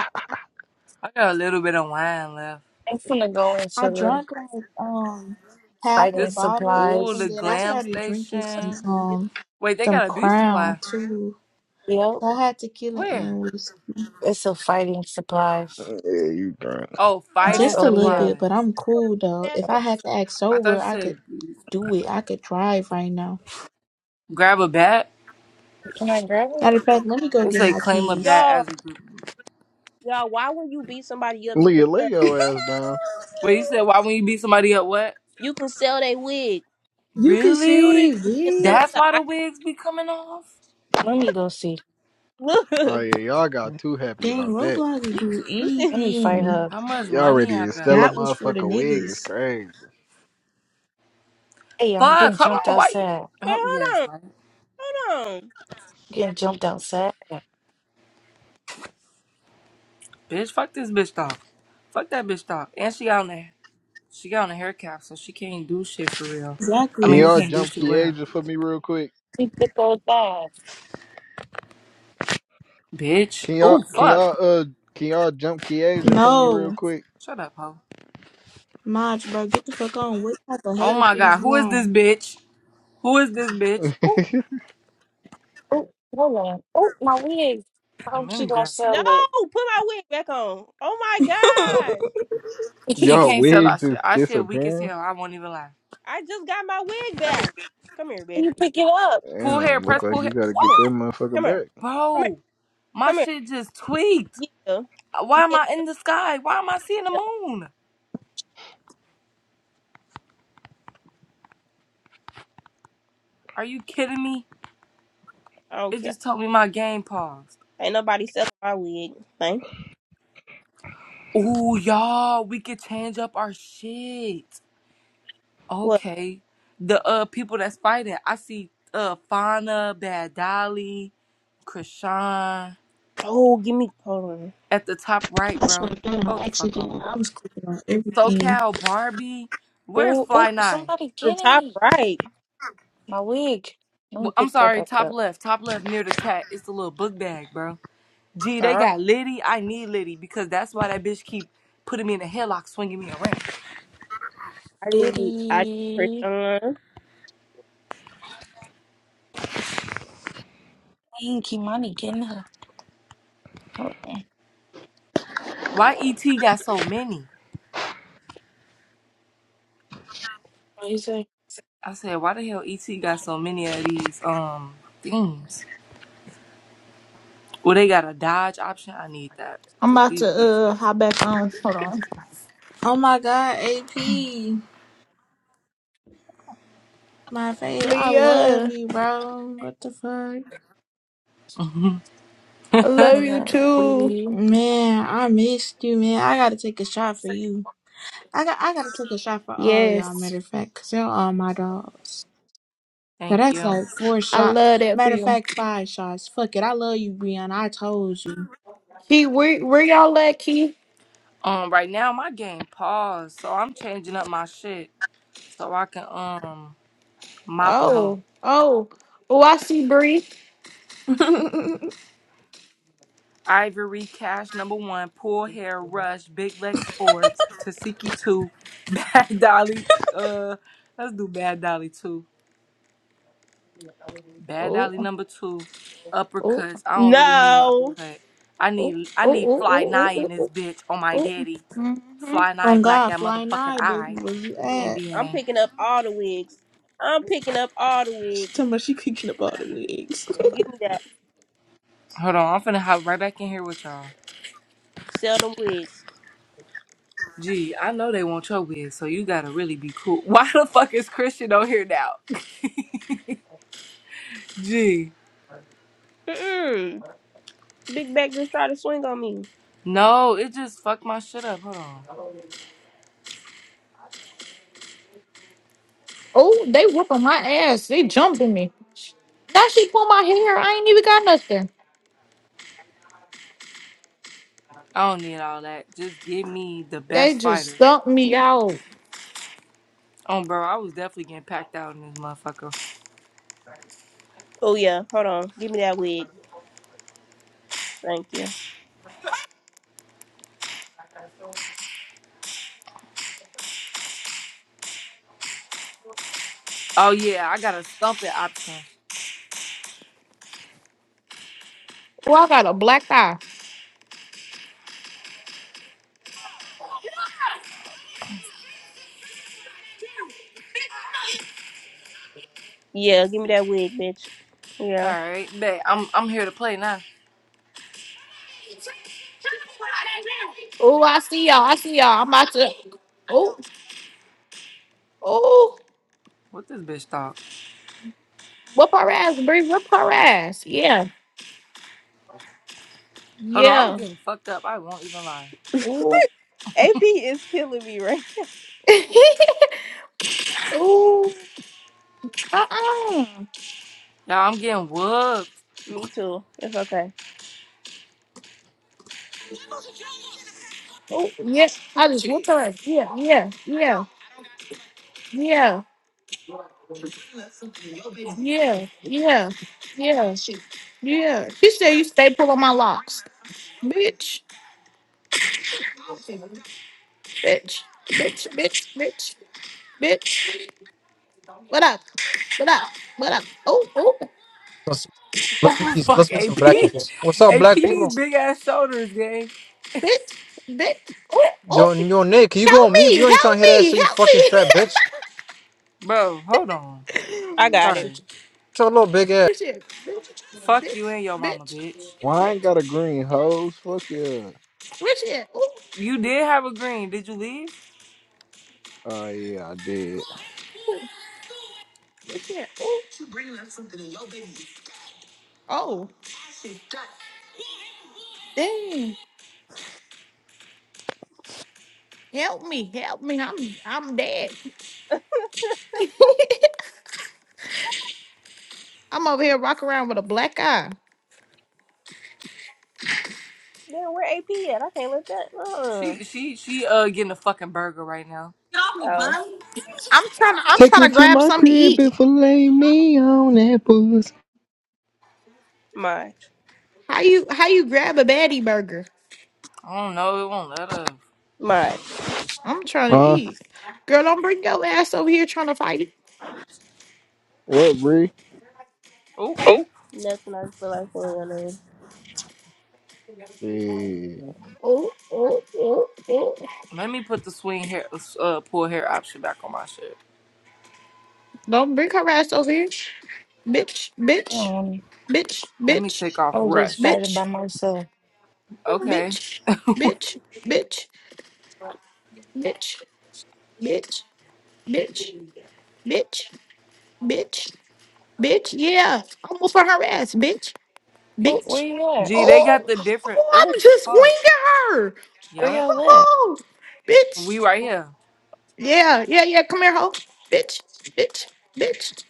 S1: I got a little bit of wine left.
S3: I'm gonna go into the
S12: drank like um half a
S3: fighting
S1: This,
S12: bottle,
S1: ooh,
S12: and
S1: the
S3: supplies.
S12: then I
S5: This is
S1: glam
S12: started drinking
S5: what
S12: some
S1: station.
S5: is
S12: um
S1: Wait, they
S12: some
S1: got a beauty
S12: Crown
S1: supply.
S12: too.
S3: Yep.
S12: So I had tequila and
S1: Where?
S12: was
S3: It's a fighting supplies.
S2: Yeah, you drunk.
S1: Oh,
S3: It's
S1: fighting
S5: all
S12: just a
S3: over
S12: little
S3: here.
S12: bit, but
S1: supplies.
S12: I'm
S5: I know
S12: cool though.
S5: back
S12: If
S5: on
S12: I had to act
S1: I thought
S12: sober,
S1: you
S12: I could
S1: said
S12: do it. I could drive right now.
S1: grab a bat.
S3: Can I grab it?
S12: Matter of fact, let me go
S1: It
S12: get
S1: say
S12: my
S1: claim a
S12: keys.
S1: bat
S5: y'all.
S1: as a group.
S5: Y'all, why when you beat somebody up, you can
S2: Leah, lay
S5: sell
S2: your ass down.
S1: Wait, you said why when you beat somebody up? What?
S5: you can sell their wig.
S12: You can sell
S1: Really?
S12: that
S5: You can sell
S12: wig.
S5: it
S1: That's
S5: to
S1: why
S5: I
S1: the wigs be coming off.
S3: Let me go see.
S5: look.
S2: Oh yeah, y'all got too happy
S12: Dang,
S2: about that.
S12: Roblox will do
S5: You can wait,
S3: Let me fight
S12: anything.
S3: her.
S1: How much
S2: Y'all
S1: money
S2: ready
S1: I
S2: to sell
S1: got?
S2: a
S12: That was for the
S2: motherfucker wig is
S12: niggas.
S2: crazy.
S3: Hey, I'm getting
S1: Fuck. Hold
S3: jumped
S1: on. Why you?
S3: outside.
S1: Oh
S5: hold
S1: yes,
S5: on.
S1: right.
S5: Hold on.
S3: Getting jumped outside.
S1: Bitch, fuck this bitch dog. Fuck that bitch dog. And she got on the she got on the hair cap, so she can't do shit for real. I
S2: Can
S12: Exactly.
S1: mean, we
S2: y'all
S1: can't do
S2: jump
S1: shit
S2: key
S1: with her.
S2: Kieja for me real quick?
S3: Keep the gold
S1: Bitch.
S2: Can y'all
S1: Oh
S2: can
S1: fuck.
S2: y'all uh can y'all jump Kiesha for me
S12: No.
S2: real quick?
S1: Shut up, hoe.
S12: Maj, bro, get the fuck on. What type of
S1: Oh
S12: hater
S1: my
S12: shit is
S1: god,
S12: you
S1: who is this
S12: on?
S1: bitch? Who is this bitch? Ooh,
S3: Oh, hold on. Oh, my wig. I
S1: and
S3: hope she
S1: then
S3: don't
S1: girl.
S5: No,
S3: sell it.
S5: put my wig back on. Oh my gosh.
S1: She
S2: y'all
S1: can't sell our
S2: wigs is
S1: shit. Our shit weak as
S2: disappearing.
S1: hell. I won't even lie.
S5: I just got my wig back. Come here, bitch.
S3: you pick it up.
S1: Pull hair,
S2: Damn, look
S1: press
S2: like
S1: pull
S2: you
S1: hair.
S2: gotta
S1: What?
S5: Come
S2: get that
S5: here.
S2: motherfucker
S5: Come here.
S2: back.
S5: Come here.
S1: Bro, my
S5: Come here.
S1: shit just tweaked.
S5: Yeah.
S1: Why am
S5: Yeah.
S1: I in the sky? Why am I seeing the
S5: yeah.
S1: moon? Are you kidding me?
S5: I don't
S1: It
S5: care.
S1: just told me my game paused.
S5: Ain't nobody selling my wig. Thanks.
S1: Ooh, y'all, we could change up our shit.
S5: what?
S1: Okay. The uh people that's fighting. I see uh Fauna, Bad Dolly, Krishan
S5: Oh, give me hold on.
S1: at the top right, bro. Hold the fuck
S12: Man,
S1: on.
S12: I was clicking on everything.
S1: SoCal Barbie. Where's
S3: Oh,
S1: Fly
S3: oh,
S1: Nine?
S3: somebody
S5: The
S3: getting
S5: top
S3: me.
S5: right.
S3: My wig. Let me
S1: Well, I'm
S3: pick that
S1: sorry,
S3: back
S1: top
S3: up.
S1: left, top left near the chat. It's the little book bag, bro. Gee, they
S5: Uh,
S1: got Liddy. I need Liddy because that's why that bitch keep putting me in a headlock, swinging me around.
S5: I need I need
S3: Itty.
S5: Krishan.
S3: Dang, Kimani getting her. Hold on.
S1: Why ET got so many?
S3: What do you say?
S1: I said, why the hell ET got so many of these um things? Well, they got a Dodge option. I need that
S4: I'm
S1: because
S4: about
S1: these
S4: to uh hop back on. Hold on.
S12: Oh my god, AP. My fave, I love
S4: Leah,
S12: you, bro. What the fuck?
S1: bitches.
S4: I love
S3: They
S4: you
S3: got
S4: too.
S3: itty.
S12: Man, I missed you, man. I gotta take a shot for you. I got I gotta take a shot for all y'all, matter
S4: Yes.
S12: of fact, cause y'all all my dogs. So
S1: Thank
S12: that's
S1: you.
S12: like four
S4: I
S12: shots.
S4: love that for
S12: Matter of
S4: you.
S12: fact, five shots. Fuck it. I love you, Brianna. I told you.
S4: Key, where where y'all at, Key?
S1: Um, right now my game paused, so I'm changing up my shit so I can um mop a hoe.
S4: Oh, oh. Oh, I see Bree.
S1: Ivory Cash number one, Pull Hair Rush, Big Lex Ford, Tasiki two, Bad Dolly. Uh, let's do Bad Dolly two. Bad
S4: Oh,
S1: Dolly
S4: oh,
S1: number two,
S4: oh,
S1: uppercuts. I don't really need no
S5: No.
S1: uppercut. I
S4: oh, oh,
S1: need I need
S4: oh,
S1: Fly Nye
S4: oh,
S1: in
S4: oh,
S1: this
S4: oh.
S1: bitch on my
S4: oh.
S1: daddy.
S4: Mm-hmm.
S1: Fly Nye
S12: On
S1: black
S12: God,
S1: that
S12: flying
S1: motherfucking
S12: eye, baby,
S1: eye.
S12: where you
S1: And
S12: at?
S5: I'm
S1: then
S5: picking up all the wigs. I'm picking up all the
S12: She talking
S5: wigs.
S12: about she cooking about the wigs.
S5: Give me that.
S1: hold on, I'm finna hop right back in here with y'all.
S5: Sell them wigs.
S1: Gee, I know they want your wig, so you gotta really be cool. Why the fuck is Christian on here now? Gee.
S5: Mm-mm. Big back just tried to swing on me.
S1: No, it just fucked my shit up. Hold on.
S4: Oh, they whooping my ass. They jumping me. Now she pulled my hair. I ain't even got nothing.
S1: I don't need all that. Just give me the
S4: They
S1: best
S4: just
S1: fighters.
S4: stumped me out.
S1: Oh, bro, I was definitely getting packed out in this motherfucker.
S5: Oh yeah, hold on. Give me that wig. Thank you.
S1: Oh, yeah, I got a stumping option.
S4: Oh, I got a black eye.
S5: Yeah, give me that wig, bitch. Yeah.
S1: All right, bet I'm I'm here to play now.
S4: Oh, I see y'all. I see y'all. I'm about to. Oh, oh.
S1: What this bitch talk?
S4: Whip her ass, Bree. Whip her ass. Yeah.
S1: Hold on, I'm
S4: Yeah.
S1: getting fucked up. I won't even lie.
S4: Ooh.
S5: AP is killing me, right?
S4: Ooh. Uh-uh.
S1: Y'all, I'm getting whooped.
S5: Me too. It's okay.
S4: Oh, yes. I just whipped her ass. Yeah. Yeah. Yeah. Yeah. Yeah. Yeah. Yeah. Yeah. She said you stay pulling my locks. Bitch. Bitch. Bitch. Bitch. Bitch. Bitch. What up? What up? What up? Oh, oh.
S14: Let's, let's meet
S1: Oh
S14: these.
S1: fuck,
S14: Let's meet some
S1: AP,
S14: black people.
S4: Bitch.
S14: What's up,
S1: AP,
S14: black
S1: these
S14: people?
S4: Bitch,
S1: big ass shoulders, gay.
S4: bitch, bitch. Oh, oh,
S14: Yo, yo, Nick, you go
S4: help
S14: to meet?
S4: me,
S14: We ain't trying to
S4: help
S14: hear that
S4: me,
S14: shit. You
S4: help
S14: fucking fat bitch.
S1: Bro, hold on.
S5: I
S4: me.
S5: got it.
S14: Shut
S1: Sorry.
S14: your shut your little big ass.
S4: Where's she at? Bitch,
S1: Fuck you and your mama,
S4: bitch,
S1: bitch.
S4: bitch,
S2: Well, I ain't
S4: bitch.
S2: got a green hose. Fuck yeah.
S4: Where's she at? Oh,
S1: You did have a green. Did you leave?
S2: Oh yeah, I did.
S4: oh, where's she at? Oh, oh, dang. Help me, help me. I'm, I'm dead. I'm over here rocking around with a black eye.
S5: Damn, where AP at? I can't let that. Uh.
S1: She she she uh getting a fucking burger right now.
S5: Oh,
S4: I'm trying to, I'm
S2: Take
S4: trying
S2: her
S4: to
S2: to
S4: grab
S2: my
S4: something to
S2: crib
S4: eat.
S2: and fillet me on that pussy.
S5: my,
S4: How you, how you grab a baddie burger?
S1: I don't know. It won't let her.
S5: my.
S4: I'm trying to
S2: Huh?
S4: eat. Girl, don't bring your ass over here trying to fight.
S2: What, Bree?
S1: Oh,
S5: Oh. Nothing I feel like doing. uh,
S2: Yeah.
S4: Oh, oh, oh.
S1: let me put the swing hair uh pull hair option back on my shit.
S4: Don't bring her ass over here. Bitch, bitch,
S3: Um,
S4: bitch,
S1: Let me
S4: bitch,
S1: take off
S3: I was just
S1: rush.
S3: fighting by
S4: bitch,
S3: myself.
S1: Okay.
S4: bitch, bitch, bitch, bitch, bitch, bitch, bitch, bitch, bitch. Yeah, almost am for her ass, bitch,
S3: Oh, where
S4: bitch.
S3: you at?
S1: Gee, they got
S4: Oh,
S1: the different.
S4: oh,
S1: Oh
S4: I'm just
S1: fuck.
S4: winging her.
S3: Where
S1: Yup.
S3: y'all at?
S4: Oh, bitch.
S1: We right here.
S4: Yeah, yeah, yeah. Come here, hoe. Bitch, bitch, bitch,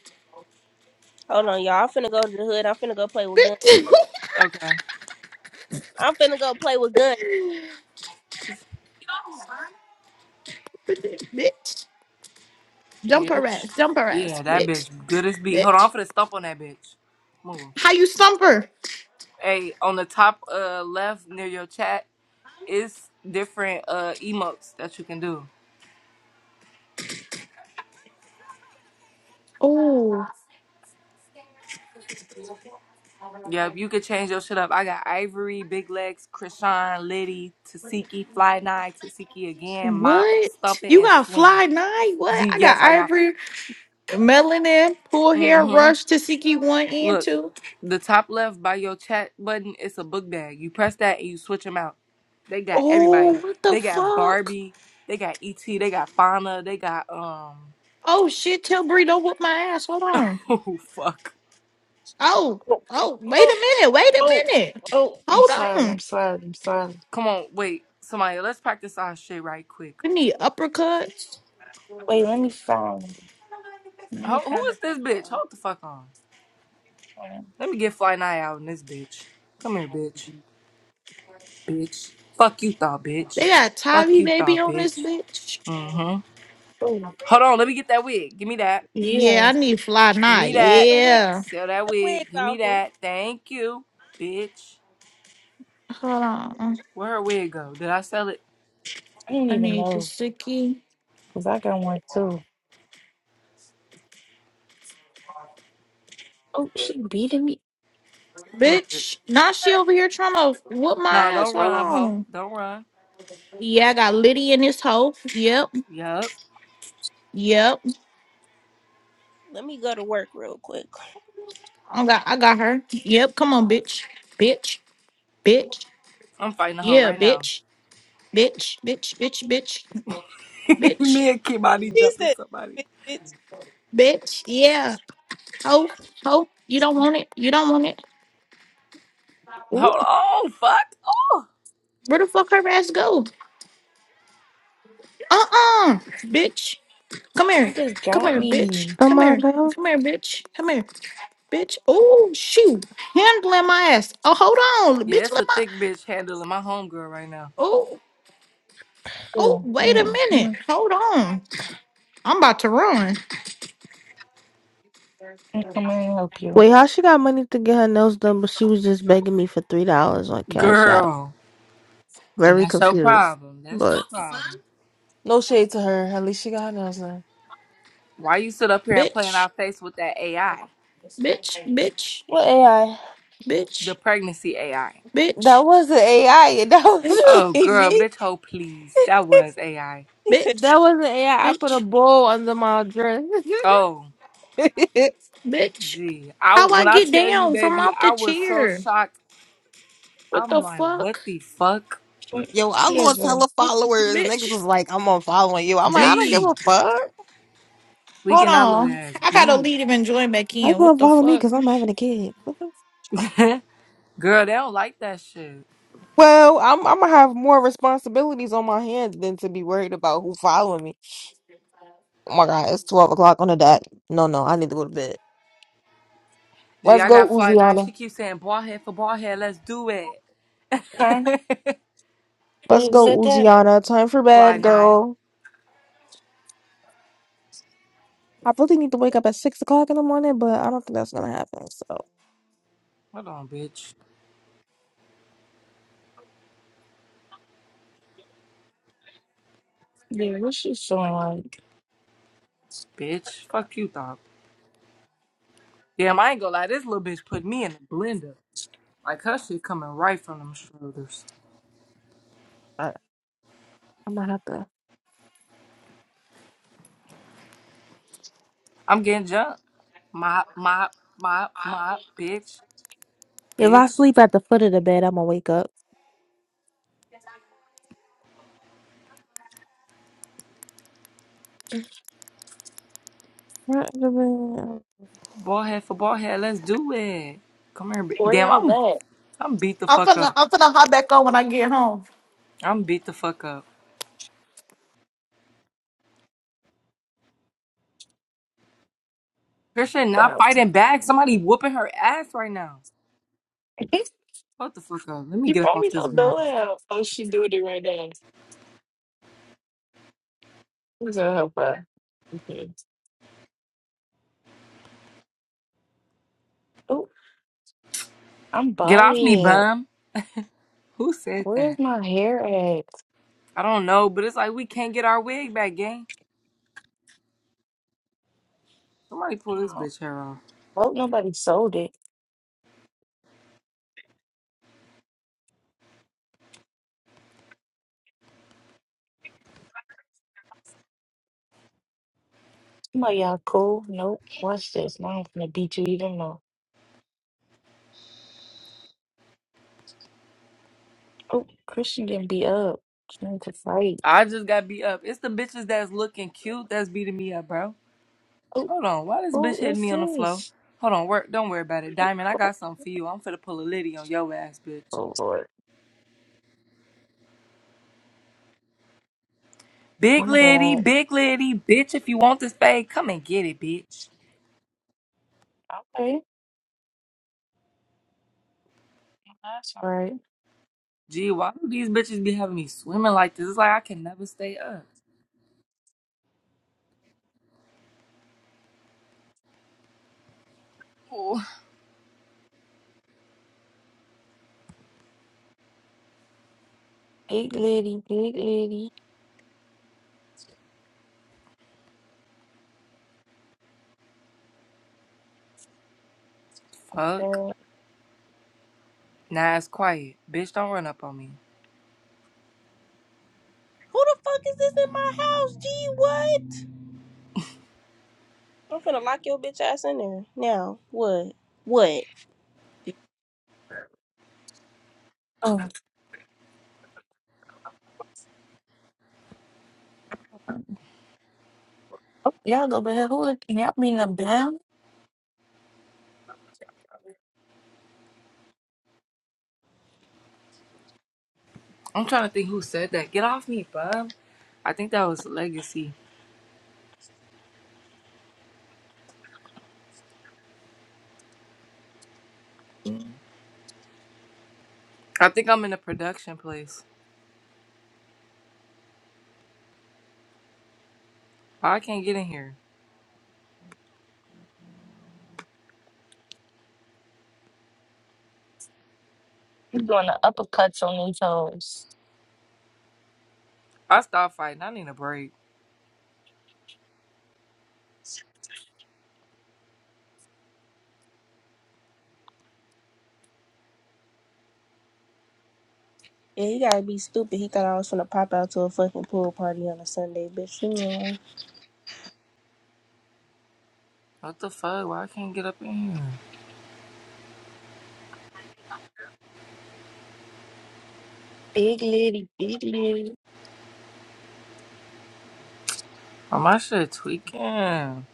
S5: Hold on, y'all. I'm finna go to the hood. I'm finna go play with guns.
S4: bitch,
S1: Okay.
S5: I'm finna go play with guns.
S4: bitch. Jump her ass,
S1: Bitch.
S4: jump her ass,
S1: Yeah, that
S4: bitch,
S1: bitch good as beat. Hold on,
S4: bitch,
S1: I'm finna stomp on that bitch. Move.
S4: How you stump her?
S1: Hey, on the top uh left near your chat is different uh emotes that you can do.
S4: Oh,
S1: Yep, you could change your shit up. I got Ivory, Big Legs, Krishan, Liddy, Tasiki, Fly Nine, Tasiki again, Mop,
S4: what?
S1: Stump It,
S4: You
S1: and
S4: got
S1: Swing.
S4: fly night? What?
S1: Gee,
S4: I got
S1: yes, I got.
S4: ivory, melanin, pull hair,
S1: mm-hmm.
S4: rush, Tasiki one and
S1: Look,
S4: two.
S1: the top left by your chat button, it's a book bag. You press that and you switch them out. They got
S4: Oh,
S1: everybody.
S4: what the
S1: They got
S4: fuck?
S1: Barbie. They got ET. They got Fauna. They got um.
S4: Oh shit! Tell Bree don't whip my ass. Hold on.
S1: Oh fuck!
S4: Oh,
S3: Oh,
S4: oh, wait
S3: oh,
S4: a minute. Wait a
S3: oh,
S4: minute.
S3: oh. I'm
S4: Hold
S3: sorry. I'm
S4: on.
S3: sorry. I'm sorry.
S1: Come on, wait, somebody. Let's practice our shit right quick.
S4: We need uppercuts.
S3: Wait, let me find. Let me
S1: Ho- who
S3: find the
S1: is
S3: thing.
S1: this bitch?
S3: Hold
S1: Hold the fuck on.
S3: on.
S1: Let me get Fly Night out in this bitch. Come here, bitch. Bitch. Fuck you, thought
S4: They
S1: bitch.
S4: got
S1: Fuck
S4: Tavi
S1: you,
S4: baby
S1: thought
S4: on this
S1: bitch.
S4: bitch.
S1: Mm-hmm.
S3: Oh,
S1: Hold on. Let me get that wig. Give me that.
S3: yeah.
S4: Yeah, I need fly
S1: Give
S4: night.
S1: me
S5: Yeah, get
S1: that.
S5: the wig.
S4: Yeah.
S1: Sell
S5: Get
S1: that
S5: the
S1: wig.
S5: wigs
S1: Give me
S5: off him.
S1: that. Thank you, bitch.
S4: Hold on.
S1: Where her wig go? Did I sell it?
S3: I don't
S4: I
S3: even
S4: need
S3: know
S4: Tasiki.
S3: because I got one too. Oh, she beating me.
S1: Come here,
S4: Bitch,
S1: bitch.
S4: now she over here trying to whoop my
S1: No,
S4: ass.
S1: don't
S4: Hold
S1: run, ho.
S4: on.
S1: Don't run.
S4: Yeah, I got Liddy in this hoe. Yep,
S1: Yup.
S4: yep.
S5: Let me go to work real quick.
S4: I got, I got her. Yep, come on, bitch, bitch, bitch.
S1: I'm fighting a hoe
S4: Yeah,
S1: right now.
S4: bitch, bitch, bitch, bitch, bitch, bitch,
S1: me and Kimani
S5: She
S1: jumping
S5: said,
S1: somebody.
S5: bitch.
S4: bitch. Yeah, ho, ho. You don't want it. You don't want it. Ooh,
S1: Hold on. Oh, Fuck. Oh.
S4: where the fuck her ass go? Uh, uh bitch. Come
S3: You
S4: here.
S3: just
S4: Come
S3: got
S4: here, bitch.
S3: me.
S13: Oh
S4: Come
S13: my
S4: here.
S13: god.
S4: Come here, bitch. Come here. Bitch, oh shoot, handling my ass. Oh, hold on,
S1: Yeah,
S4: bitch,
S1: it's
S4: let
S1: a
S4: my
S1: thick bitch handling my homegirl right now.
S4: oh oh
S3: Oh,
S4: wait a
S3: man. Let
S4: minute,
S3: me
S4: hold on, I'm about to run,
S3: let me come in and help you.
S13: Wait, how she got money to get her nails done, but she was just begging me for three dollars on Cash App.
S1: Girl. And
S13: Very
S1: that's your
S13: confused.
S1: problem. That's your
S13: But
S1: problem.
S13: No shade to her. At least she got her nails done.
S1: Why you sit up here and playing
S4: bitch,
S1: our face with that AI?
S4: bitch, bitch,
S13: What AI?
S1: The
S4: bitch,
S1: pregnancy AI.
S13: That
S4: bitch,
S13: wasn't AI. That was
S4: bitch,
S1: Oh,
S13: really
S1: girl,
S13: me.
S1: bitch, ho, please. That was AI.
S4: bitch,
S13: that wasn't AI. I I put a
S4: bitch,
S13: bowl under my dress.
S1: Oh,
S4: bitch.
S1: gee. I
S4: How I
S1: when I
S4: get
S1: tell you,
S4: down from
S1: baby,
S4: off the
S1: I was so
S4: chair?
S1: shocked.
S4: What
S1: I'm
S4: the
S1: like, what
S4: fuck,
S1: the fuck?
S3: What
S13: Yo, I
S3: kids
S13: lost
S3: a
S13: hella followers. Niggas
S4: bitch,
S13: was like, I'm unfollowing you. I'm like, I don't give
S4: bitch.
S1: Gee,
S13: a fuck.
S1: we
S4: Hold
S1: cannot let that
S4: on,
S1: ass
S4: I gotta
S1: be.
S4: leave him and join back
S13: I
S4: in. What
S13: gonna
S4: the
S13: follow me
S4: fuck?
S13: because I'm having a kid. What the f-
S1: Girl, they don't like that shit.
S13: Well, I'm I'm gonna have more responsibilities on my hands than to be worried about who following me. Oh my god, it's twelve o'clock on the dot. No, no, I need to go to bed.
S1: Gee,
S13: Let's
S1: I
S13: go,
S1: got Fly Nine.
S13: Uziana.
S1: She keeps saying ball head for ball head. Let's do it.
S3: Huh? They
S13: Let's
S3: you
S13: go,
S3: said that?
S13: Uziana. Time for
S1: Fly
S13: bed,
S1: Nine.
S13: girl. I really need to wake up at six o'clock in the morning, but I don't think that's gonna happen. So
S1: Hold on, bitch.
S3: Yeah, what she feeling like?
S1: Bitch. Fuck you, dog. Damn, I ain't gonna lie. This little bitch put me in the blender. Like her shit coming right from them shoulders.
S13: I, I'm gonna have to.
S1: I'm getting jumped. Mop, mop, mop, mop, bitch,
S13: If I
S1: bitch.
S13: sleep at the foot of the bed, I'm gonna wake up. Front of the bed.
S1: Bald head for bald head. Let's do it. Come here. ba-
S3: Where
S1: Damn,
S3: y'all
S1: I'm
S3: that
S1: I'm beat the
S4: I'm
S1: fuck
S4: finna
S1: up.
S4: I'm finna hop back on when I get home.
S1: I'm beat the fuck up. Christian not
S3: about?
S1: fighting back. Somebody whooping her ass right now. What the fuck up? Let me
S3: she
S1: get up
S3: probably
S1: off this
S3: don't
S1: ground.
S3: know how. Oh, she doing it right now. Who's gonna help her? Okay. Oh, I'm
S1: Get
S3: bald
S1: off me, bum. Who said
S3: Where's
S1: that?
S3: my hair at?
S1: I don't know, but it's like we can't get our wig back, gang. Somebody pull this
S3: Oh,
S1: bitch hair off.
S3: hope nobody sold it. Somebody y'all cool. Nope. Watch this. Now I'm gonna beat you even more. Oh, Christian getting beat up. She need to fight.
S1: I just got beat up. It's the bitches that's looking cute that's beating me up, bro.
S3: Oh,
S1: Hold on. Why this bitch
S3: who
S1: hitting
S3: is
S1: me on the floor?
S3: this?
S1: Hold on. Work. Don't worry about it,
S3: Oh,
S1: Diamond. I
S3: oh,
S1: got something for you. I'm finna pull a liddy on your ass, bitch.
S3: oh
S1: Big lady,
S3: Lord.
S1: big lady, bitch, if you want this bag, come and get it, bitch.
S3: I'm bad. Okay. That's all right.
S1: Gee, why do these bitches be having me swimming like this? It's like I can never stay up. Oh.
S3: Big lady, big lady.
S1: Fuck.
S3: Uh,
S1: Nah, it's quiet. Bitch, don't run up on me.
S5: Who the fuck is this in my house? Gee, what? I'm finna lock your bitch ass in there. Now, what? What?
S3: Oh, oh, y'all go back. Who look- y'all mean them down?
S1: I'm trying to think who said that. Get off me, bub. I think that was Legacy. I think I'm in a production place. Why I can't get in here?
S3: You doing the uppercuts on these toes.
S1: I stopped fighting. I need a break.
S5: Yeah, he gotta be stupid. He thought I was finna pop out to a fucking pool party on a Sunday, bitch. You know.
S1: What the fuck? Why I can't get up in here?
S3: Big lady, big lady.
S1: Oh, my shit tweaking.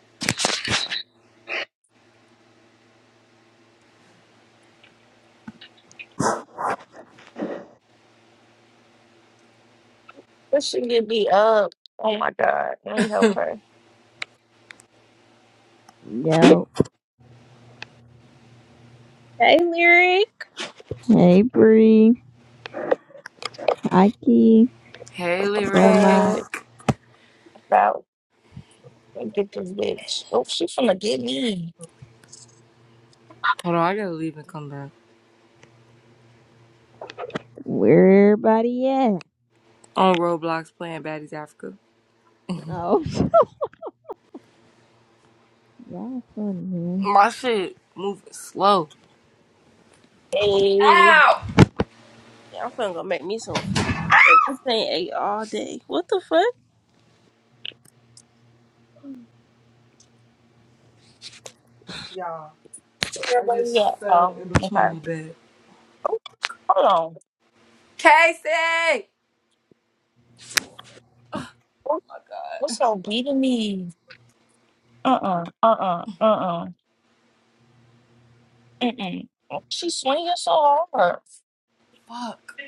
S3: Christian get beat up. Oh my God. Let me help her.
S15: Yo,
S5: Hey, Lyric.
S15: hey Bree, Ike,
S1: Hey, Lyric.
S15: Grandma,
S3: Uppercut. About. Let me Get this bitch. Oh, she finna get me.
S1: Hold on, I gotta leave and come back.
S15: where everybody at?
S1: On Roblox playing Baddies Africa.
S15: Oh, y'all funny, man.
S1: My shit moving slow.
S3: Hey.
S1: Ow!
S5: Yeah, I'm finna go make me some food. Look, This ain't ate all day. What the fuck?
S3: Where at?
S1: Oh,
S3: Oh,
S1: In between
S3: okay.
S1: my bed.
S3: Oh, hold on.
S1: Casey!
S3: What- What's so beating me? Uh-uh, uh-uh, uh-uh, Uh uh. uh uh uh. She's swinging so hard.
S1: Fuck.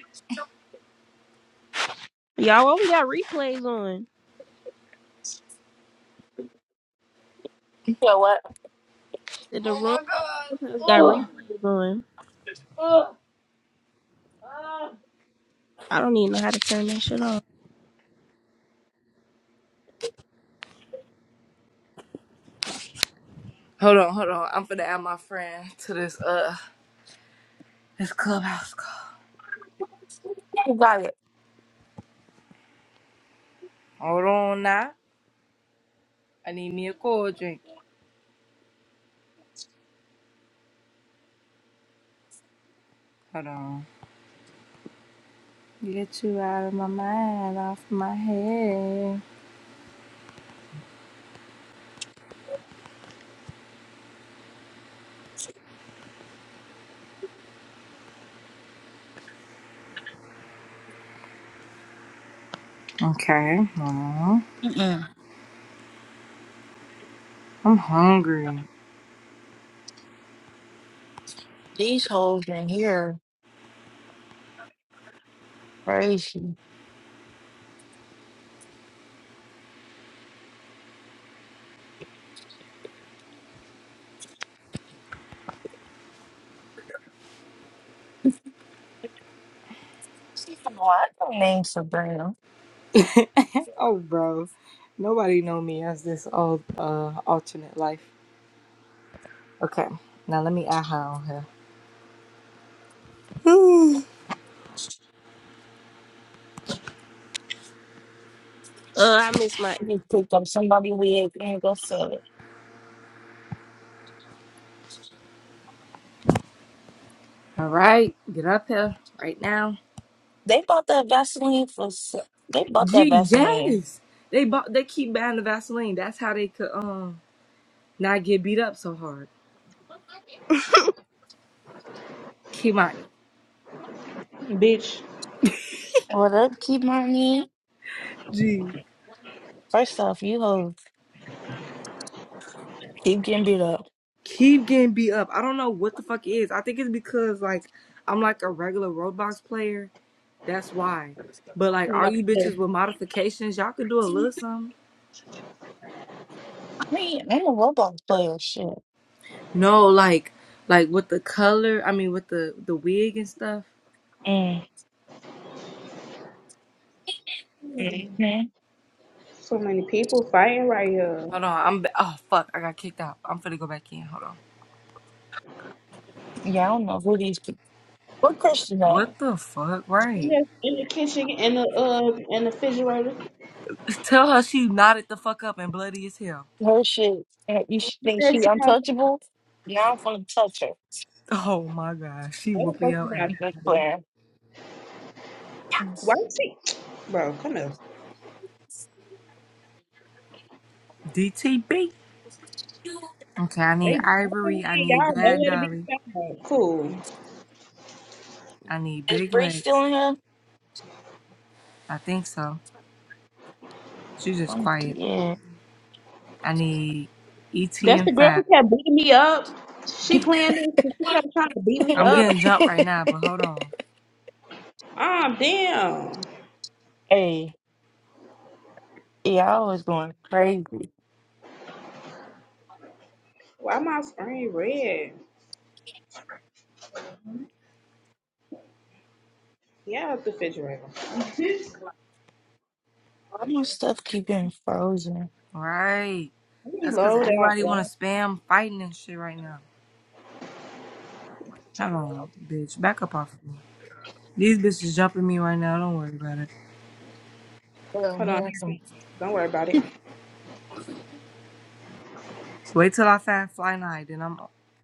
S5: Y'all, why we got replays on?
S3: You know what?
S5: Said The
S1: Oh
S5: room
S1: my god.
S5: got
S1: Ugh,
S5: replays on.
S1: ugh.
S5: I don't even know how to turn that shit off.
S1: Hold on, hold on. I'm finna add my friend to this uh this clubhouse call. Hold on now. I need me a cold drink. Hold on. Get you out of my mind, off my head. Okay. Aw,
S3: Mm-mm.
S1: I'm hungry.
S3: These hoes in here crazy. She from what? I don't name Sabrina.
S1: oh bro. Nobody know me as this old uh alternate life. Okay. Now let me add her on here. Whew.
S5: Uh, I miss my
S3: You picked up somebody wig and go sell it.
S1: All right, get up here right now.
S3: They bought that Vaseline for. s- They bought that
S1: Gee,
S3: Vaseline.
S1: yes, they bought. They keep buying the Vaseline. That's how they could um not get beat up so hard. Kimani,
S16: Bitch,
S3: Well, they keep my name.
S1: gee,
S3: First off, you hoes keep getting beat up.
S1: keep getting beat up. I don't know what the fuck it is. I think it's because like I'm like a regular Roblox player. That's why. But like, all
S16: no.
S1: you bitches with modifications, y'all could do a little something.
S3: I mean, I'm a robot player. Shit.
S1: No, like, like with the color. I mean, with the the wig and stuff.
S3: Mm. Mhm.
S16: So many people fighting right here.
S1: Hold on, I'm. ba- Oh fuck, I got kicked out. I'm finna go back in. Hold on.
S3: Yeah, I don't know who these people. What Christian are?
S1: What the fuck?
S16: In
S1: Right.
S16: the, in the kitchen, in the uh, in the refrigerator.
S1: Tell her she knotted the fuck up and bloody as hell.
S3: Her shit. uh, You sh-
S16: You
S3: think she
S16: said she not
S3: untouchable? Now I'm gonna touch her.
S1: Oh my god, she
S16: Why the
S1: whooping
S16: fuck you
S1: your
S16: not
S1: ass.
S3: You Just playing.
S16: Why
S3: Mm.
S16: is she? Bro, come here.
S1: DTB. Okay, I need
S16: They jumping
S1: Ivory. I
S16: me. Y'all
S1: need
S16: know
S1: Bad
S16: where to be
S1: Dolly.
S16: found. Cool.
S1: I need
S3: Is
S1: Big
S3: Bree still
S1: Legs.
S3: in here?
S1: I think so. She's just
S3: Um,
S1: quiet.
S3: yeah.
S1: I need ET
S16: That's
S1: and
S16: the girl
S1: Five.
S16: who kept beating me up. She playing this. and She kept trying to beat me
S1: I'm
S16: up.
S1: getting jumped right now, but hold on.
S16: Um, damn.
S3: hey, yeah, I was going crazy.
S16: Why my screen red? Yeah, it's the refrigerator. Let
S3: Why my stuff keep getting frozen?
S1: Right.
S16: me
S1: That's because
S16: load out.
S1: everybody want
S16: y'all.
S1: to spam fighting and shit right now. Hold on, bitch. Back up off of me. These bitches jumping me right now. Don't worry about it.
S3: Well,
S16: Hold
S3: we
S16: on.
S3: have some
S16: Don't worry about it.
S1: Wait till I find Fly Night, then I'm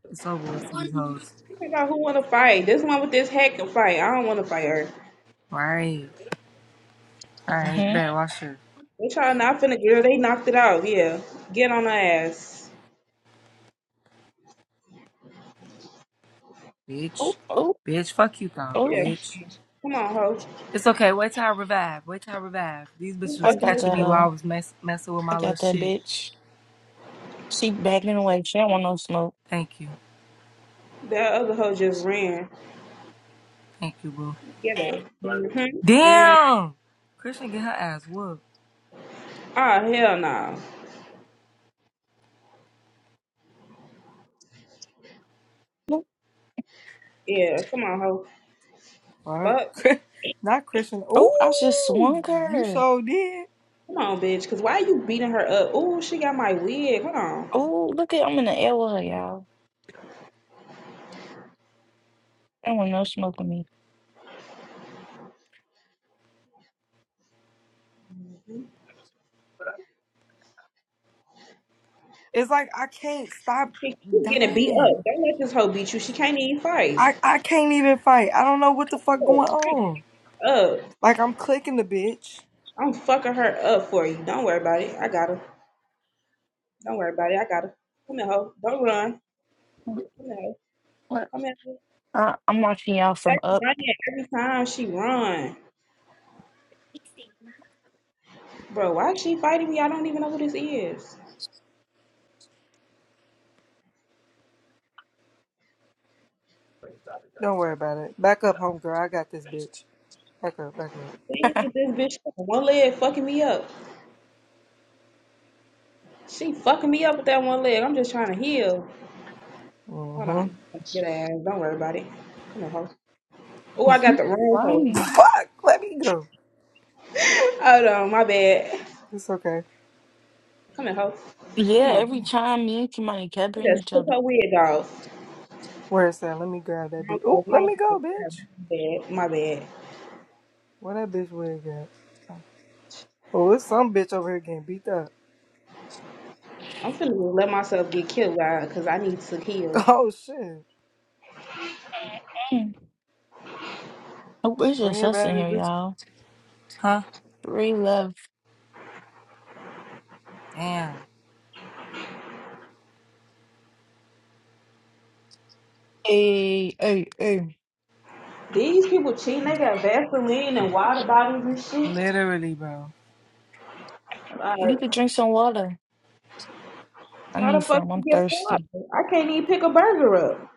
S1: it's over with for these hoes.
S16: Figure out who want to fight. This one with this hat can fight. I don't want to fight her.
S1: Right. Alright,
S3: fun.
S1: bet watch her.
S16: They trying not finna girl. They knocked it out. Yeah, get on her ass.
S1: Bitch.
S3: Oh, oh,
S1: Bitch, fuck you though,
S3: oh!
S16: Yeah,
S1: bitch.
S16: come on, hoe.
S1: It's okay, wait till I revive. Wait till I revive. These
S16: Who
S1: bitches
S3: I
S1: was
S16: fucking
S3: got
S16: this?
S1: catching
S3: that
S1: me
S16: hoe?
S1: while I
S3: hoe.
S1: was mess- messing with
S3: I
S1: my little
S3: got that
S1: shit.
S3: bitch. She backing away. She don't want no smoke.
S1: Thank you.
S16: That other hoe just ran.
S1: Thank you, boo.
S16: Get her. Mm-hmm. Mm.
S1: Damn! Christian get her ass whooped.
S16: Ah, hell no. Yeah, come on, hoe.
S1: Fuck.
S16: Fuck.
S1: Not Christian.
S3: Oh, I just
S1: Ooh,
S3: swung
S1: you
S3: her.
S1: sure did.
S16: Come on, bitch. Cause why you beating her up? Ooh, she got my wig. Hold on.
S3: Oh, look at I'm in the airway, y'all. That one no smoke with me.
S1: It's like I can't stop
S16: She you getting beat
S1: dying.
S16: up. Don't let this hoe beat you. She can't even fight.
S1: I, I can't even fight. I don't know what the fuck
S16: Oh,
S1: going on.
S16: Up.
S1: Like I'm clicking the bitch.
S16: I'm fucking her up for you. Don't worry about it. I got her. Don't worry about it. I got her. Come here, ho. Don't run. Come here. hoe.
S3: What?
S16: Come here. hoe.
S3: I, I'm watching y'all from
S16: That's
S3: up.
S16: running every time she run. Bro, why is she fighting me? I don't even know who this is.
S1: Don't worry about it. Back up, homegirl. I got this bitch. Back up, back up.
S16: Damn, get this bitch on one leg fucking me up. She fucking me up with that one leg. I'm just trying to heal. Hold on.
S1: Mm-hmm.
S16: Get her ass. Don't worry about it. Come here, ho. Oh, I got the wrong hoe.
S3: Why?
S1: Fuck! Let me go.
S16: Hold on, my bad.
S1: It's okay.
S16: Come here, ho. Come
S3: Yeah,
S16: on.
S3: every time me and Kimani kept
S16: I
S3: hitting
S16: just
S3: each
S16: took
S3: other.
S16: her wig off.
S1: Where is that? Let me grab that bitch. Oh,
S16: Okay,
S1: let me
S16: my
S1: go, bitch.
S16: bad. My bad.
S1: Where that bitch wig at? Oh, it's some bitch over here getting beat up.
S16: I'm finna let myself get killed by because I need to heal.
S1: Oh shit.
S3: Mm. Oh, it's
S1: Bring
S3: just
S1: your
S3: us
S1: bad
S3: in
S1: ass
S3: here,
S1: bitch.
S3: y'all.
S1: Huh?
S3: Three left.
S1: Damn.
S3: Hey, hey, hey.
S16: These people cheating. They got Vaseline and water bottles and shit.
S1: Literally, bro.
S3: You could
S16: Like,
S3: drink some water. I
S16: how
S3: need
S16: the fuck
S3: some. I'm
S16: you get a water?
S3: thirsty.
S16: I can't even pick a burger up.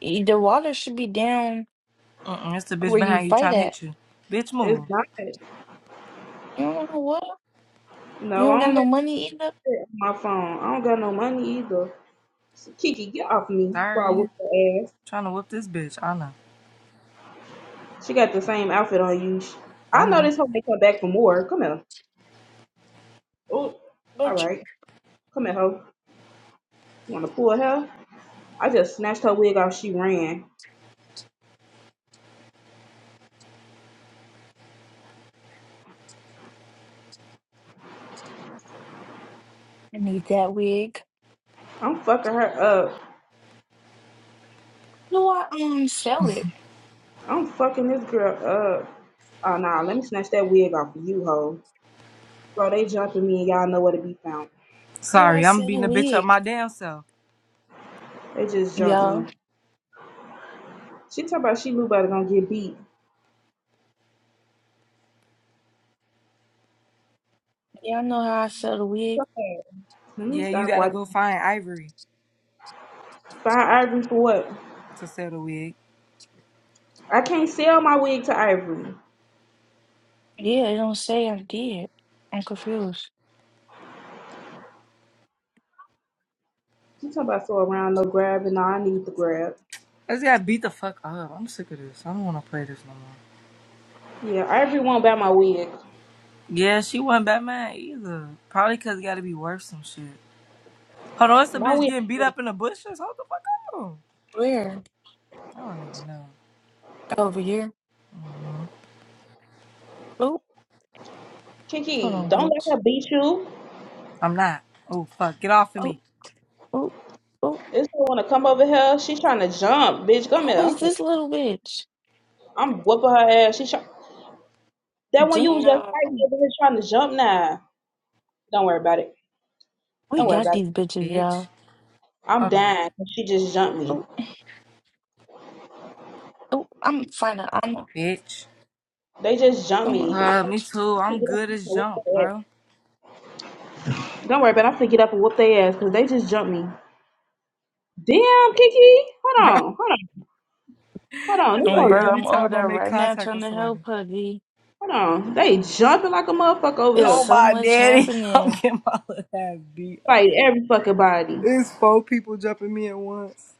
S3: Eh, The water should be down
S1: Mm-mm, it's the bitch
S3: where you
S1: behind you
S3: fight
S1: trying to
S3: at.
S1: hit you. Bitch,
S16: It's
S1: move.
S16: not.
S3: You don't got no water? You
S16: No, I
S3: don't got
S16: don't got
S3: no money either?
S16: shit on my phone. I don't got no money either. So Kiki, get off me before I
S1: Sorry.
S16: whoop your ass.
S1: Trying to whip this bitch. I know.
S16: She got the same outfit on you. Sh-
S1: I
S16: I know
S1: know.
S16: this hoe may come back for more. Come here. Oh, all
S3: Bitch,
S16: right. Come here, hoe. You want to pull her? I just snatched her wig off. She ran.
S3: I need that wig.
S16: I'm fucking her up.
S3: Do I um sell it?
S16: I'm fucking this girl up. Oh nah, let me snatch that wig off of you, hoe. Bro, they jumping me and y'all know where to be found.
S3: What do I
S1: Sorry, I'm
S3: say the
S1: beating the bitch up
S3: wig?
S1: my damn self.
S16: They just jumped
S3: Y'all,
S16: me. She talk about she knew better gonna get beat.
S3: y'all know how I sell the wig?
S16: Fuck that. Let me
S1: Yeah, you
S16: stop
S1: gotta
S16: watching.
S1: go find Ivory
S16: Find Ivory for what?
S1: to sell the wig.
S16: I can't sell my wig to Ivory.
S3: Yeah, it don't say I did. I'm confused.
S16: She talking about so around no grabbing. No, I need to grab.
S1: I just gotta beat the fuck up. I'm sick of this. I don't wanna play this no more.
S16: Yeah, Ivory won't buy my wig.
S1: Yeah, she wasn't Batman either. Probably cause it gotta be worth some shit. Hold on, it's the
S16: My
S1: bitch
S16: wig.
S1: getting beat up in the bushes? Hold the fuck up.
S3: Where?
S1: I don't even know.
S3: Over here. Oh, hold
S16: Kiki,
S3: on,
S16: don't let
S3: bitch.
S16: her beat you.
S1: I'm not. Oh fuck, get off of
S3: Oh,
S1: me.
S3: oh, oh.
S16: This girl wanna come over here. She trying to jump, bitch. Come here.
S3: Who is
S16: I'm,
S3: this little bitch?
S16: I'm whooping her ass. She try. That one you was just right
S3: Damn.
S16: there really trying to jump Nah, Don't worry about it.
S3: We
S16: Don't worry
S1: Bitch.
S3: got
S16: about it.
S3: these bitches,
S1: Bitch.
S3: y'all.
S16: I'm
S1: Hold on.
S16: dying. She just jumped me.
S3: Oh, oh, I'm finding. I'm a,
S1: Bitch.
S16: They just jumped
S3: I'm a
S16: me. I'm
S1: Uh, me
S3: bitch.
S1: too.
S16: finna
S1: I'm
S16: get up
S1: good
S16: and
S1: as
S16: whoop
S1: jumped,
S16: their ass.
S1: bro.
S16: Don't worry about it. I'm gonna get up and whoop their ass because they just jumped me. Damn, Kiki. Hold
S1: Bro,
S16: on. Hold on. Hold on.
S1: it's
S16: This
S3: Um,
S1: like
S16: whole
S3: bro,
S16: jump.
S1: every
S3: I'm over
S1: time I
S3: there
S1: make
S3: right now
S1: contact
S3: trying
S1: with
S3: to
S1: somebody.
S3: help her, G.
S16: Hold on. They jumping like a motherfucker over
S3: There's
S16: here.
S1: Oh
S3: so
S1: my
S3: much
S1: daddy, I'm
S3: happening.
S1: getting my little ass beat
S16: Fight every fucking body.
S1: It's four people jumping me at once.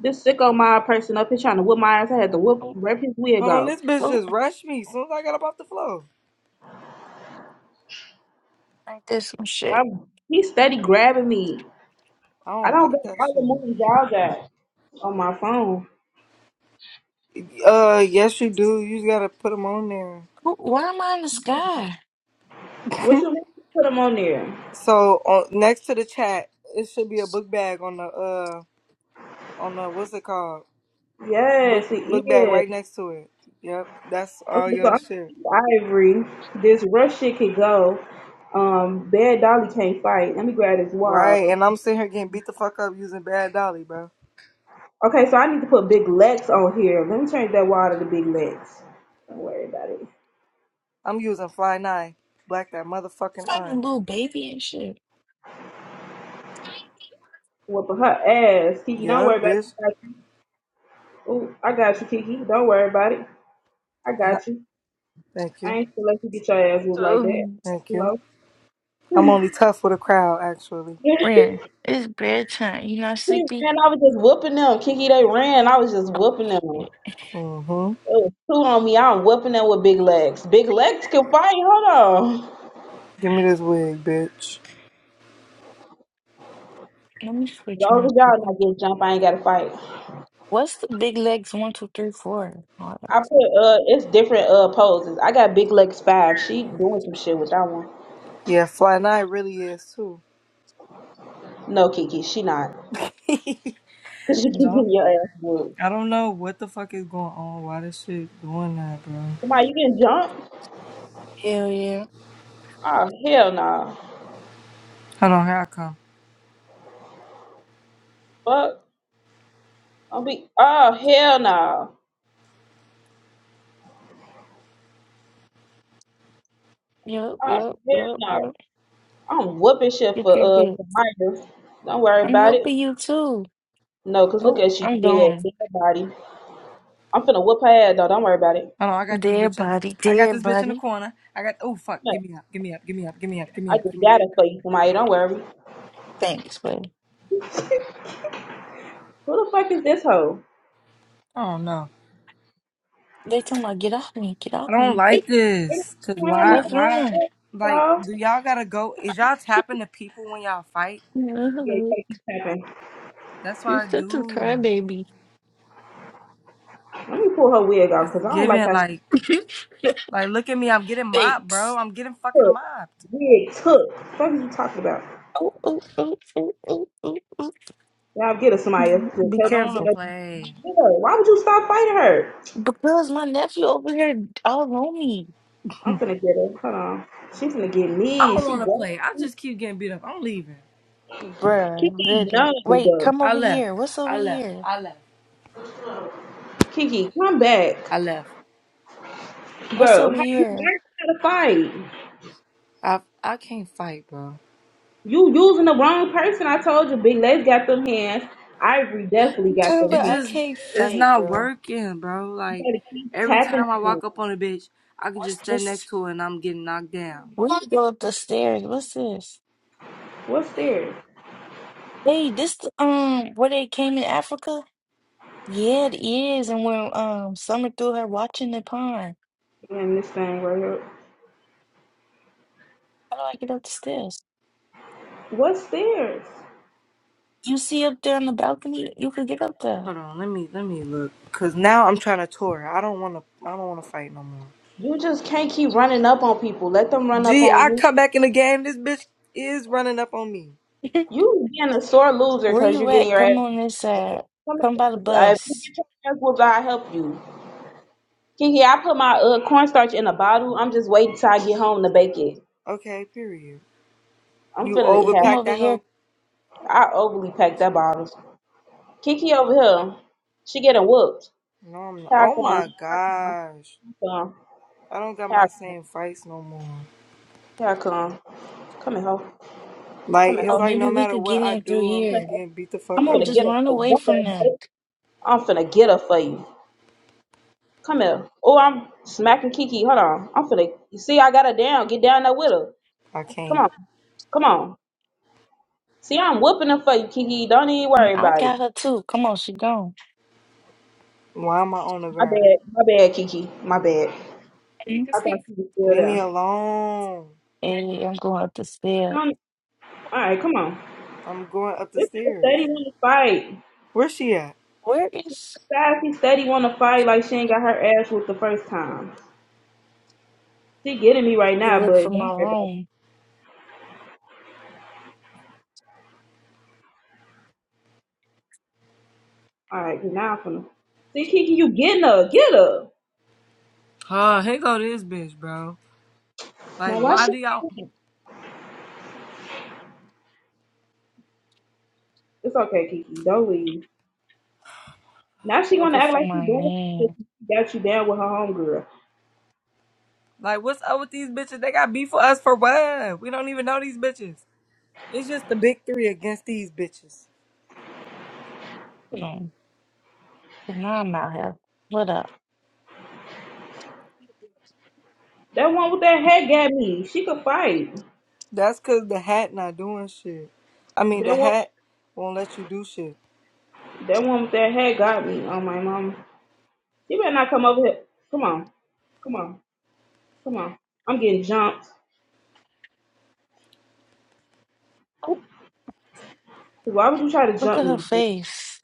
S16: This sicko mob person up here trying to whip my ass. I had to whip, rip his wig
S1: Hold on,
S16: off.
S1: this bitch
S3: Oh,
S1: just rushed me as soon as I got up off the floor.
S3: like there's some shit.
S16: I'm, he steady grabbing me.
S1: I
S16: I
S1: don't
S16: don't got
S1: like that
S16: all the
S1: shit.
S16: moves y'all got on my phone.
S1: Uh, yes, you do. You just gotta put them on there.
S3: Oh, why am I in the sky?
S16: Which one put them on there?
S1: So on, next to the chat, it should be a book bag on the uh on the what's it called book
S16: Yes, it is.
S1: book bag right next to it. Yep, that's all
S16: Okay, so
S1: your
S16: I'm gonna
S1: shit.
S16: keep Ivory. This rush shit could go. Um, Bad Dolly can't fight. Let me grab this wad.
S1: Right, and I'm sitting here getting beat the fuck up using Bad Dolly, bro.
S16: Okay, so I need to put Big Lex on here. Let me change that wad to the Big Lex. Don't worry about it.
S1: I'm using Fly Nine, black that
S3: It's
S1: motherfucking
S3: like a
S1: eye.
S3: little baby and shit.
S16: Whooping her ass, Kiki. Don't
S1: Yep,
S16: worry about it.
S1: bitch.
S16: I got you. Ooh, I got you, Kiki. Don't worry about it. I got you.
S1: Thank
S16: I
S1: you,
S16: ain't gonna let you get your ass whooped like that.
S3: Oh,
S16: Got
S1: thank
S16: you
S1: you.
S16: hoe.
S1: I'm only tough with a crowd, actually.
S3: friend,
S16: he
S3: it's bedtime. You not sleepy?
S16: ran. I was just whooping them, Kiki. They ran. I was just
S3: Oh,
S16: whooping them.
S1: Mm-hmm.
S16: It was two on me. I'm whooping them with big legs. Big legs can fight. Hold on. As
S1: Give me this wig, bitch.
S3: Let me switch
S16: long
S3: my
S16: as y'all
S3: people.
S16: not getting jumped, I ain't gotta fight.
S3: What's the big legs? One, two, three, four. Oh,
S16: I
S3: that's it.
S16: put uh it's different uh poses. I got big legs five. She doing some shit with that one.
S1: Yeah, Fly Nine really is too.
S16: No, Kiki, she not. Cause she keep getting
S1: no,
S16: your ass moved.
S1: I don't know what the fuck is going on. Why this shit doing that, bro?
S16: Come on, you can jump?
S3: Hell yeah.
S16: Oh hell no.
S1: Hold on, here I come.
S16: Fuck. I'll be oh hell no.
S3: Yup,
S16: Oh
S3: yup,
S16: hell
S3: yup,
S16: no.
S3: yup.
S16: I'm whooping shit
S3: Get
S16: for
S3: that
S16: uh
S3: big.
S16: survivors. Don't worry
S3: I'm
S16: about it.
S3: helping you too.
S16: No, cause look
S3: Oh,
S16: at you
S3: I'm
S16: dead,
S3: gone.
S16: dead body. I'm finna whoop her ass though, don't worry about it.
S1: Hold on, I got this
S3: Dead
S1: bitch in.
S3: body,
S1: I got
S3: dead
S1: this bitch in the
S3: body.
S1: corner. I got. Oh fuck!
S16: No,
S1: Give me up! Give me up! Give me up! Give me up! Give me
S16: I
S1: up!
S16: just
S1: Give me up!
S16: got it for you, somebody. Don't worry.
S3: Thanks, buddy.
S16: Who the fuck is this hoe?
S1: Oh no,
S3: They talking about get off me, get off
S1: I don't
S3: me.
S16: This
S1: like
S16: this
S1: this. Cause
S16: time you
S1: why?
S3: What's
S1: Why?
S3: wrong?
S1: Like,
S16: y'all.
S1: do y'all gotta go? Is y'all tapping the people when y'all fight?
S16: Yeah, you
S3: No,
S16: gotta keep tapping.
S1: That's what
S3: You're
S1: I
S3: such a
S1: do.
S3: crybaby.
S16: Let me pull her wig off
S1: It's
S16: because I don't like
S1: giving
S16: how she
S1: like Like, look at me. I'm getting mopped, bro.
S3: Thanks.
S1: I'm getting fucking
S16: took.
S1: mopped.
S16: Wig took. What are you talking about?
S3: Oh, oh, oh, oh, oh, oh, oh,
S16: Y'all get her, somebody to
S3: Mm-hmm. Be
S1: I
S16: help you
S1: don't want
S3: careful.
S16: get
S1: to
S16: up.
S1: play.
S16: Get her. Why would you stop fighting her?
S3: Because my nephew over here all on me.
S16: I'm finna get her. Hold on. She's gonna get
S1: I
S16: me.
S1: don't
S16: She
S1: want to
S16: got
S1: play. I
S16: me.
S1: just keep getting beat up. I'm leaving.
S3: Bruh.
S16: Kiki,
S3: literally. Wait,
S16: no.
S3: come
S1: I
S3: over
S1: left.
S3: here. What's over
S1: I left.
S3: here?
S1: I left.
S16: Kiki, come back.
S1: I left.
S3: What's
S16: Bro,
S3: over
S16: how you
S3: here?
S16: learn how to fight?
S1: I I can't fight, bro.
S16: You using the wrong person. I told you, Big Legs got them hands. Ivory definitely got
S3: Tell me
S16: them
S1: It
S16: hands.
S3: I
S1: just
S3: can't
S1: it's
S3: fight,
S1: not
S3: bro.
S1: working, bro.
S16: You
S1: Like
S16: gotta keep
S1: every
S16: tapping
S1: time I
S16: them.
S1: walk up on a bitch, I could
S3: What's
S1: just stand next
S3: this?
S1: to her and I'm getting knocked down.
S3: We need to go up the stairs. What's this?
S16: What's theirs?
S3: Hey, this the, um where they came in Africa? Yeah, it is. And when um Summer threw her watching the pond.
S16: And this thing right here.
S3: How do I get up the stairs?
S16: What's theirs?
S3: You see up there on the balcony? You could get up there.
S1: Hold on, let me let me look. Cause now I'm trying to tour. her. I don't want to. I don't want to fight no more.
S16: You just can't keep running up on people. Let them run up
S1: Gee,
S16: on
S1: I
S16: you.
S1: come back in the game. This bitch is running up on me.
S16: You being a sore loser
S3: Where
S16: because
S3: you
S16: you're getting
S3: at?
S16: your ass.
S3: Come on this side.
S16: whooped. Come
S3: Come by the
S16: here. Uh, If you
S3: bus.
S16: get your ass whooped, I'll help you. Kiki, I put my uh, cornstarch in a bottle. I'm just waiting till I get home to bake it.
S1: Okay, period.
S16: I'm
S1: You
S16: finna
S3: Come
S1: overpacked
S16: have.
S3: over
S1: that
S3: here.
S1: hoe?
S16: I overly packed that bottle. Kiki over here, she getting whooped.
S1: No, I'm not.
S16: How
S1: Oh my
S16: come? How come?
S1: gosh. I don't got
S16: How come? How
S1: my
S16: come?
S1: same fights no more.
S16: How come? Come here, ho. Come
S1: Like,
S16: here,
S1: it's
S3: Oh,
S16: ho.
S1: like no
S3: maybe we
S1: matter
S3: could
S1: what
S3: get
S1: I
S3: in through
S1: do, I'm
S16: Come here,
S1: just
S3: here.
S16: ho.
S1: getting beat the
S16: I'm
S1: fuck
S3: Come on,
S16: finna
S1: up.
S3: just
S16: get her
S3: run
S16: for you.
S3: away
S16: Don't worry
S3: from
S16: about
S3: them.
S16: it. I'm finna get her for you. Come here. Oh, I'm smacking Kiki. Hold on. I'm finna. You see, I got her down. Get down there with her.
S1: I
S16: Come
S1: can't.
S16: on. Come on. See, I'm whooping her for you, Kiki. Don't even
S3: And
S16: worry
S3: I
S16: about it.
S3: got her too. Come on, she gone.
S1: Why am I on the
S16: My
S1: ground?
S16: bad. My bad, Kiki. My bad. I
S3: Mm-hmm.
S16: thought she was still
S1: Leave me
S16: there.
S1: alone.
S3: Hey, I'm going up the stairs.
S16: Come All right, come on.
S1: I'm going up the
S16: This is a
S1: stairs.
S16: steady one to fight.
S1: Where's she at?
S3: Where is
S16: Besides, she steady want to fight like she ain't got her ass whooped the first time. She getting me right
S3: she?
S16: now, but
S3: Look for my
S16: don't worry about it.
S3: room.
S16: All right, now I'm finna. See, Kiki, you getting her. Get her.
S1: Huh, here go this bitch, bro. Like,
S16: Now, why she
S1: why do y'all.
S16: can't leave? It's okay, Kiki. Don't leave. Now she
S3: I'm
S16: want to
S3: looking
S16: act
S3: for
S16: like
S3: my
S16: she doing some shit.
S3: man.
S16: She got you down with her homegirl.
S1: Like, what's up with these bitches? They got beef for us for what? We don't even know these bitches. It's just the big three against these bitches.
S3: You know, now I'm out here. What up?
S16: That one with that hat got me. She could fight.
S1: That's cause the hat not doing shit. I mean, the
S16: That one,
S1: hat won't let you do shit.
S16: that one with that hat got me. Oh, my mama. She better not come over here. Come on. Come on. Come on. I'm getting jumped.
S3: Oh,
S16: Why would you try to
S3: look
S16: jump
S3: at her
S16: me,
S3: face.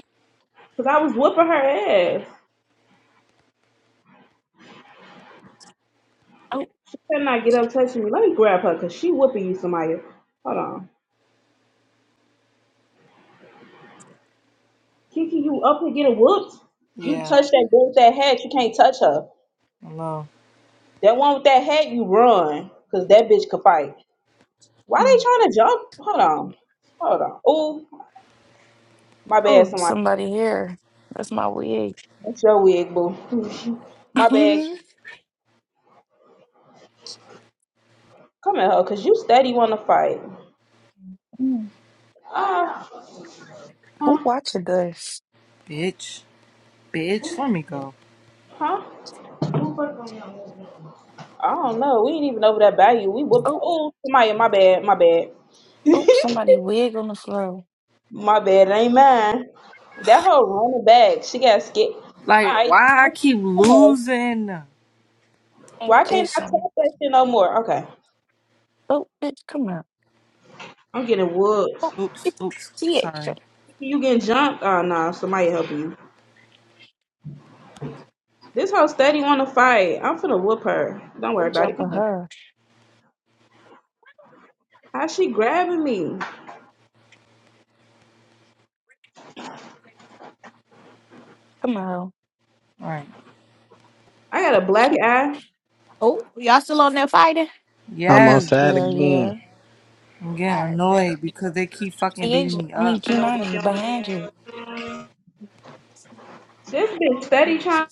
S16: Cause I was whooping her ass.
S3: Oh,
S16: She could not get up touching me. Let me grab her, cause she whooping you, Samaya. Hold on, Kiki, you up here getting whooped? You
S1: Yeah,
S16: touch that girl with that hat, you can't touch her.
S1: I know,
S16: That one with that hat, you run, cause that bitch could fight. Why they
S3: mm.
S16: trying to jump? Hold on, hold on. Oh, my bad,
S3: oh,
S16: Samaya.
S3: somebody here. That's my wig.
S16: That's your wig, boo. My bad. Come at her, cause you steady want to fight.
S3: Mm.
S16: Uh,
S3: Who
S16: huh?
S3: watching this?
S1: bitch, bitch. Let me go.
S16: Huh? I don't know. We ain't even over that value. We whoop.
S3: Oh,
S16: Oh, Samaya, my bad, my
S3: oh,
S16: bad.
S3: somebody wig on the floor.
S16: My bad, it ain't mine. That hoe running back. She got scared. All
S1: Like,
S16: right.
S1: why I keep losing?
S3: Ain't
S16: Why can't
S3: this
S16: I
S3: something?
S16: talk that shit no more? Okay.
S3: Oh, bitch, come on.
S16: I'm getting whooped.
S3: Oh,
S1: Oops,
S3: it-
S1: oops.
S3: TH,
S1: Sorry.
S16: You getting jumped? Oh, no. Somebody helping you. This hoe steady want to fight. I'm finna whoop her. Don't
S3: we're
S16: worry about it. Come
S3: jumping
S16: here.
S3: her.
S16: How she grabbing me?
S3: Come on.
S1: All right.
S16: I got a black eye.
S4: Oh, y'all still on there fighting?
S2: I'm
S1: Yes,
S2: outside
S1: bro.
S3: yeah, yeah.
S2: again.
S1: I'm getting
S4: All right.
S1: annoyed because they keep fucking
S3: TH,
S1: beating me
S3: I mean,
S1: up, bro.
S3: Kimani, behind you.
S16: This bitch steady trying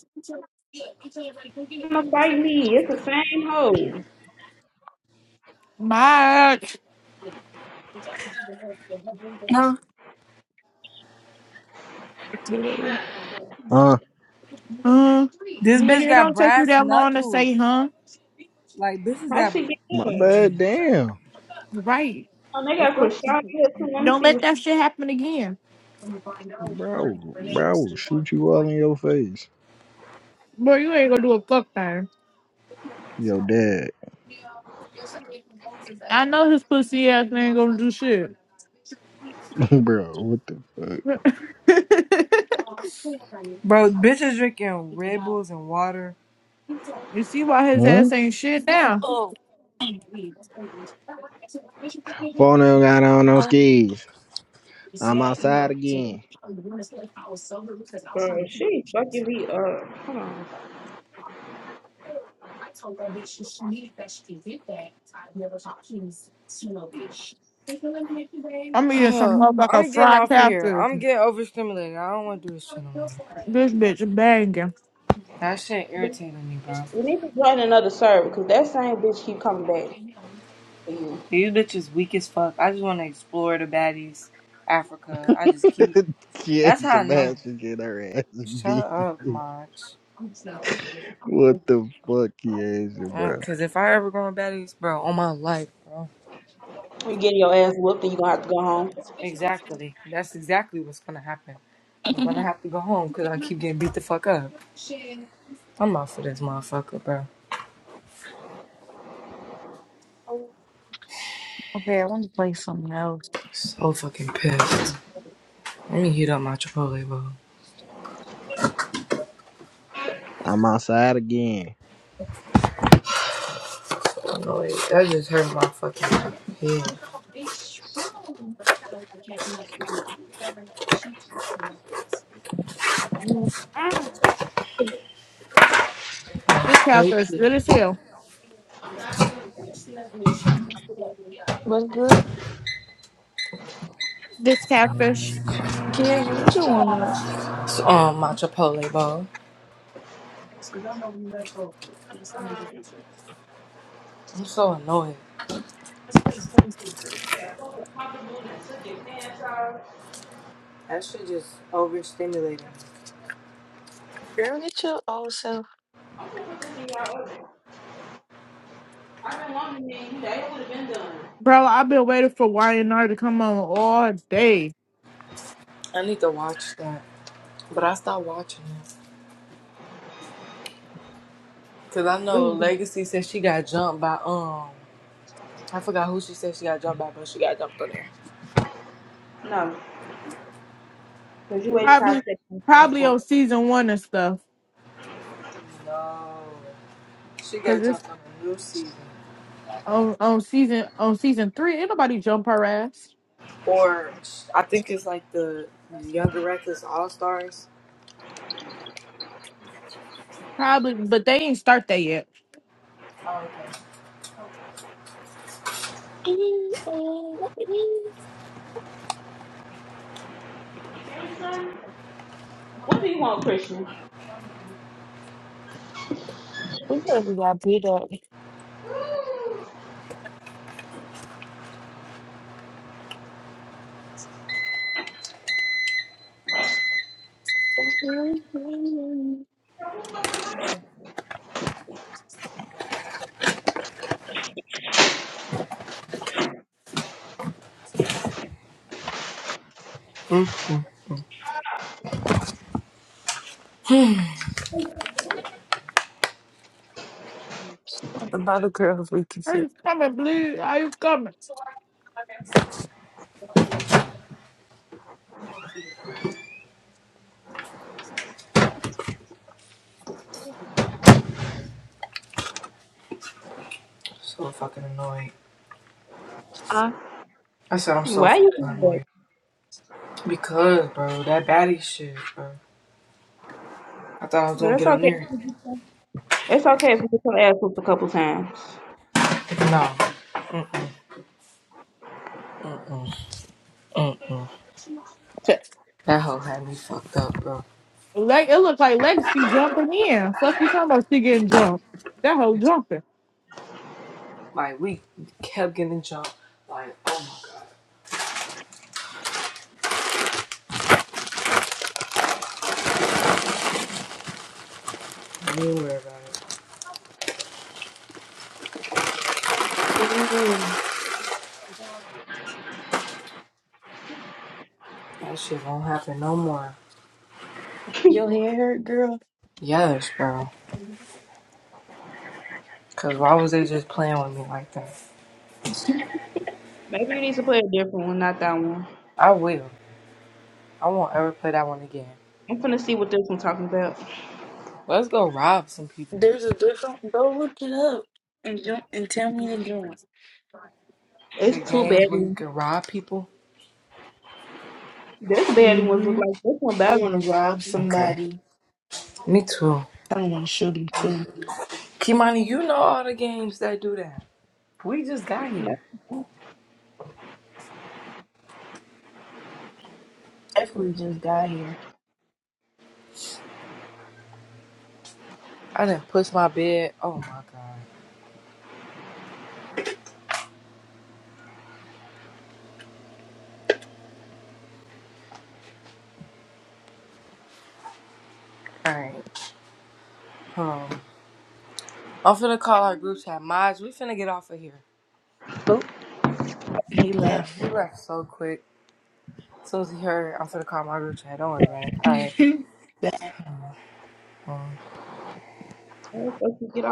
S16: to fight me. It's the same hoe.
S4: Much.
S3: No. Potato.
S2: Huh?
S4: Huh?
S1: This bitch
S4: Nigga, it
S1: got
S4: don't take you
S1: brass
S4: that long to
S1: knuckles.
S4: say, huh?
S1: Like, bitches
S16: How
S1: got.
S16: she get
S2: My
S16: in?
S1: Gee.
S2: bad. Damn,
S4: Right.
S16: Oh, they
S4: The
S16: got
S4: fuck?
S16: Krishan here too. Let me
S4: Don't
S16: see
S4: let
S16: what she...
S4: that shit happen again.
S2: bro, bro, shoot you all in your face.
S4: Bro, you ain't gonna do a fuck thing.
S2: Yo, dad,
S4: I know his pussy ass ain't gonna do shit.
S2: bro. What the fuck?
S1: Bro, bitches drinking Red Bulls and water.
S4: you see why his
S2: Hmm?
S4: ass ain't shit now?
S3: Oh,
S2: Phone ain't got on no
S3: oh.
S2: skis. I'm outside again.
S16: Bro, she fucking me up. Hold on.
S4: I'm eating some motherfucker
S1: I'm getting
S4: fried
S1: off of here.
S4: catfish.
S1: I'm getting overstimulated. I don't want to do this shit no more.
S4: This bitch banging.
S1: That shit irritating me, bro.
S16: You need to join another server because that same bitch keep coming back for you.
S1: These bitches weak as fuck. I just want to explore the baddies, Africa. I just keep. That's how I
S2: Keisha, man,
S1: know.
S2: should get her ass
S1: Shut
S2: beat.
S1: up, Mach.
S2: What the fuck, Keisha,
S1: Uh,
S2: bro?
S1: Cause if I ever go on baddies, bro, on my life, bro.
S16: You getting your ass whooped and you gonna have to go home.
S1: Exactly. That's exactly what's gonna happen. I'm gonna have to go home cause I keep getting beat the fuck up. I'm out for this motherfucker, bro.
S3: okay, I want to play something else.
S1: So fucking pissed. Let me heat up my Chipotle bowl.
S2: I'm outside again.
S1: Oh wait, that just hurt my fucking
S4: This catfish
S1: head.
S4: good as hell.
S3: What's good?
S4: This catfish.
S3: Kids, what you warming up?
S1: So, um, my Chipotle bowl. I'm so annoyed. That shit just overstimulating.
S3: Girl, get your old self.
S4: Bro, I've been waiting for YNR to come on all day.
S1: I need to watch that. But I stopped watching it. Cause I know Legacy said she got jumped by um I forgot who she said she got jumped by, but she got jumped on there.
S16: No, because you wait till I say
S4: Probably
S16: some things
S4: probably
S16: for.
S4: on season one and stuff.
S1: No. She
S4: Cause
S1: got
S4: it's
S1: jumped on a new season.
S4: on on season on season three. Ain't nobody jump her ass.
S1: Or sh- I think it's like the Younger Reckless All Stars.
S4: Probably but they ain't start that yet.
S1: Oh, okay.
S3: We
S16: What do you want, Christian?
S3: better be got beat up. Not the bother girls we can
S4: Are
S3: see.
S4: you coming, please? Are you coming?
S1: So fucking annoyed. I said I'm so
S16: Why you doing
S1: fucking
S16: that?
S1: annoyed. Because, bro, that baddie shit, bro. I thought I was
S16: Girl,
S1: gonna
S16: it's
S1: get
S16: okay.
S1: on
S16: if
S1: there.
S16: you get some- It's okay if you get your ass whooped a couple times.
S1: No. Mm-mm. That hoe had me fucked up, bro.
S4: Like it looks like Legacy jumping in. Fuck you talking about she getting jumped. That whole jumping.
S1: Like we kept getting jumped. Like, oh my god, don't worry about it.
S3: Oh,
S1: That shit won't happen no more.
S3: your hair hurt, girl.
S1: Yes, bro. Cause why was they just playing with me like that?
S16: Maybe you need to play a different one, not that one.
S1: I will. I won't ever play that one again.
S16: I'm finna see what this one talking about.
S1: Let's go rob some people.
S3: There's a different. Go look it up and jo- and tell me to join.
S16: It's
S1: The
S16: too
S1: games where you
S16: bad.
S1: can rob people.
S16: This bad one was look
S3: Mm-hmm.
S16: like this one
S3: I
S16: better.
S3: want to rob
S1: Okay.
S3: somebody.
S1: Me too.
S3: I don't want to shoot him too.
S1: Kimani, you know all the games that do that. We just got here.
S16: No, that's
S3: Definitely just got here.
S1: I didn't push my bed. Oh my god. Alright. Hold on. I'm finna call our group chat. Maj, we finna get off of here.
S3: Oh, he
S1: Damn, he
S3: left.
S1: left so quick. As soon as he heard, I'm finna call my group chat. Don't worry about it. All right.
S3: Bad.
S1: Um,
S16: what you get out.